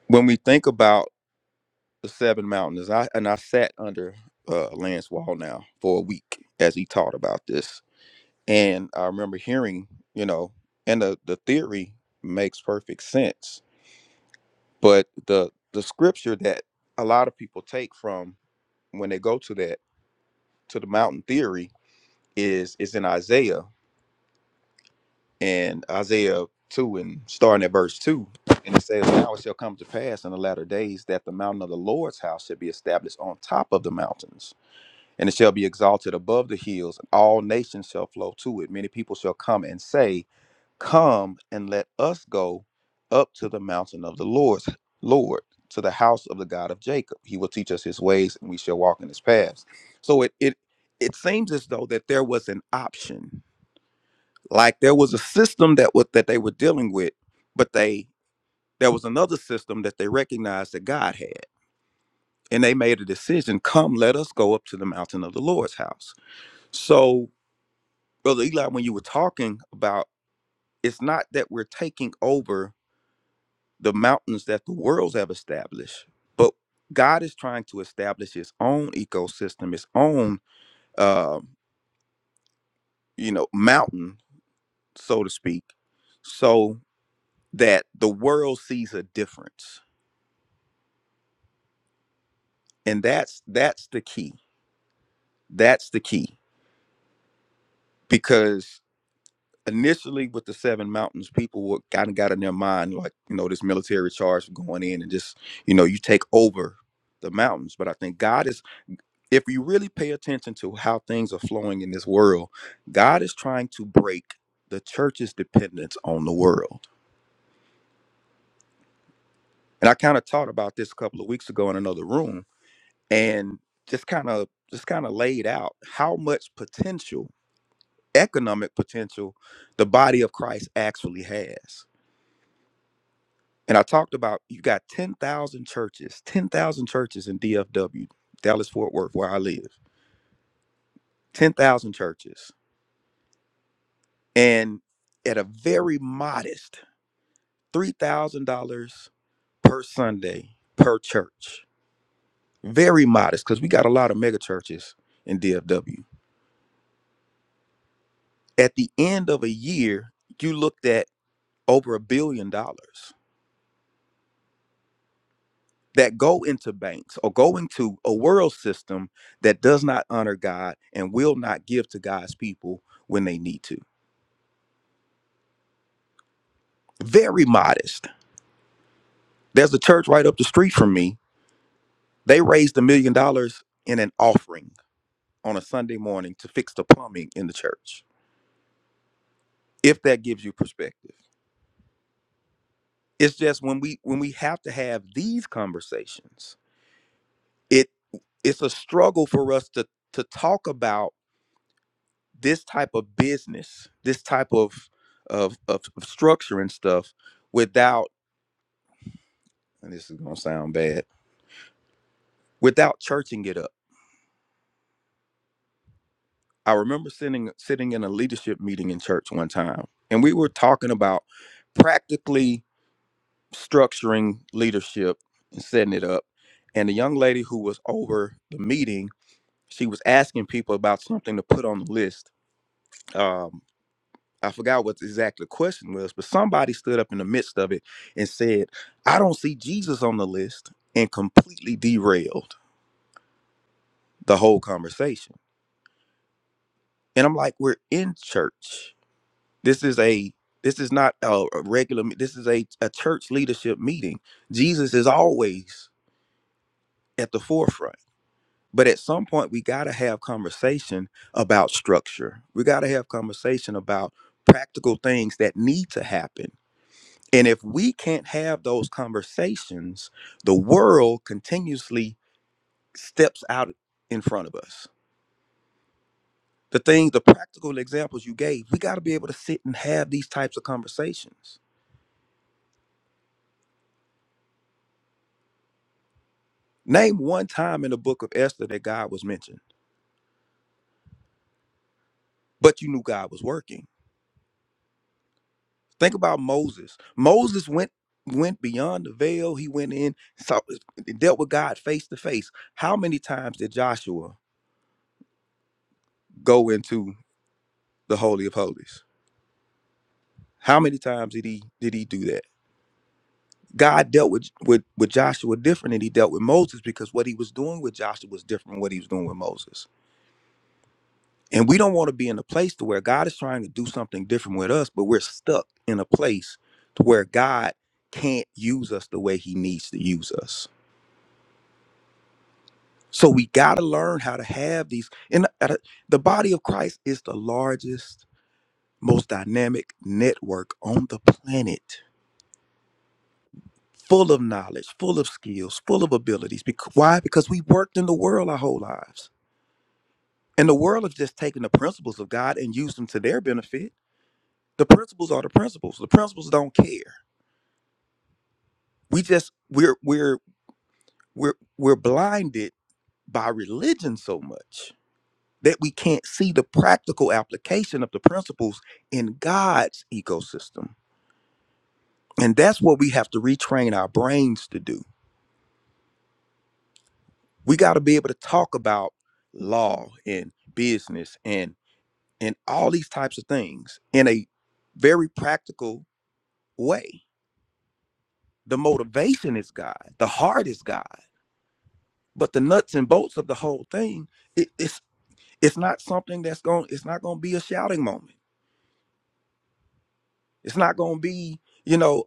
when we think about the seven mountains, I and I sat under uh, Lance Wall now for a week as he taught about this, and I remember hearing, you know, and the the theory makes perfect sense, but the the scripture that a lot of people take from when they go to that to the mountain theory is is in Isaiah and Isaiah 2 and starting at verse 2. And it says, Now it shall come to pass in the latter days that the mountain of the Lord's house shall be established on top of the mountains, and it shall be exalted above the hills, and all nations shall flow to it. Many people shall come and say, Come and let us go up to the mountain of the Lord's Lord, to the house of the God of Jacob. He will teach us his ways, and we shall walk in his paths. So it it it seems as though that there was an option like there was a system that what that they were dealing with but they there was another system that they recognized that god had and they made a decision come let us go up to the mountain of the lord's house so brother eli when you were talking about it's not that we're taking over the mountains that the worlds have established but god is trying to establish his own ecosystem his own uh, you know mountain so to speak so that the world sees a difference and that's that's the key that's the key because initially with the seven mountains people were kind of got in their mind like you know this military charge going in and just you know you take over the mountains but i think god is if you really pay attention to how things are flowing in this world god is trying to break the church's dependence on the world and i kind of taught about this a couple of weeks ago in another room and just kind of just kind of laid out how much potential economic potential the body of Christ actually has. And I talked about you got 10,000 churches, 10,000 churches in DFW, Dallas Fort Worth, where I live, 10,000 churches. And at a very modest $3,000 per Sunday per church, very modest because we got a lot of mega churches in DFW. At the end of a year, you looked at over a billion dollars. that go into banks or go into a world system that does not honor God and will not give to God's people when they need to. Very modest. There's a church right up the street from me. They raised a million dollars in an offering on a Sunday morning to fix the plumbing in the church. If that gives you perspective. It's just when we when we have to have these conversations, it it's a struggle for us to to talk about this type of business, this type of of, of of structure and stuff without and this is gonna sound bad, without churching it up. I remember sitting sitting in a leadership meeting in church one time, and we were talking about practically structuring leadership and setting it up. And the young lady who was over the meeting, she was asking people about something to put on the list. Um, I forgot what exactly the exact question was, but somebody stood up in the midst of it and said, I don't see Jesus on the list, and completely derailed the whole conversation. And I'm like, we're in church. This is a this is not a a regular me- this is a, a church leadership meeting. Jesus is always at the forefront. But at some point we gotta have conversation about structure. We gotta have conversation about practical things that need to happen And if we can't have those conversations, the world continuously steps out in front of us. The things, the practical examples you gave, we got to be able to sit and have these types of conversations. Name one time in the book of Esther that God was mentioned, but you knew God was working. Think about Moses. Moses went went beyond the veil. He went in, saw, dealt with God face to face. How many times did Joshua go into the holy of holies? How many times did he did he do that? God dealt with, with with Joshua different than he dealt with Moses because what he was doing with Joshua was different than what he was doing with Moses. And we don't want to be in a place to where God is trying to do something different with us, but we're stuck in a place to where God can't use us the way he needs to use us. So we got to learn how to have these. And at the body of Christ is the largest, most dynamic network on the planet, full of knowledge, full of skills, full of abilities. Bec- Why? Because we worked in the world our whole lives. And the world has just taken the principles of God and used them to their benefit. The principles are the principles. The principles don't care. We just we're we're we're we're blinded by religion so much that we can't see the practical application of the principles in God's ecosystem. And that's what we have to retrain our brains to do. We got to be able to talk about law and business and and all these types of things in a very practical way The motivation is God. The heart is God. But the nuts and bolts of the whole thing, it, it's it's not something that's going. It's not going to be a shouting moment. It's not going to be. You know,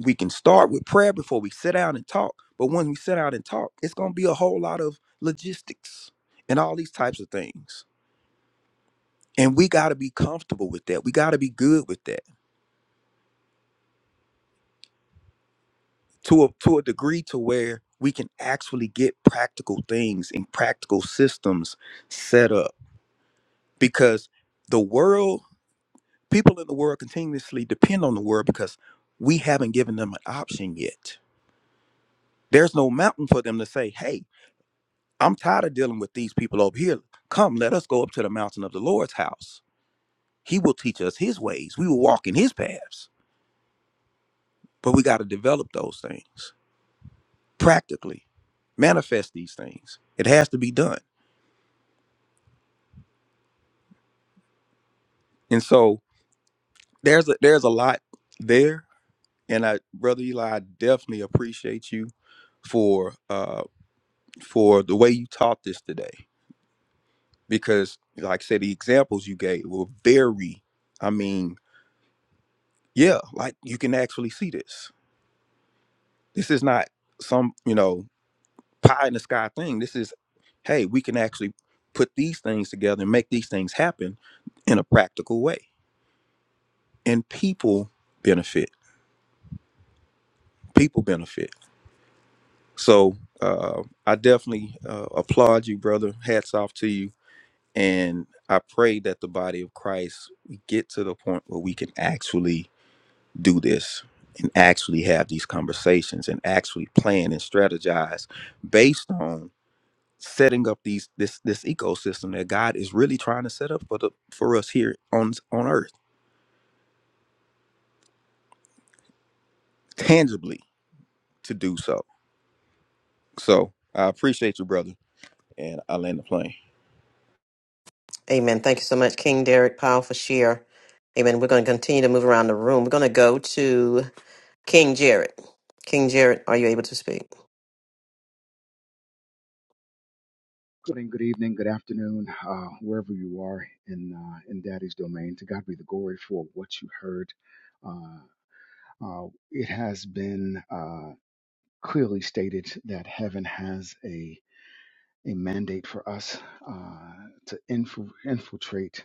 we can start with prayer before we sit down and talk. But when we sit down and talk, it's going to be a whole lot of logistics and all these types of things. And we got to be comfortable with that. We got to be good with that to a, to a degree to where we can actually get practical things and practical systems set up because the world, people in the world continuously depend on the world because we haven't given them an option yet. There's no mountain for them to say, hey, I'm tired of dealing with these people over here. Come, let us go up to the mountain of the Lord's house. He will teach us his ways. We will walk in his paths. But we got to develop those things practically, manifest these things. It has to be done. And so there's a there's a lot there. And I, brother Eli, I definitely appreciate you for um for the way you taught this today because like I said the examples you gave were very I mean yeah like you can actually see this this is not some you know pie in the sky thing this is hey we can actually put these things together and make these things happen in a practical way and people benefit people benefit so uh, I definitely uh, applaud you brother hats off to you And I pray that the body of Christ we get to the point where we can actually do this and actually have these conversations and actually plan and strategize based on setting up these this this ecosystem that God is really trying to set up for the for us here on on earth tangibly to do so. So I appreciate you, brother, and I land the plane.
Amen. Thank you so much, King Derek Powell, for share. Amen. We're going to continue to move around the room. We're going to go to King Jared. King Jared, are you able to speak?
Good morning, good evening, good afternoon, uh, wherever you are in uh, in Daddy's domain. To God be the glory for what you heard. Uh, uh, it has been uh, clearly stated that heaven has a a mandate for us uh, to infu- infiltrate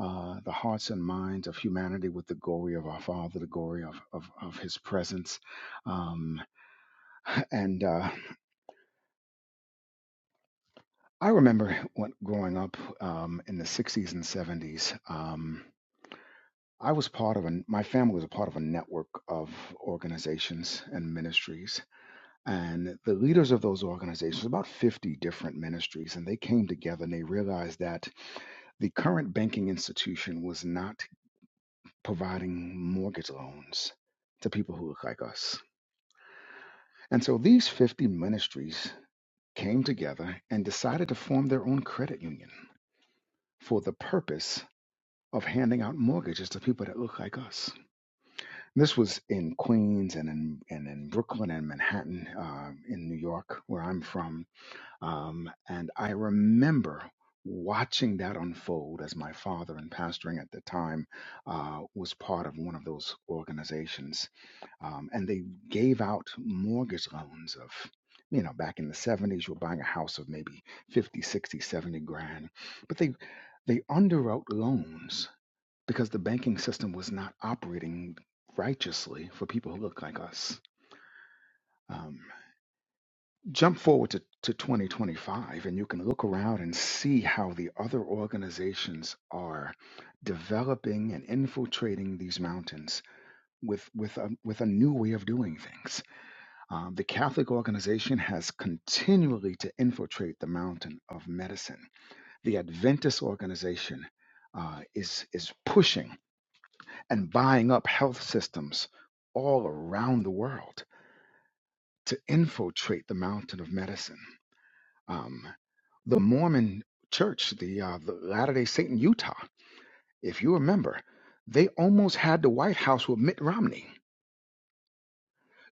uh, the hearts and minds of humanity with the glory of our Father, the glory of, of, of His presence. Um, and uh, I remember when, growing up um, in the 60s and 70s, um, I was part of a, my family was a part of a network of organizations and ministries And the leaders of those organizations, about 50 different ministries, and they came together and they realized that the current banking institution was not providing mortgage loans to people who look like us. And so these 50 ministries came together and decided to form their own credit union for the purpose of handing out mortgages to people that look like us. This was in Queens and in, and in Brooklyn and Manhattan uh, in New York, where I'm from Um, and I remember watching that unfold as my father and pastoring at the time uh, was part of one of those organizations. Um, and they gave out mortgage loans of, you know, back in the 70s, you were buying a house of maybe 50, 60, 70 grand. But they, they underwrote loans because the banking system was not operating righteously for people who look like us. Um, Jump forward to, to 2025, and you can look around and see how the other organizations are developing and infiltrating these mountains with, with, a, with a new way of doing things. Um, the Catholic organization has continually to infiltrate the mountain of medicine. The Adventist organization uh, is, is pushing and buying up health systems all around the world to infiltrate the mountain of medicine. Um, the Mormon Church, the, uh, the Latter Day Saint in Utah, if you remember, they almost had the White House with Mitt Romney.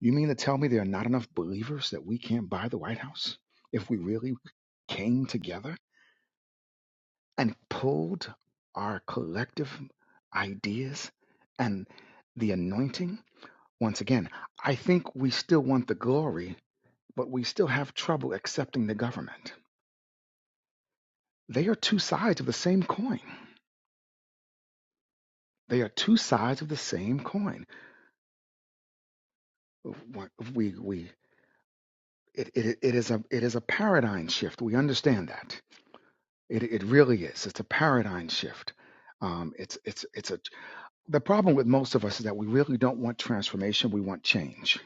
You mean to tell me there are not enough believers that we can't buy the White House if we really came together and pulled our collective ideas and the anointing? Once again, I think we still want the glory, but we still have trouble accepting the government. They are two sides of the same coin. They are two sides of the same coin we we it, it, it is a it is a paradigm shift. We understand that it it really is. It's a paradigm shift. Um, it's it's it's a the problem with most of us is that we really don't want transformation. We want change.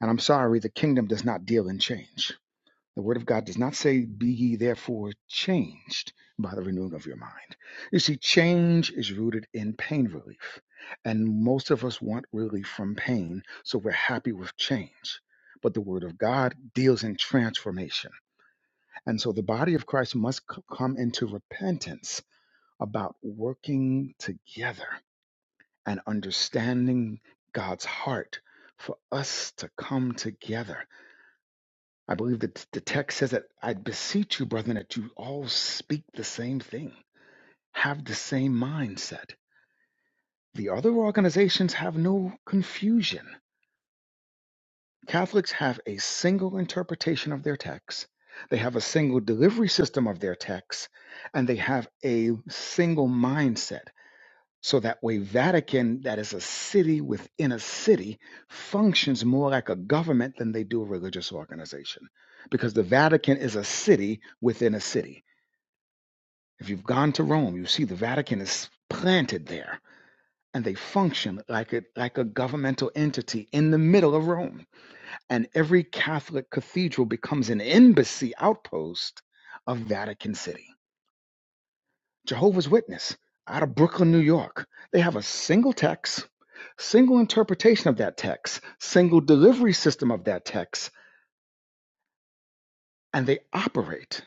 And I'm sorry, the kingdom does not deal in change. The Word of God does not say, Be ye therefore changed by the renewing of your mind. You see, change is rooted in pain relief. And most of us want relief from pain, so we're happy with change. But the Word of God deals in transformation. And so the body of Christ must c- come into repentance about working together and understanding God's heart for us to come together I believe that the text says that I beseech you, brethren, that you all speak the same thing, have the same mindset. The other organizations have no confusion. Catholics have a single interpretation of their text, they have a single delivery system of their text, and they have a single mindset. So that way, Vatican, that is a city within a city, functions more like a government than they do a religious organization. Because the Vatican is a city within a city. If you've gone to Rome, you see the Vatican is planted there and they function like a, like a governmental entity in the middle of Rome. And every Catholic cathedral becomes an embassy outpost of Vatican City Jehovah's Witness out of Brooklyn, New York. They have a single text, single interpretation of that text, single delivery system of that text, and they operate.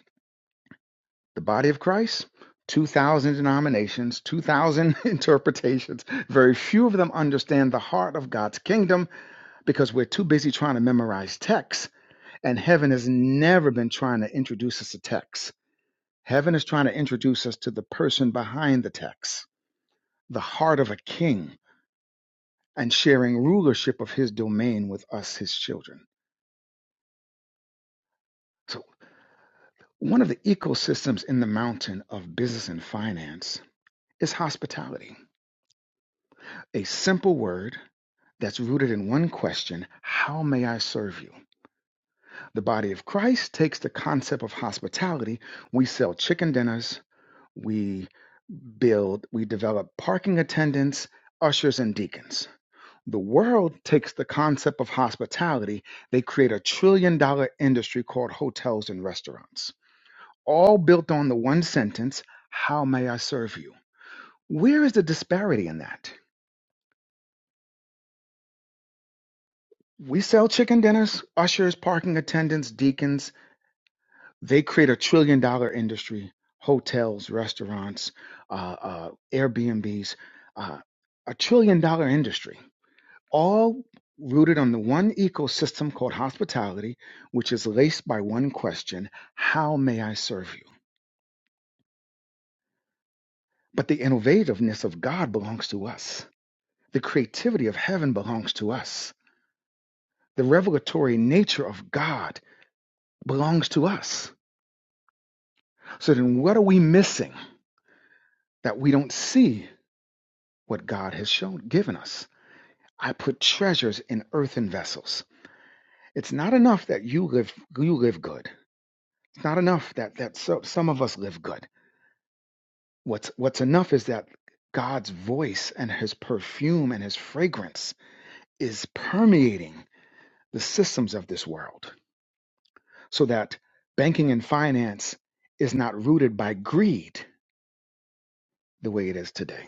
The body of Christ, 2,000 denominations, 2,000 interpretations. Very few of them understand the heart of God's kingdom because we're too busy trying to memorize texts, and heaven has never been trying to introduce us to texts. Heaven is trying to introduce us to the person behind the text, the heart of a king and sharing rulership of his domain with us, his children. So, one of the ecosystems in the mountain of business and finance is hospitality, a simple word that's rooted in one question How may I serve you? The body of Christ takes the concept of hospitality. We sell chicken dinners, we build, we develop parking attendants, ushers, and deacons The world takes the concept of hospitality, they create a trillion dollar industry called hotels and restaurants, all built on the one sentence, How may I serve you? Where is the disparity in that? We sell chicken dinners, ushers, parking attendants, deacons. They create a trillion dollar industry, hotels, restaurants, uh, uh, Airbnbs, uh, a trillion dollar industry all rooted on the one ecosystem called hospitality, which is laced by one question How may I serve you? But the innovativeness of God belongs to us, the creativity of heaven belongs to us, the revelatory nature of God belongs to us. So then, what are we missing that we don't see what God has shown, given us? I put treasures in earthen vessels. It's not enough that you live you live good. It's not enough that that so, some of us live good. What's what's enough is that God's voice and his perfume and his fragrance is permeating the systems of this world so that banking and finance is not rooted by greed the way it is today.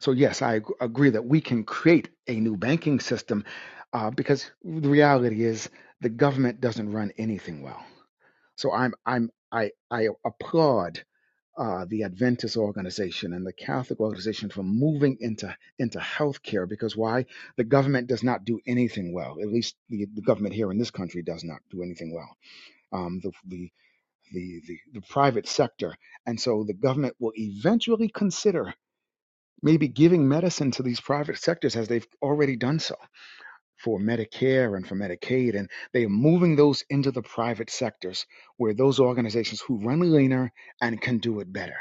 So yes, I ag- agree that we can create a new banking system uh, because the reality is the government doesn't run anything well. So I'm I'm I I applaud uh, the Adventist organization and the Catholic organization from moving into into healthcare because why the government does not do anything well at least the, the government here in this country does not do anything well um, the, the the the the private sector and so the government will eventually consider maybe giving medicine to these private sectors as they've already done so for Medicare and for Medicaid and they are moving those into the private sectors where those organizations who run leaner and can do it better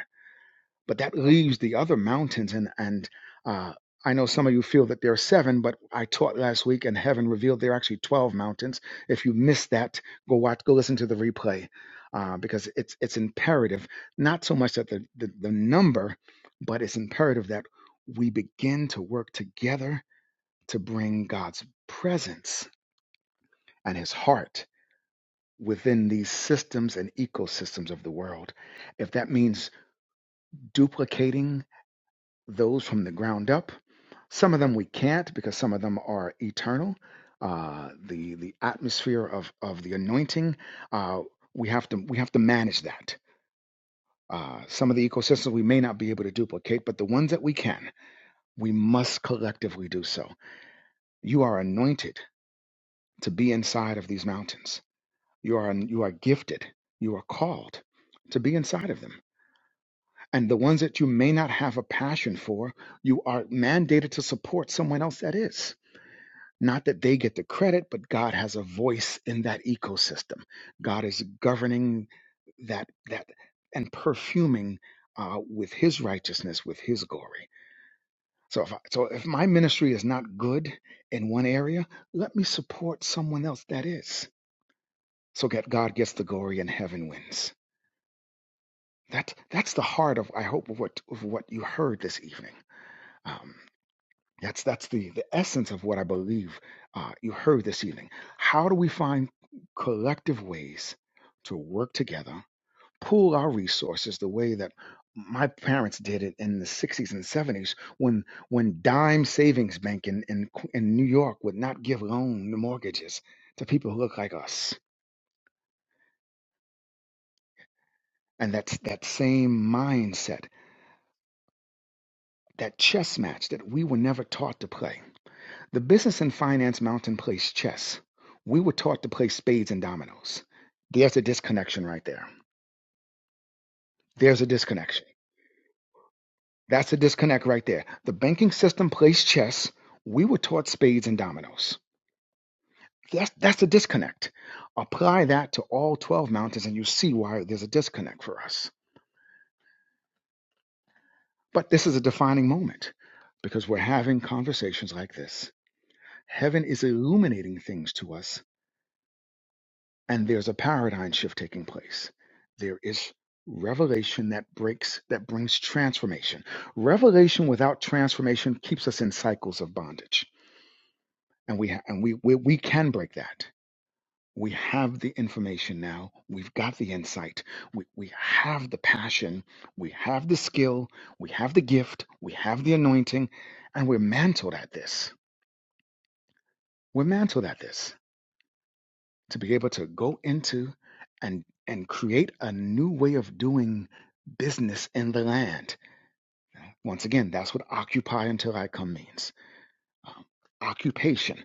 but that leaves the other mountains and and uh, i know some of you feel that there are seven but i taught last week and heaven revealed there are actually 12 mountains if you missed that go watch go listen to the replay uh, because it's it's imperative not so much that the, the the number but it's imperative that we begin to work together to bring god's presence and his heart within these systems and ecosystems of the world if that means duplicating those from the ground up. Some of them we can't because some of them are eternal. Uh, the the atmosphere of of the anointing, uh, we have to we have to manage that. Uh, some of the ecosystems we may not be able to duplicate, but the ones that we can, we must collectively do so. You are anointed to be inside of these mountains. You are you are gifted. You are called to be inside of them. And the ones that you may not have a passion for, you are mandated to support someone else that is Not that they get the credit, but God has a voice in that ecosystem. God is governing that that and perfuming uh, with His righteousness, with His glory. So if I, so, if my ministry is not good in one area, let me support someone else that is, so that God gets the glory and heaven wins. That that's the heart of I hope of what of what you heard this evening. Um, That's that's the the essence of what I believe uh, you heard this evening. How do we find collective ways to work together, pool our resources the way that my parents did it in the 60s and 70s when when dime savings bank in in, Qu- in New York would not give loan mortgages to people who look like us. And that's that same mindset, that chess match that we were never taught to play The business and finance mountain plays chess. We were taught to play spades and dominoes. There's a disconnection right there. There's a disconnection. That's a disconnect right there. The banking system plays chess. We were taught spades and dominoes. That's that's a disconnect. Apply that to all 12 mountains and you see why there's a disconnect for us. But this is a defining moment because we're having conversations like this. Heaven is illuminating things to us and there's a paradigm shift taking place there is revelation that breaks that brings transformation revelation without transformation keeps us in cycles of bondage and we ha- and we, we we can break that we have the information now we've got the insight we, we have the passion we have the skill we have the gift we have the anointing and we're mantled at this we're mantled at this to be able to go into and and create a new way of doing business in the land. Once again, that's what occupy until I come means. Um, occupation,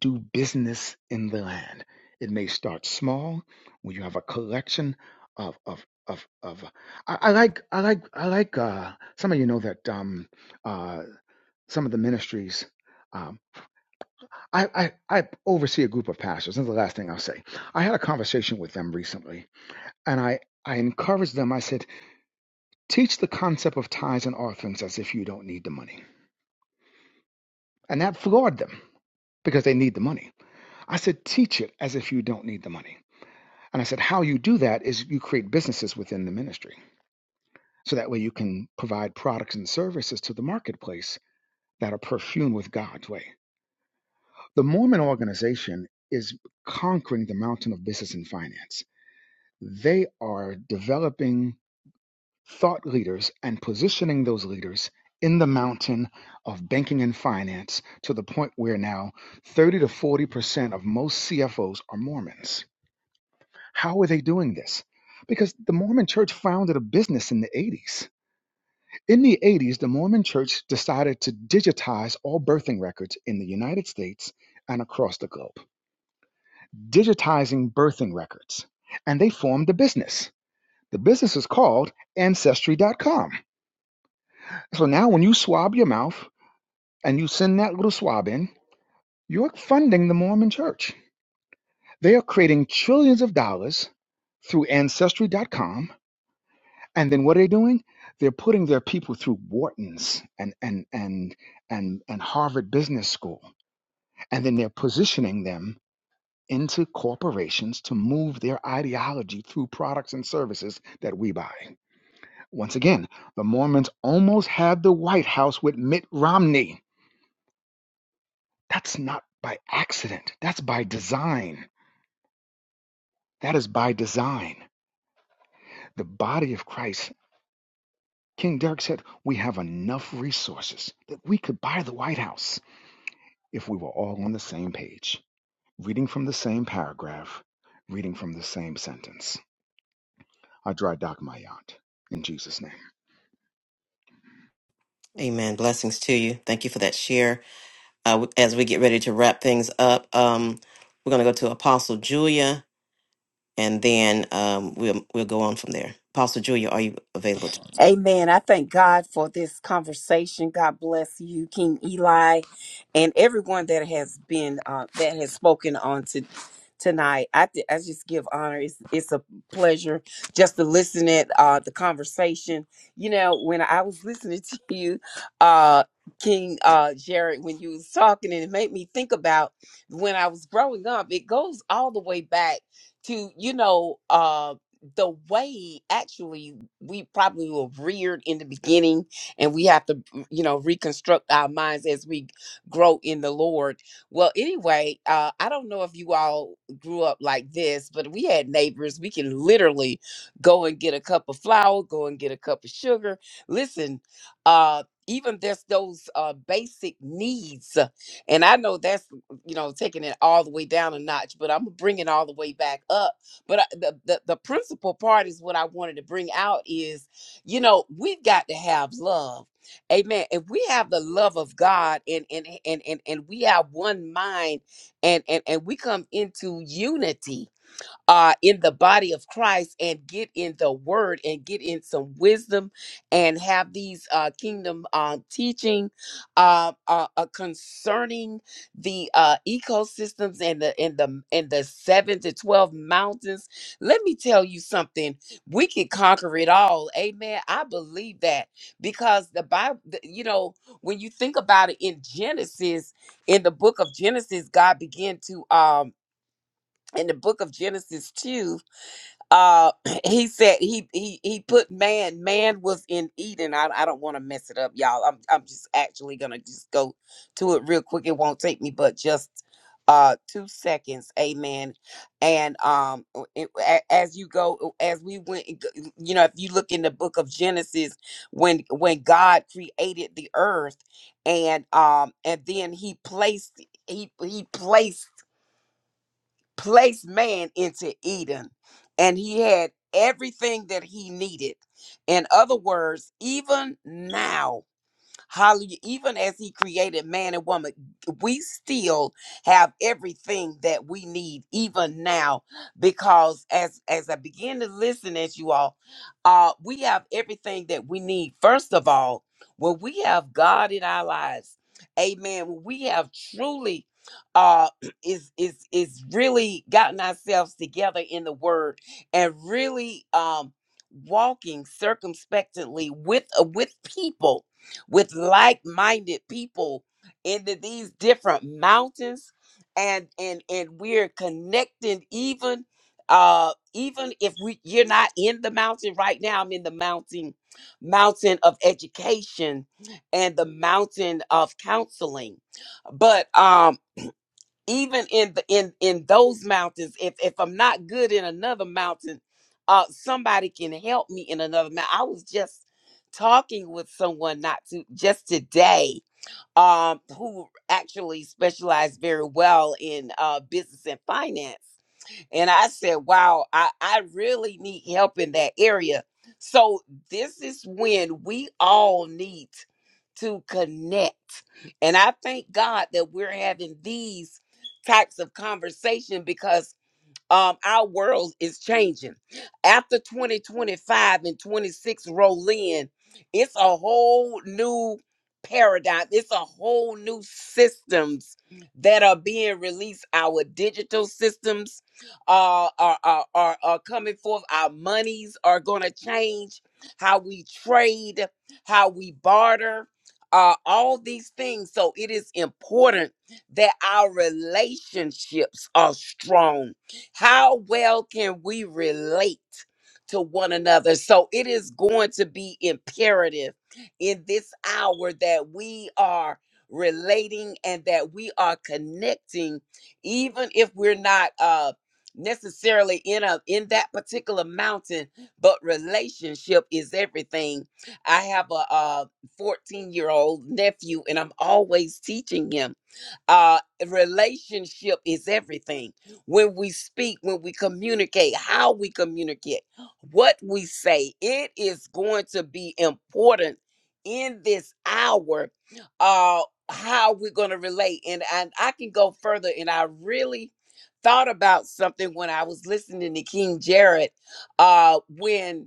do business in the land. It may start small when you have a collection of of of of. I, I like I like I like. Uh, some of you know that um, uh, some of the ministries. Um, I, I I oversee a group of pastors. This is the last thing I'll say. I had a conversation with them recently, and I, I encouraged them. I said, teach the concept of tithes and offerings as if you don't need the money. And that floored them because they need the money. I said, teach it as if you don't need the money. And I said, how you do that is you create businesses within the ministry. So that way you can provide products and services to the marketplace that are perfumed with God's way. The Mormon organization is conquering the mountain of business and finance. They are developing thought leaders and positioning those leaders in the mountain of banking and finance to the point where now 30 to 40% of most CFOs are Mormons. How are they doing this? Because the Mormon church founded a business in the 80s. In the 80s, the Mormon church decided to digitize all birthing records in the United States and across the globe, digitizing birthing records. And they formed a business. The business is called Ancestry.com. So now when you swab your mouth, and you send that little swab in, you're funding the Mormon church. They are creating trillions of dollars through ancestry.com. And then what are they doing? They're putting their people through Wharton's and and and and, and Harvard Business School. And then they're positioning them into corporations to move their ideology through products and services that we buy. Once again, the Mormons almost had the White House with Mitt Romney. That's not by accident. That's by design That is by design. The body of Christ. King Derek said, We have enough resources that we could buy the White House if we were all on the same page, reading from the same paragraph, reading from the same sentence. I dry dock my yacht in Jesus' name.
Amen. Blessings to you. Thank you for that share. Uh, w- as we get ready to wrap things up, um, we're going to go to Apostle Julia, and then um, we'll we'll go on from there. Apostle Julia, are you available? To-
Amen. I thank God for this conversation. God bless you, King Eli, and everyone that has been uh, that has spoken on to tonight. I th- I just give honor. It's it's a pleasure just to listen at uh, the conversation. You know, when I was listening to you, uh, King uh, Jared, when you was talking, and it made me think about when I was growing up. It goes all the way back to you know. Uh, the way actually we probably were reared in the beginning and we have to mm, you know reconstruct our minds as we grow in the lord well anyway uh i don't know if you all grew up like this but we had neighbors we can literally go and get a cup of flour go and get a cup of sugar listen uh even there's those uh, basic needs, uh, and I know that's mm, you know taking it all the way down a notch, but I'm gonna bring it all the way back up but I, the, the the principal part is what I wanted to bring out is, you know, we've got to have love. Amen. If we have the love of God and and and and, and we have one mind and, and and we come into unity, uh, in the body of Christ and get in the word and get in some wisdom and have these uh, kingdom uh, teaching uh, uh, uh, concerning the uh, ecosystems and the and the and the seven to twelve mountains. Let me tell you something: we can conquer it all. Amen. I believe that because the Bible, you know, when you think about it in Genesis, in the book of Genesis, God began to um in the book of Genesis 2 uh he said he he he put man man was in eden i, I don't want to mess it up y'all i'm i'm just actually gonna just go to it real quick it won't take me but just uh two seconds amen and um o- it- a- as you go as we went and go- you know if you look in the book of genesis when when god created the earth and um and then he placed he he placed placed man into Eden, and he had everything that he needed. In other words, even now. Hallelujah. Even as he created man and woman, we still have everything that we need, even now, because as as I begin to listen as you all, uh, we have everything that we need. First of all, when we have God in our lives, amen. When we have truly uh is is is really gotten ourselves together in the word and really um walking circumspectly with uh, with people with like minded people into these different mountains. And, and and we're connecting even uh even if we you're not in the mountain right now i'm in the mountain mountain of education and the mountain of counseling but um even in the in in those mountains if if i'm not good in another mountain uh somebody can help me in another mountain i was just talking with someone not to just today um who actually specialized very well in uh business and finance and I said, wow, I, I really need help in that area. So this is when we all need to connect. And I thank God that we're having these types of conversation because um, our world is changing. After 2025 and 26 roll in, it's a whole new paradigm. It's a whole new systems that are being released. Our digital systems uh, are, are, are, are coming forth. Our monies are going to change. How we trade, how we barter, uh, all these things. So it is important that our relationships are strong how well can we relate to one another? So it is going to be imperative in this hour that we are relating and that we are connecting, even if we're not uh necessarily in a in that particular mountain but relationship is everything i have a uh 14 year old nephew and i'm always teaching him uh, relationship is everything. When we speak, when we communicate, how we communicate, what we say, it is going to be important in this hour uh, how we're going to relate. And, and I can go further, and I really thought about something when I was listening to King Jared uh, when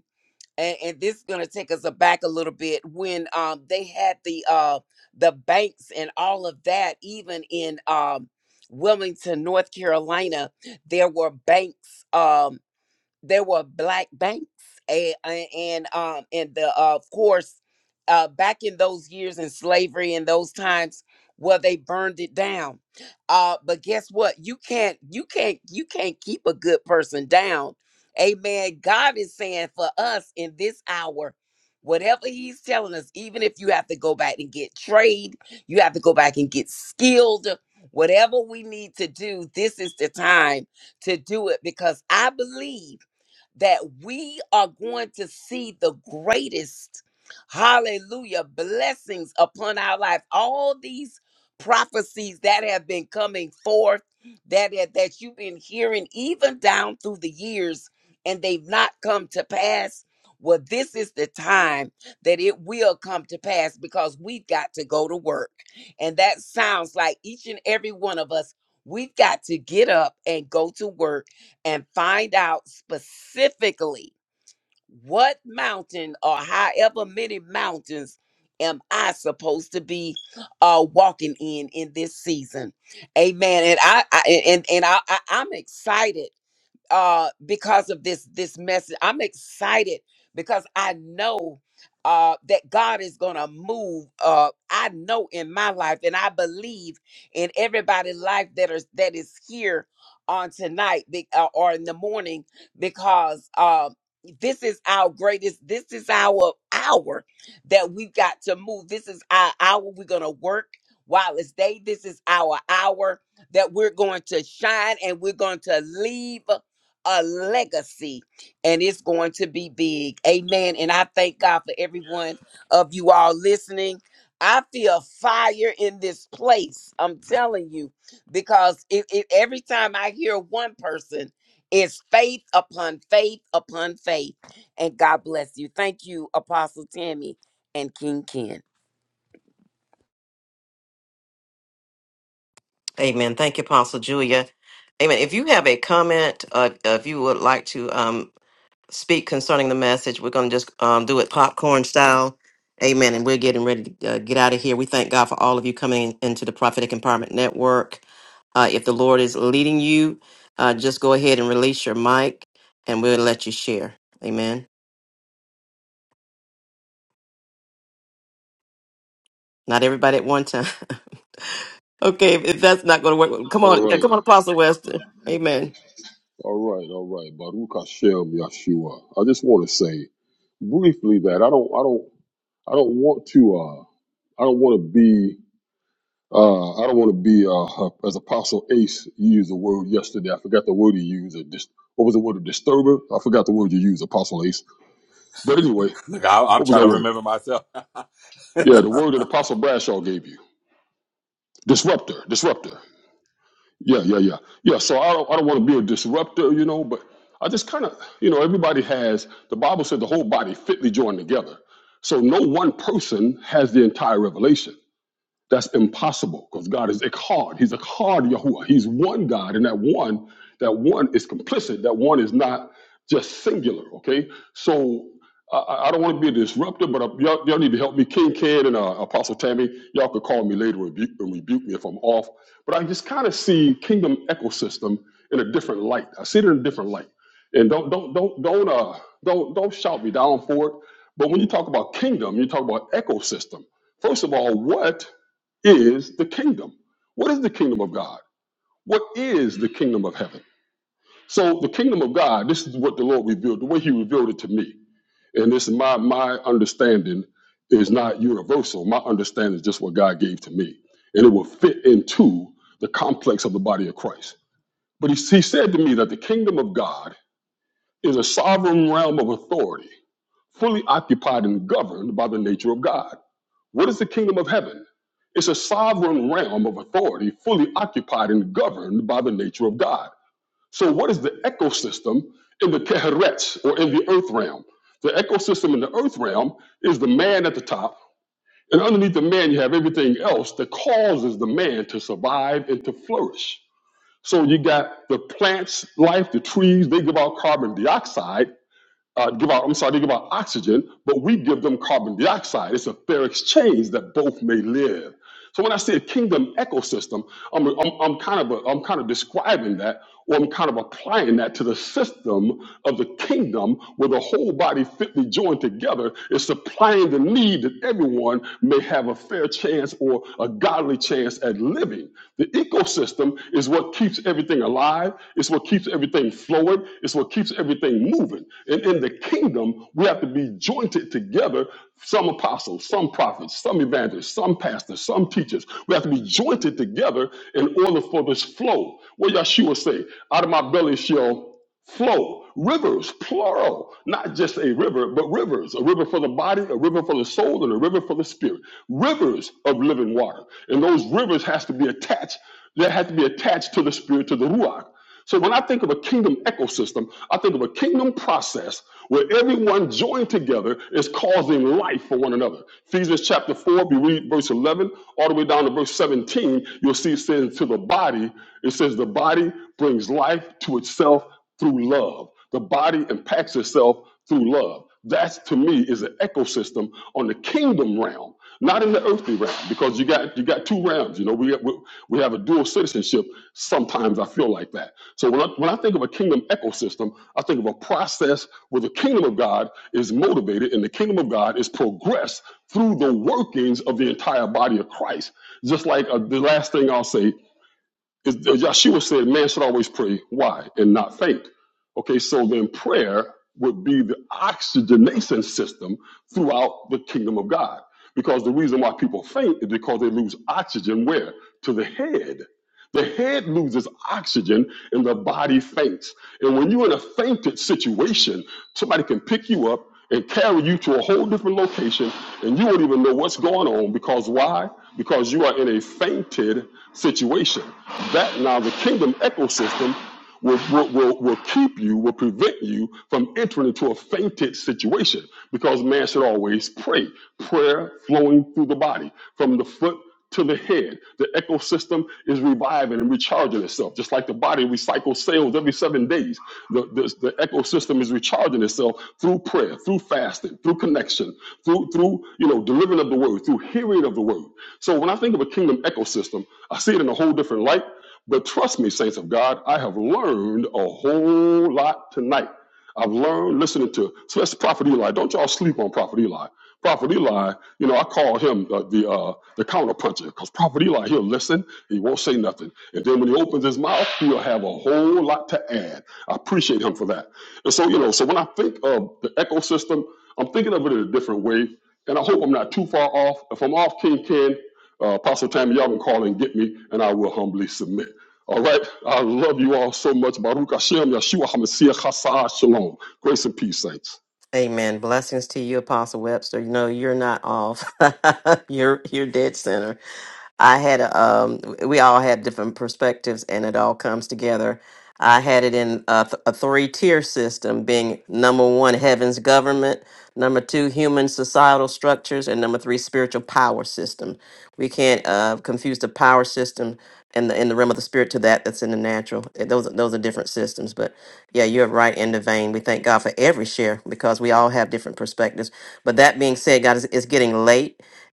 and, and this is going to take us aback a little bit when um they had the uh the banks and all of that even in um wilmington north carolina there were banks um there were black banks and, and um and the uh, of course uh back in those years in slavery and those times well they burned it down uh but guess what you can't you can't you can't keep a good person down amen god is saying for us in this hour whatever he's telling us even if you have to go back and get trade you have to go back and get skilled whatever we need to do this is the time to do it because i believe that we are going to see the greatest, hallelujah, blessings upon our life. All these prophecies that have been coming forth, that, that that you've been hearing even down through the years, and they've not come to pass. Well, this is the time that it will come to pass because we've got to go to work. And that sounds like each and every one of us, we've got to get up and go to work and find out specifically what mountain or however many mountains am I supposed to be uh walking in in this season. Amen. And I, I and and I, I I'm excited uh because of this this message i'm excited because i know uh that god is gonna move uh i know in my life and i believe in everybody's life that is that is here on tonight be- uh, or in the morning because uh this is our greatest this is our hour that we got to move this is our hour we're gonna work while it's day this is our hour that we're going to shine and we're going to leave a legacy and it's going to be big. Amen. And I thank God for every one of you all listening. I feel fire in this place. I'm telling you, because it, it- every time I hear one person, it's faith upon faith upon faith. And God bless you. Thank you, Apostle Tammy and King Ken.
Amen. Thank you, Apostle Julia. Amen. If you have a comment, uh, if you would like to. speak concerning the message. We're going to just um, do it popcorn style. Amen. And we're getting ready to uh, get out of here. We thank God for all of you coming into the Prophetic Empowerment Network. Uh, if the Lord is leading you, uh, just go ahead and release your mic and we'll let you share. Amen. Not everybody at one time. okay, if, if that's not going to work, well, come
All
on.
right.
Come on, Apostle Webster. Amen.
All right. All right. Baruch Hashem Yeshua. I just want to say briefly that I don't I don't I don't want to uh I don't want to be uh, I don't want to be uh, as Apostle Ace used the word yesterday. I forgot the word he used. It dis- what was the word? A disturber. I forgot the word you used, Apostle Ace. But anyway,
Look, I, I'm
What was
trying
that
to
word?
remember myself.
Yeah, the word that Apostle Bradshaw gave you. Disruptor. Disruptor. Yeah, yeah, yeah. Yeah. So I don't I don't want to be a disruptor, you know, but I just kind of, you know, everybody has the Bible said the whole body fitly joined together. So no one person has the entire revelation. That's impossible because God is Echad. He's Echad Yahuwah. He's one God, and that one, that one is complicit. That one is not just singular. Okay, so I, I I don't want to be a disruptor, but uh, y'all, y'all need to help me. King Ken and uh, Apostle Tammy, y'all could call me later and rebuke, and rebuke me if I'm off. But I just kind of see kingdom ecosystem in a different light. I see it in a different light, and don't don't don't don't uh don't don't shout me down for it. But when you talk about kingdom, you talk about ecosystem. First of all, what is the kingdom. What is the kingdom of God? What is the kingdom of heaven? So the kingdom of God, this is what the Lord revealed, the way he revealed it to me. And this is my my understanding is not universal. My understanding is just what God gave to me. And it will fit into the complex of the body of Christ. But he, he said to me that the kingdom of God is a sovereign realm of authority, fully occupied and governed by the nature of God. What is the kingdom of heaven? It's a sovereign realm of authority fully occupied and governed by the nature of God. So, what is the ecosystem in the Keheret or in the earth realm? The ecosystem in the earth realm is the man at the top, and underneath the man, you have everything else that causes the man to survive and to flourish. So, you got the plants' life, the trees, they give out carbon dioxide uh, give out, I'm sorry, they give out oxygen, but we give them carbon dioxide. It's a fair exchange that both may live. So when I say a kingdom ecosystem, I'm, I'm, I'm kind of a, I'm kind of describing that, or I'm kind of applying that to the system of the kingdom where the whole body fitly joined together is supplying the need that everyone may have a fair chance or a godly chance at living. The ecosystem it's what keeps everything alive. It's what keeps everything flowing. It's what keeps everything moving. And in the kingdom, we have to be jointed together. Some apostles, some prophets, some evangelists, some pastors, some teachers. We have to be jointed together in order for this flow. What Yeshua say? Out of my belly shall flow rivers plural not just a river but rivers a river for the body a river for the soul and a river for the spirit rivers of living water and those rivers has to be attached they have to be attached to the spirit to the ruach so when i think of a kingdom ecosystem i think of a kingdom process where everyone joined together is causing life for one another ephesians chapter 4 we read verse 11 all the way down to verse 17 you'll see it says to the body it says the body brings life to itself through love. The body impacts itself through love. That's to me is an ecosystem on the kingdom realm, not in the earthly realm, because you got you got two realms. You know, we we, we have a dual citizenship. Sometimes I feel like that. So when I, when I think of a kingdom ecosystem, I think of a process where the kingdom of God is motivated and the kingdom of God is progressed through the workings of the entire body of Christ. Just like uh, the last thing I'll say is- Yeshua said, man should always pray. Why? And not faint. Okay, so then prayer would be the oxygenation system throughout the kingdom of God. Because the reason why people faint is because they lose oxygen where? To the head. The head loses oxygen and the body faints. And when you're in a fainted situation, somebody can pick you up and carry you to a whole different location and you won't even know what's going on because why? Because you are in a fainted situation. That now the kingdom ecosystem will, will, will, keep you, will prevent you from entering into a fainted situation because man should always pray. Prayer flowing through the body from the foot to the head. The ecosystem is reviving and recharging itself. Just like the body recycles cells every seven days, the, the, the ecosystem is recharging itself through prayer, through fasting, through connection, through, through you know, delivering of the word, through hearing of the word. So when I think of a kingdom ecosystem, I see it in a whole different light but trust me, saints of God, I have learned a whole lot tonight. I've learned listening to, so that's Prophet Eli. Don't y'all sleep on Prophet Eli. Prophet Eli, you know, I call him the the, uh, the counterpuncher because Prophet Eli, he'll listen, he won't say nothing. And then when he opens his mouth, he'll have a whole lot to add. I appreciate him for that. And so, you know, so when I think of the ecosystem, I'm thinking of it in a different way. And I hope I'm not too far off. If I'm off, King Ken, uh, Apostle Tammy, y'all can call and get me, and I will humbly submit. All right. I love you all so much. Baruch Hashem, Yeshua HaMashiach, Chassa'a, Shalom. Grace and peace, saints.
Amen. Blessings to you, Apostle Webster. You know, you're not off. you're you're dead center. I had a, um, we all had different perspectives, and it all comes together. I had it in a, th- a three-tier system, being number one, heaven's government, number two, human societal structures, and number three, spiritual power system. We can't uh, confuse the power system and the in the realm of the spirit to that that's in the natural. Uh, Those are- those are different systems, but yeah, you're right in the vein. We thank God for every share because we all have different perspectives. But that being said, God, it's, it's getting late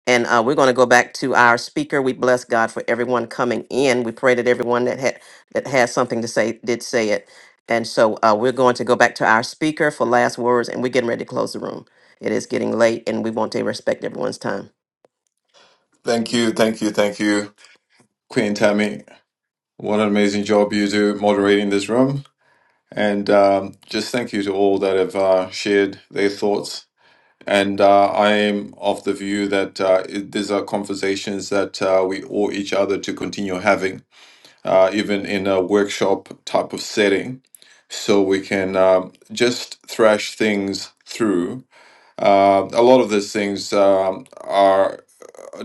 and uh, we're going to go back to our speaker. We bless God for everyone coming in. We pray that everyone that had that has something to say did say it. And so uh, we're going to go back to our speaker for last words, and we're getting ready to close the room. It is getting late, and we want to respect everyone's time.
Thank you, thank you, thank you, Queen Tammy. What an amazing job you do moderating this room. And um, just thank you to all that have uh, shared their thoughts. And uh, I am of the view that uh, it, these are conversations that uh, we owe each other to continue having, uh, even in a workshop type of setting, so we can um just thrash things through. Uh, a lot of these things um, are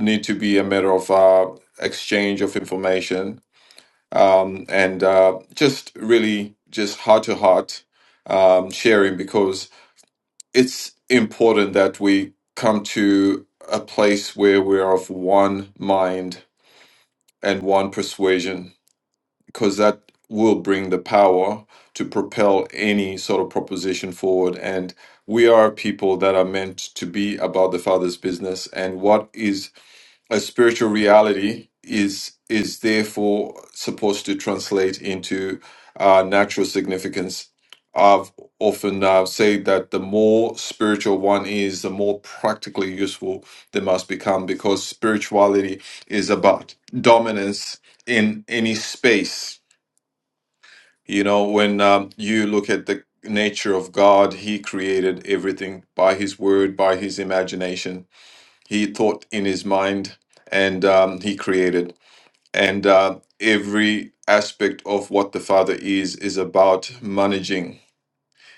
need to be a matter of uh, exchange of information um, and uh, just really just heart to heart um, sharing because it's important that we come to a place where we're of one mind and one persuasion because that will bring the power to propel any sort of proposition forward and we are people that are meant to be about the father's business and what is a spiritual reality is is therefore supposed to translate into uh, natural significance. I've often uh, said that the more spiritual one is, the more practically useful they must become, because spirituality is about dominance in any space. You know, when um, you look at the nature of God, He created everything by His word, by His imagination he thought in his mind and um, he created. And uh, every aspect of what the Father is, is about managing,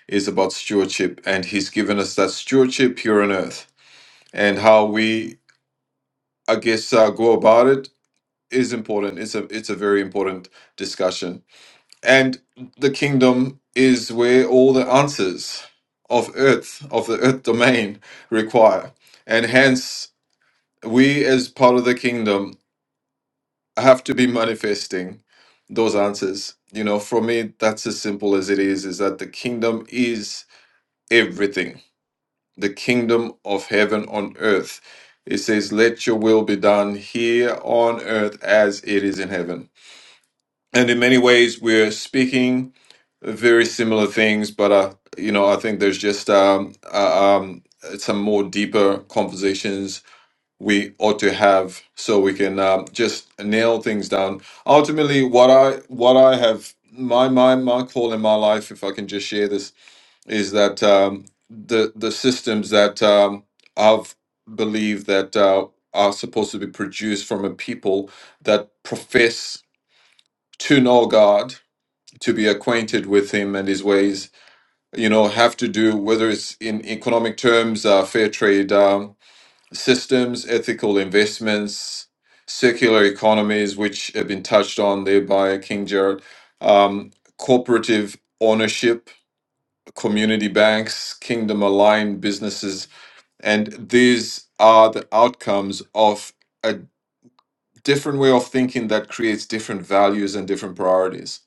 is about stewardship. And He's given us that stewardship here on earth. And how we, I guess, uh, go about it is important. It's a, it's a very important discussion. And the kingdom is where all the answers of earth, of the earth domain, require. And hence, we as part of the kingdom I have to be manifesting those answers. You know, for me, that's as simple as it is, is that the kingdom is everything. The kingdom of heaven on earth. It says, let your will be done here on earth as it is in heaven. And in many ways, we're speaking very similar things, but, uh, you know, I think there's just um, uh, um, some more deeper conversations we ought to have so we can um, just nail things down ultimately what i what i have my my my call in my life if i can just share this is that um, the the systems that um, i've believed that uh, are supposed to be produced from a people that profess to know god to be acquainted with him and his ways you know have to do whether it's in economic terms uh, fair trade Um, systems, ethical investments, circular economies, which have been touched on there by King Jared, um, cooperative ownership, community banks, kingdom aligned businesses. And these are the outcomes of a different way of thinking that creates different values and different priorities.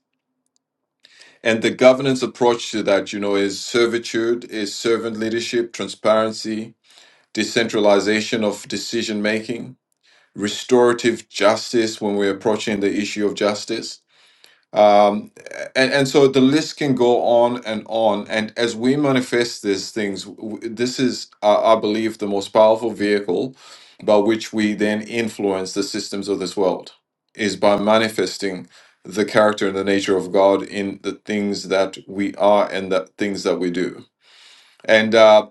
And the governance approach to that, you know, is servitude, is servant leadership, transparency, decentralization of decision making restorative justice when we're approaching the issue of justice. Um, and, and so the list can go on and on. And as we manifest these things, w- this is, I I believe, the most powerful vehicle by which we then influence the systems of this world is by manifesting the character and the nature of God in the things that we are and the things that we do and uh,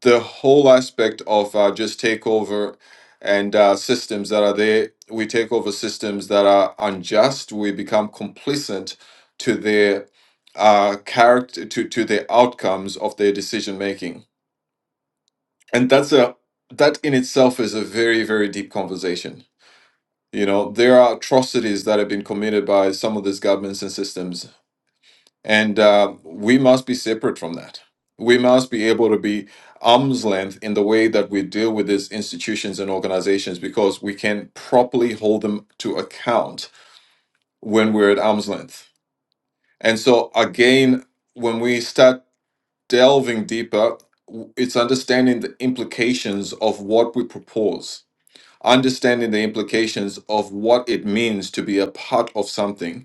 the whole aspect of uh, just takeover and uh, systems that are there we take over systems that are unjust we become complacent to their uh, character to, to the outcomes of their decision making and that's a that in itself is a very very deep conversation you know there are atrocities that have been committed by some of these governments and systems and uh, we must be separate from that. We must be able to be arm's length in the way that we deal with these institutions and organizations because we can properly hold them to account when we're at arm's length. And so, again, when we start delving deeper, w- it's understanding the implications of what we propose, understanding the implications of what it means to be a part of something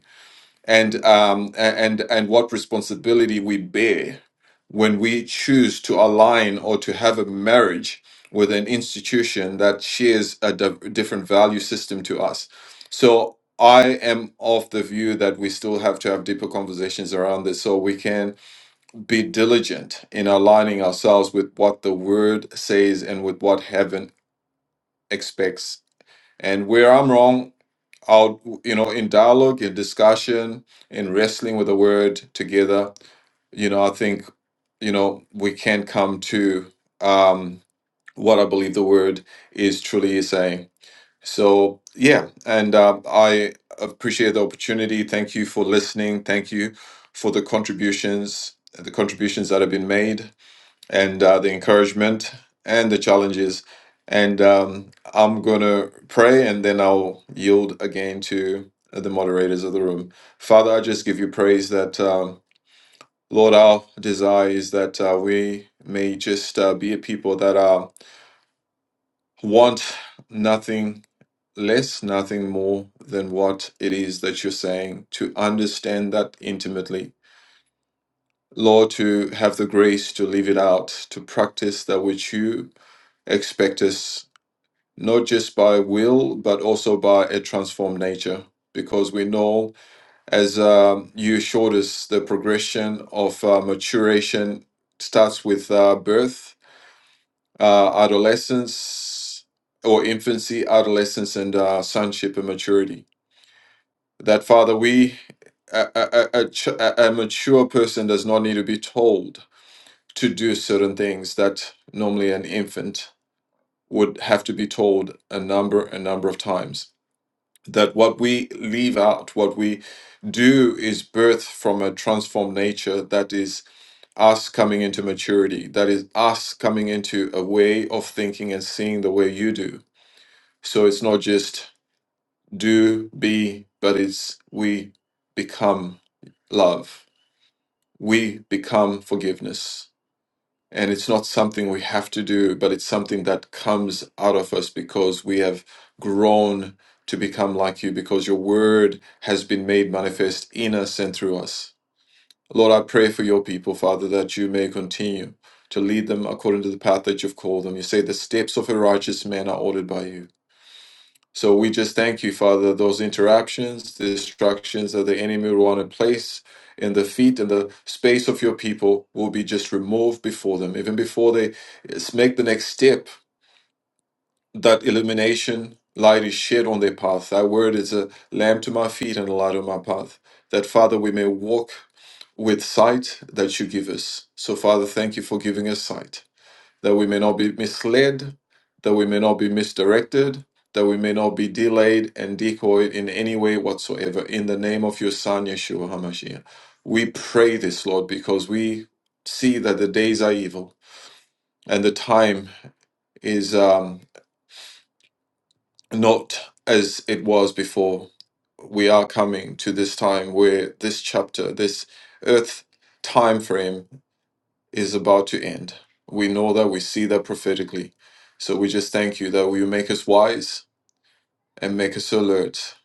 and um, and and what responsibility we bear when we choose to align or to have a marriage with an institution that shares a di- different value system to us. So I am of the view that we still have to have deeper conversations around this so we can be diligent in aligning ourselves with what the word says and with what heaven expects and where I'm wrong, I'll, you know, in dialogue, in discussion, in wrestling with the word together, you know, I think, you know, we can come to um, what I believe the word is truly saying. So, yeah, and um, I appreciate the opportunity. Thank you for listening. Thank you for the contributions, the contributions that have been made and uh, the encouragement and the challenges. And um, I'm going to pray and then I'll yield again to the moderators of the room. Father, I just give you praise that, um, Lord, our desire is that uh, we may just uh, be a people that uh, want nothing less, nothing more than what it is that you're saying, to understand that intimately Lord, to have the grace to live it out, to practice that which you expect us, not just by will, but also by a transformed nature. Because we know, as um, you showed us, the progression of uh, maturation starts with uh, birth, uh, adolescence, or infancy, adolescence, and uh, sonship and maturity. That, Father, we, a, a, a, a ch- a- a mature person, does not need to be told to do certain things that normally an infant would have to be told a number a number of times that what we leave out what we do is birth from a transformed nature that is us coming into maturity that is us coming into a way of thinking and seeing the way you do so it's not just do be but it's we become love we become forgiveness And it's not something we have to do, but it's something that comes out of us because we have grown to become like you, because your word has been made manifest in us and through us. Lord, I pray for your people, Father, that you may continue to lead them according to the path that you've called them. You say the steps of a righteous man are ordered by you. So we just thank you, Father, those interruptions, the distractions that the enemy will want to place in the feet and the space of your people will be just removed before them, even before they s- make the next step. That illumination light is shed on their path. That word is a lamp to my feet and a light on my path. That, Father, we may walk with sight that you give us. So, Father, thank you for giving us sight that we may not be misled, that we may not be misdirected, that we may not be delayed and decoyed in any way whatsoever. In the name of your Son, Yeshua HaMashiach. We pray this, Lord, because we see that the days are evil and the time is um, not as it was before. We are coming to this time where this chapter, this earth time frame is about to end. We know that we see that prophetically. So we just thank you that you make us wise and make us alert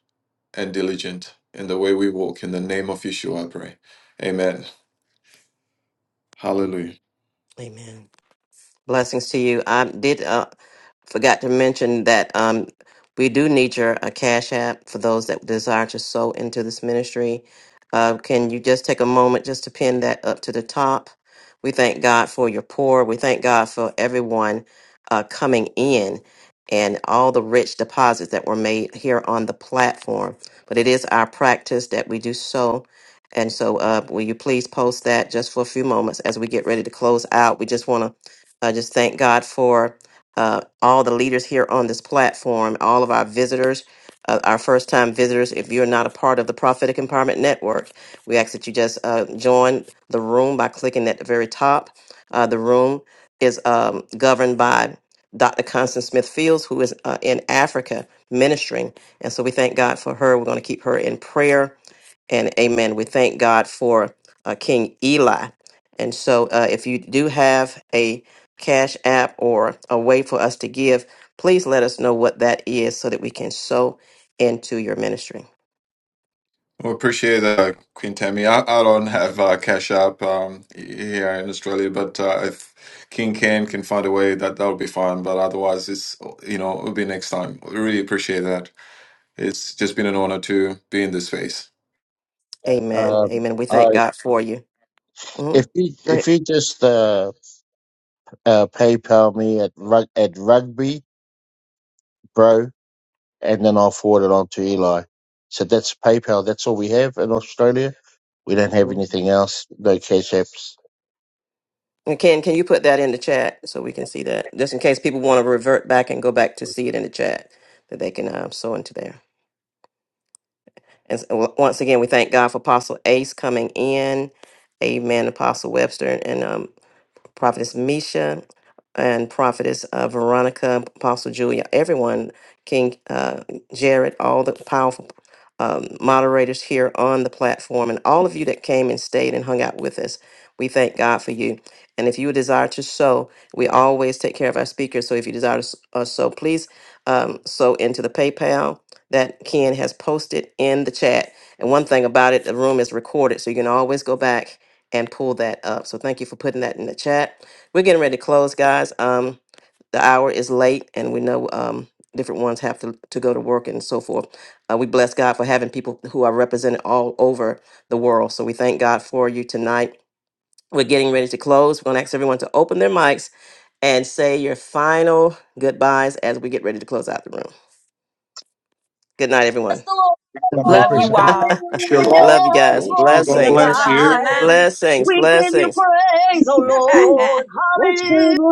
and diligent in the way we walk. In the name of Yeshua, I pray. Amen. Hallelujah.
Amen. Blessings to you. I did uh, forgot to mention that um, we do need your uh, cash app for those that desire to sow into this ministry. Uh, can you just take a moment just to pin that up to the top? We thank God for your poor. We thank God for everyone uh, coming in and all the rich deposits that were made here on the platform. But it is our practice that we do sow, And so, uh, will you please post that just for a few moments as we get ready to close out? We just want to I just thank God for uh, all the leaders here on this platform, all of our visitors, uh, our first time visitors. If you're not a part of the Prophetic Empowerment Network, we ask that you just uh, join the room by clicking at the very top. Uh, the room is um, governed by Dr. Constance Smith Fields, who is uh, in Africa ministering. And so we thank God for her. We're going to keep her in prayer and amen. We thank God for uh, King Eli. And so, uh, if you do have a cash app or a way for us to give, please let us know what that is so that we can sow into your ministry.
We appreciate that, uh, Queen Tammy. I, I don't have uh, Cash App um, here in Australia, but uh, if King Ken can find a way, that that'll be fine. But otherwise, it's you know it'll be next time. really appreciate that. It's just been an honor to be in this space.
Yeah.
Amen.
Um,
Amen. We thank
I
God for you.
if
Mm-hmm.
you
Great.
if you just uh, uh, PayPal me at rug, at rugby bro and then I'll forward it on to Eli. So that's PayPal. That's all we have in Australia. We don't have anything else. No cash apps.
And Ken, can you put that in the chat so we can see that? Just in case people want to revert back and go back to see it in the chat, that they can um, sow into there. And s- w- once again, we thank God for Apostle Ace coming in. Amen, Apostle Webster. And um, Prophetess Misha, and Prophetess uh, Veronica, Apostle Julia, everyone, King uh, Jared, all the powerful um, moderators here on the platform, and all of you that came and stayed and hung out with us. We thank God for you. And if you desire to sow, we always take care of our speakers. So if you desire to s- uh, sow, please um, sow into the PayPal that Ken has posted in the chat. And one thing about it, the room is recorded, so you can always go back and pull that up. So thank you for putting that in the chat. We're getting ready to close, guys. Um, the hour is late, and we know um, different ones have to, to go to work and so forth. Uh, we bless God for having people who are represented all over the world. So we thank God for you tonight. We're getting ready to close. We're going to ask everyone to open their mics and say your final goodbyes as we get ready to close out the room. Good night,
Bless
everyone.
the Lord.
God bless you,
Love
Blessing.
you
Christian. Peace.
all.
Shalom.
Love you
Hallelujah.
guys.
Shalom.
Glory to
Blessings,
Shalom,
God.
shalom.
blessings,
We give you
blessings.
praise, O
Jeez,
Lord.
what's going
Hallelujah.
on?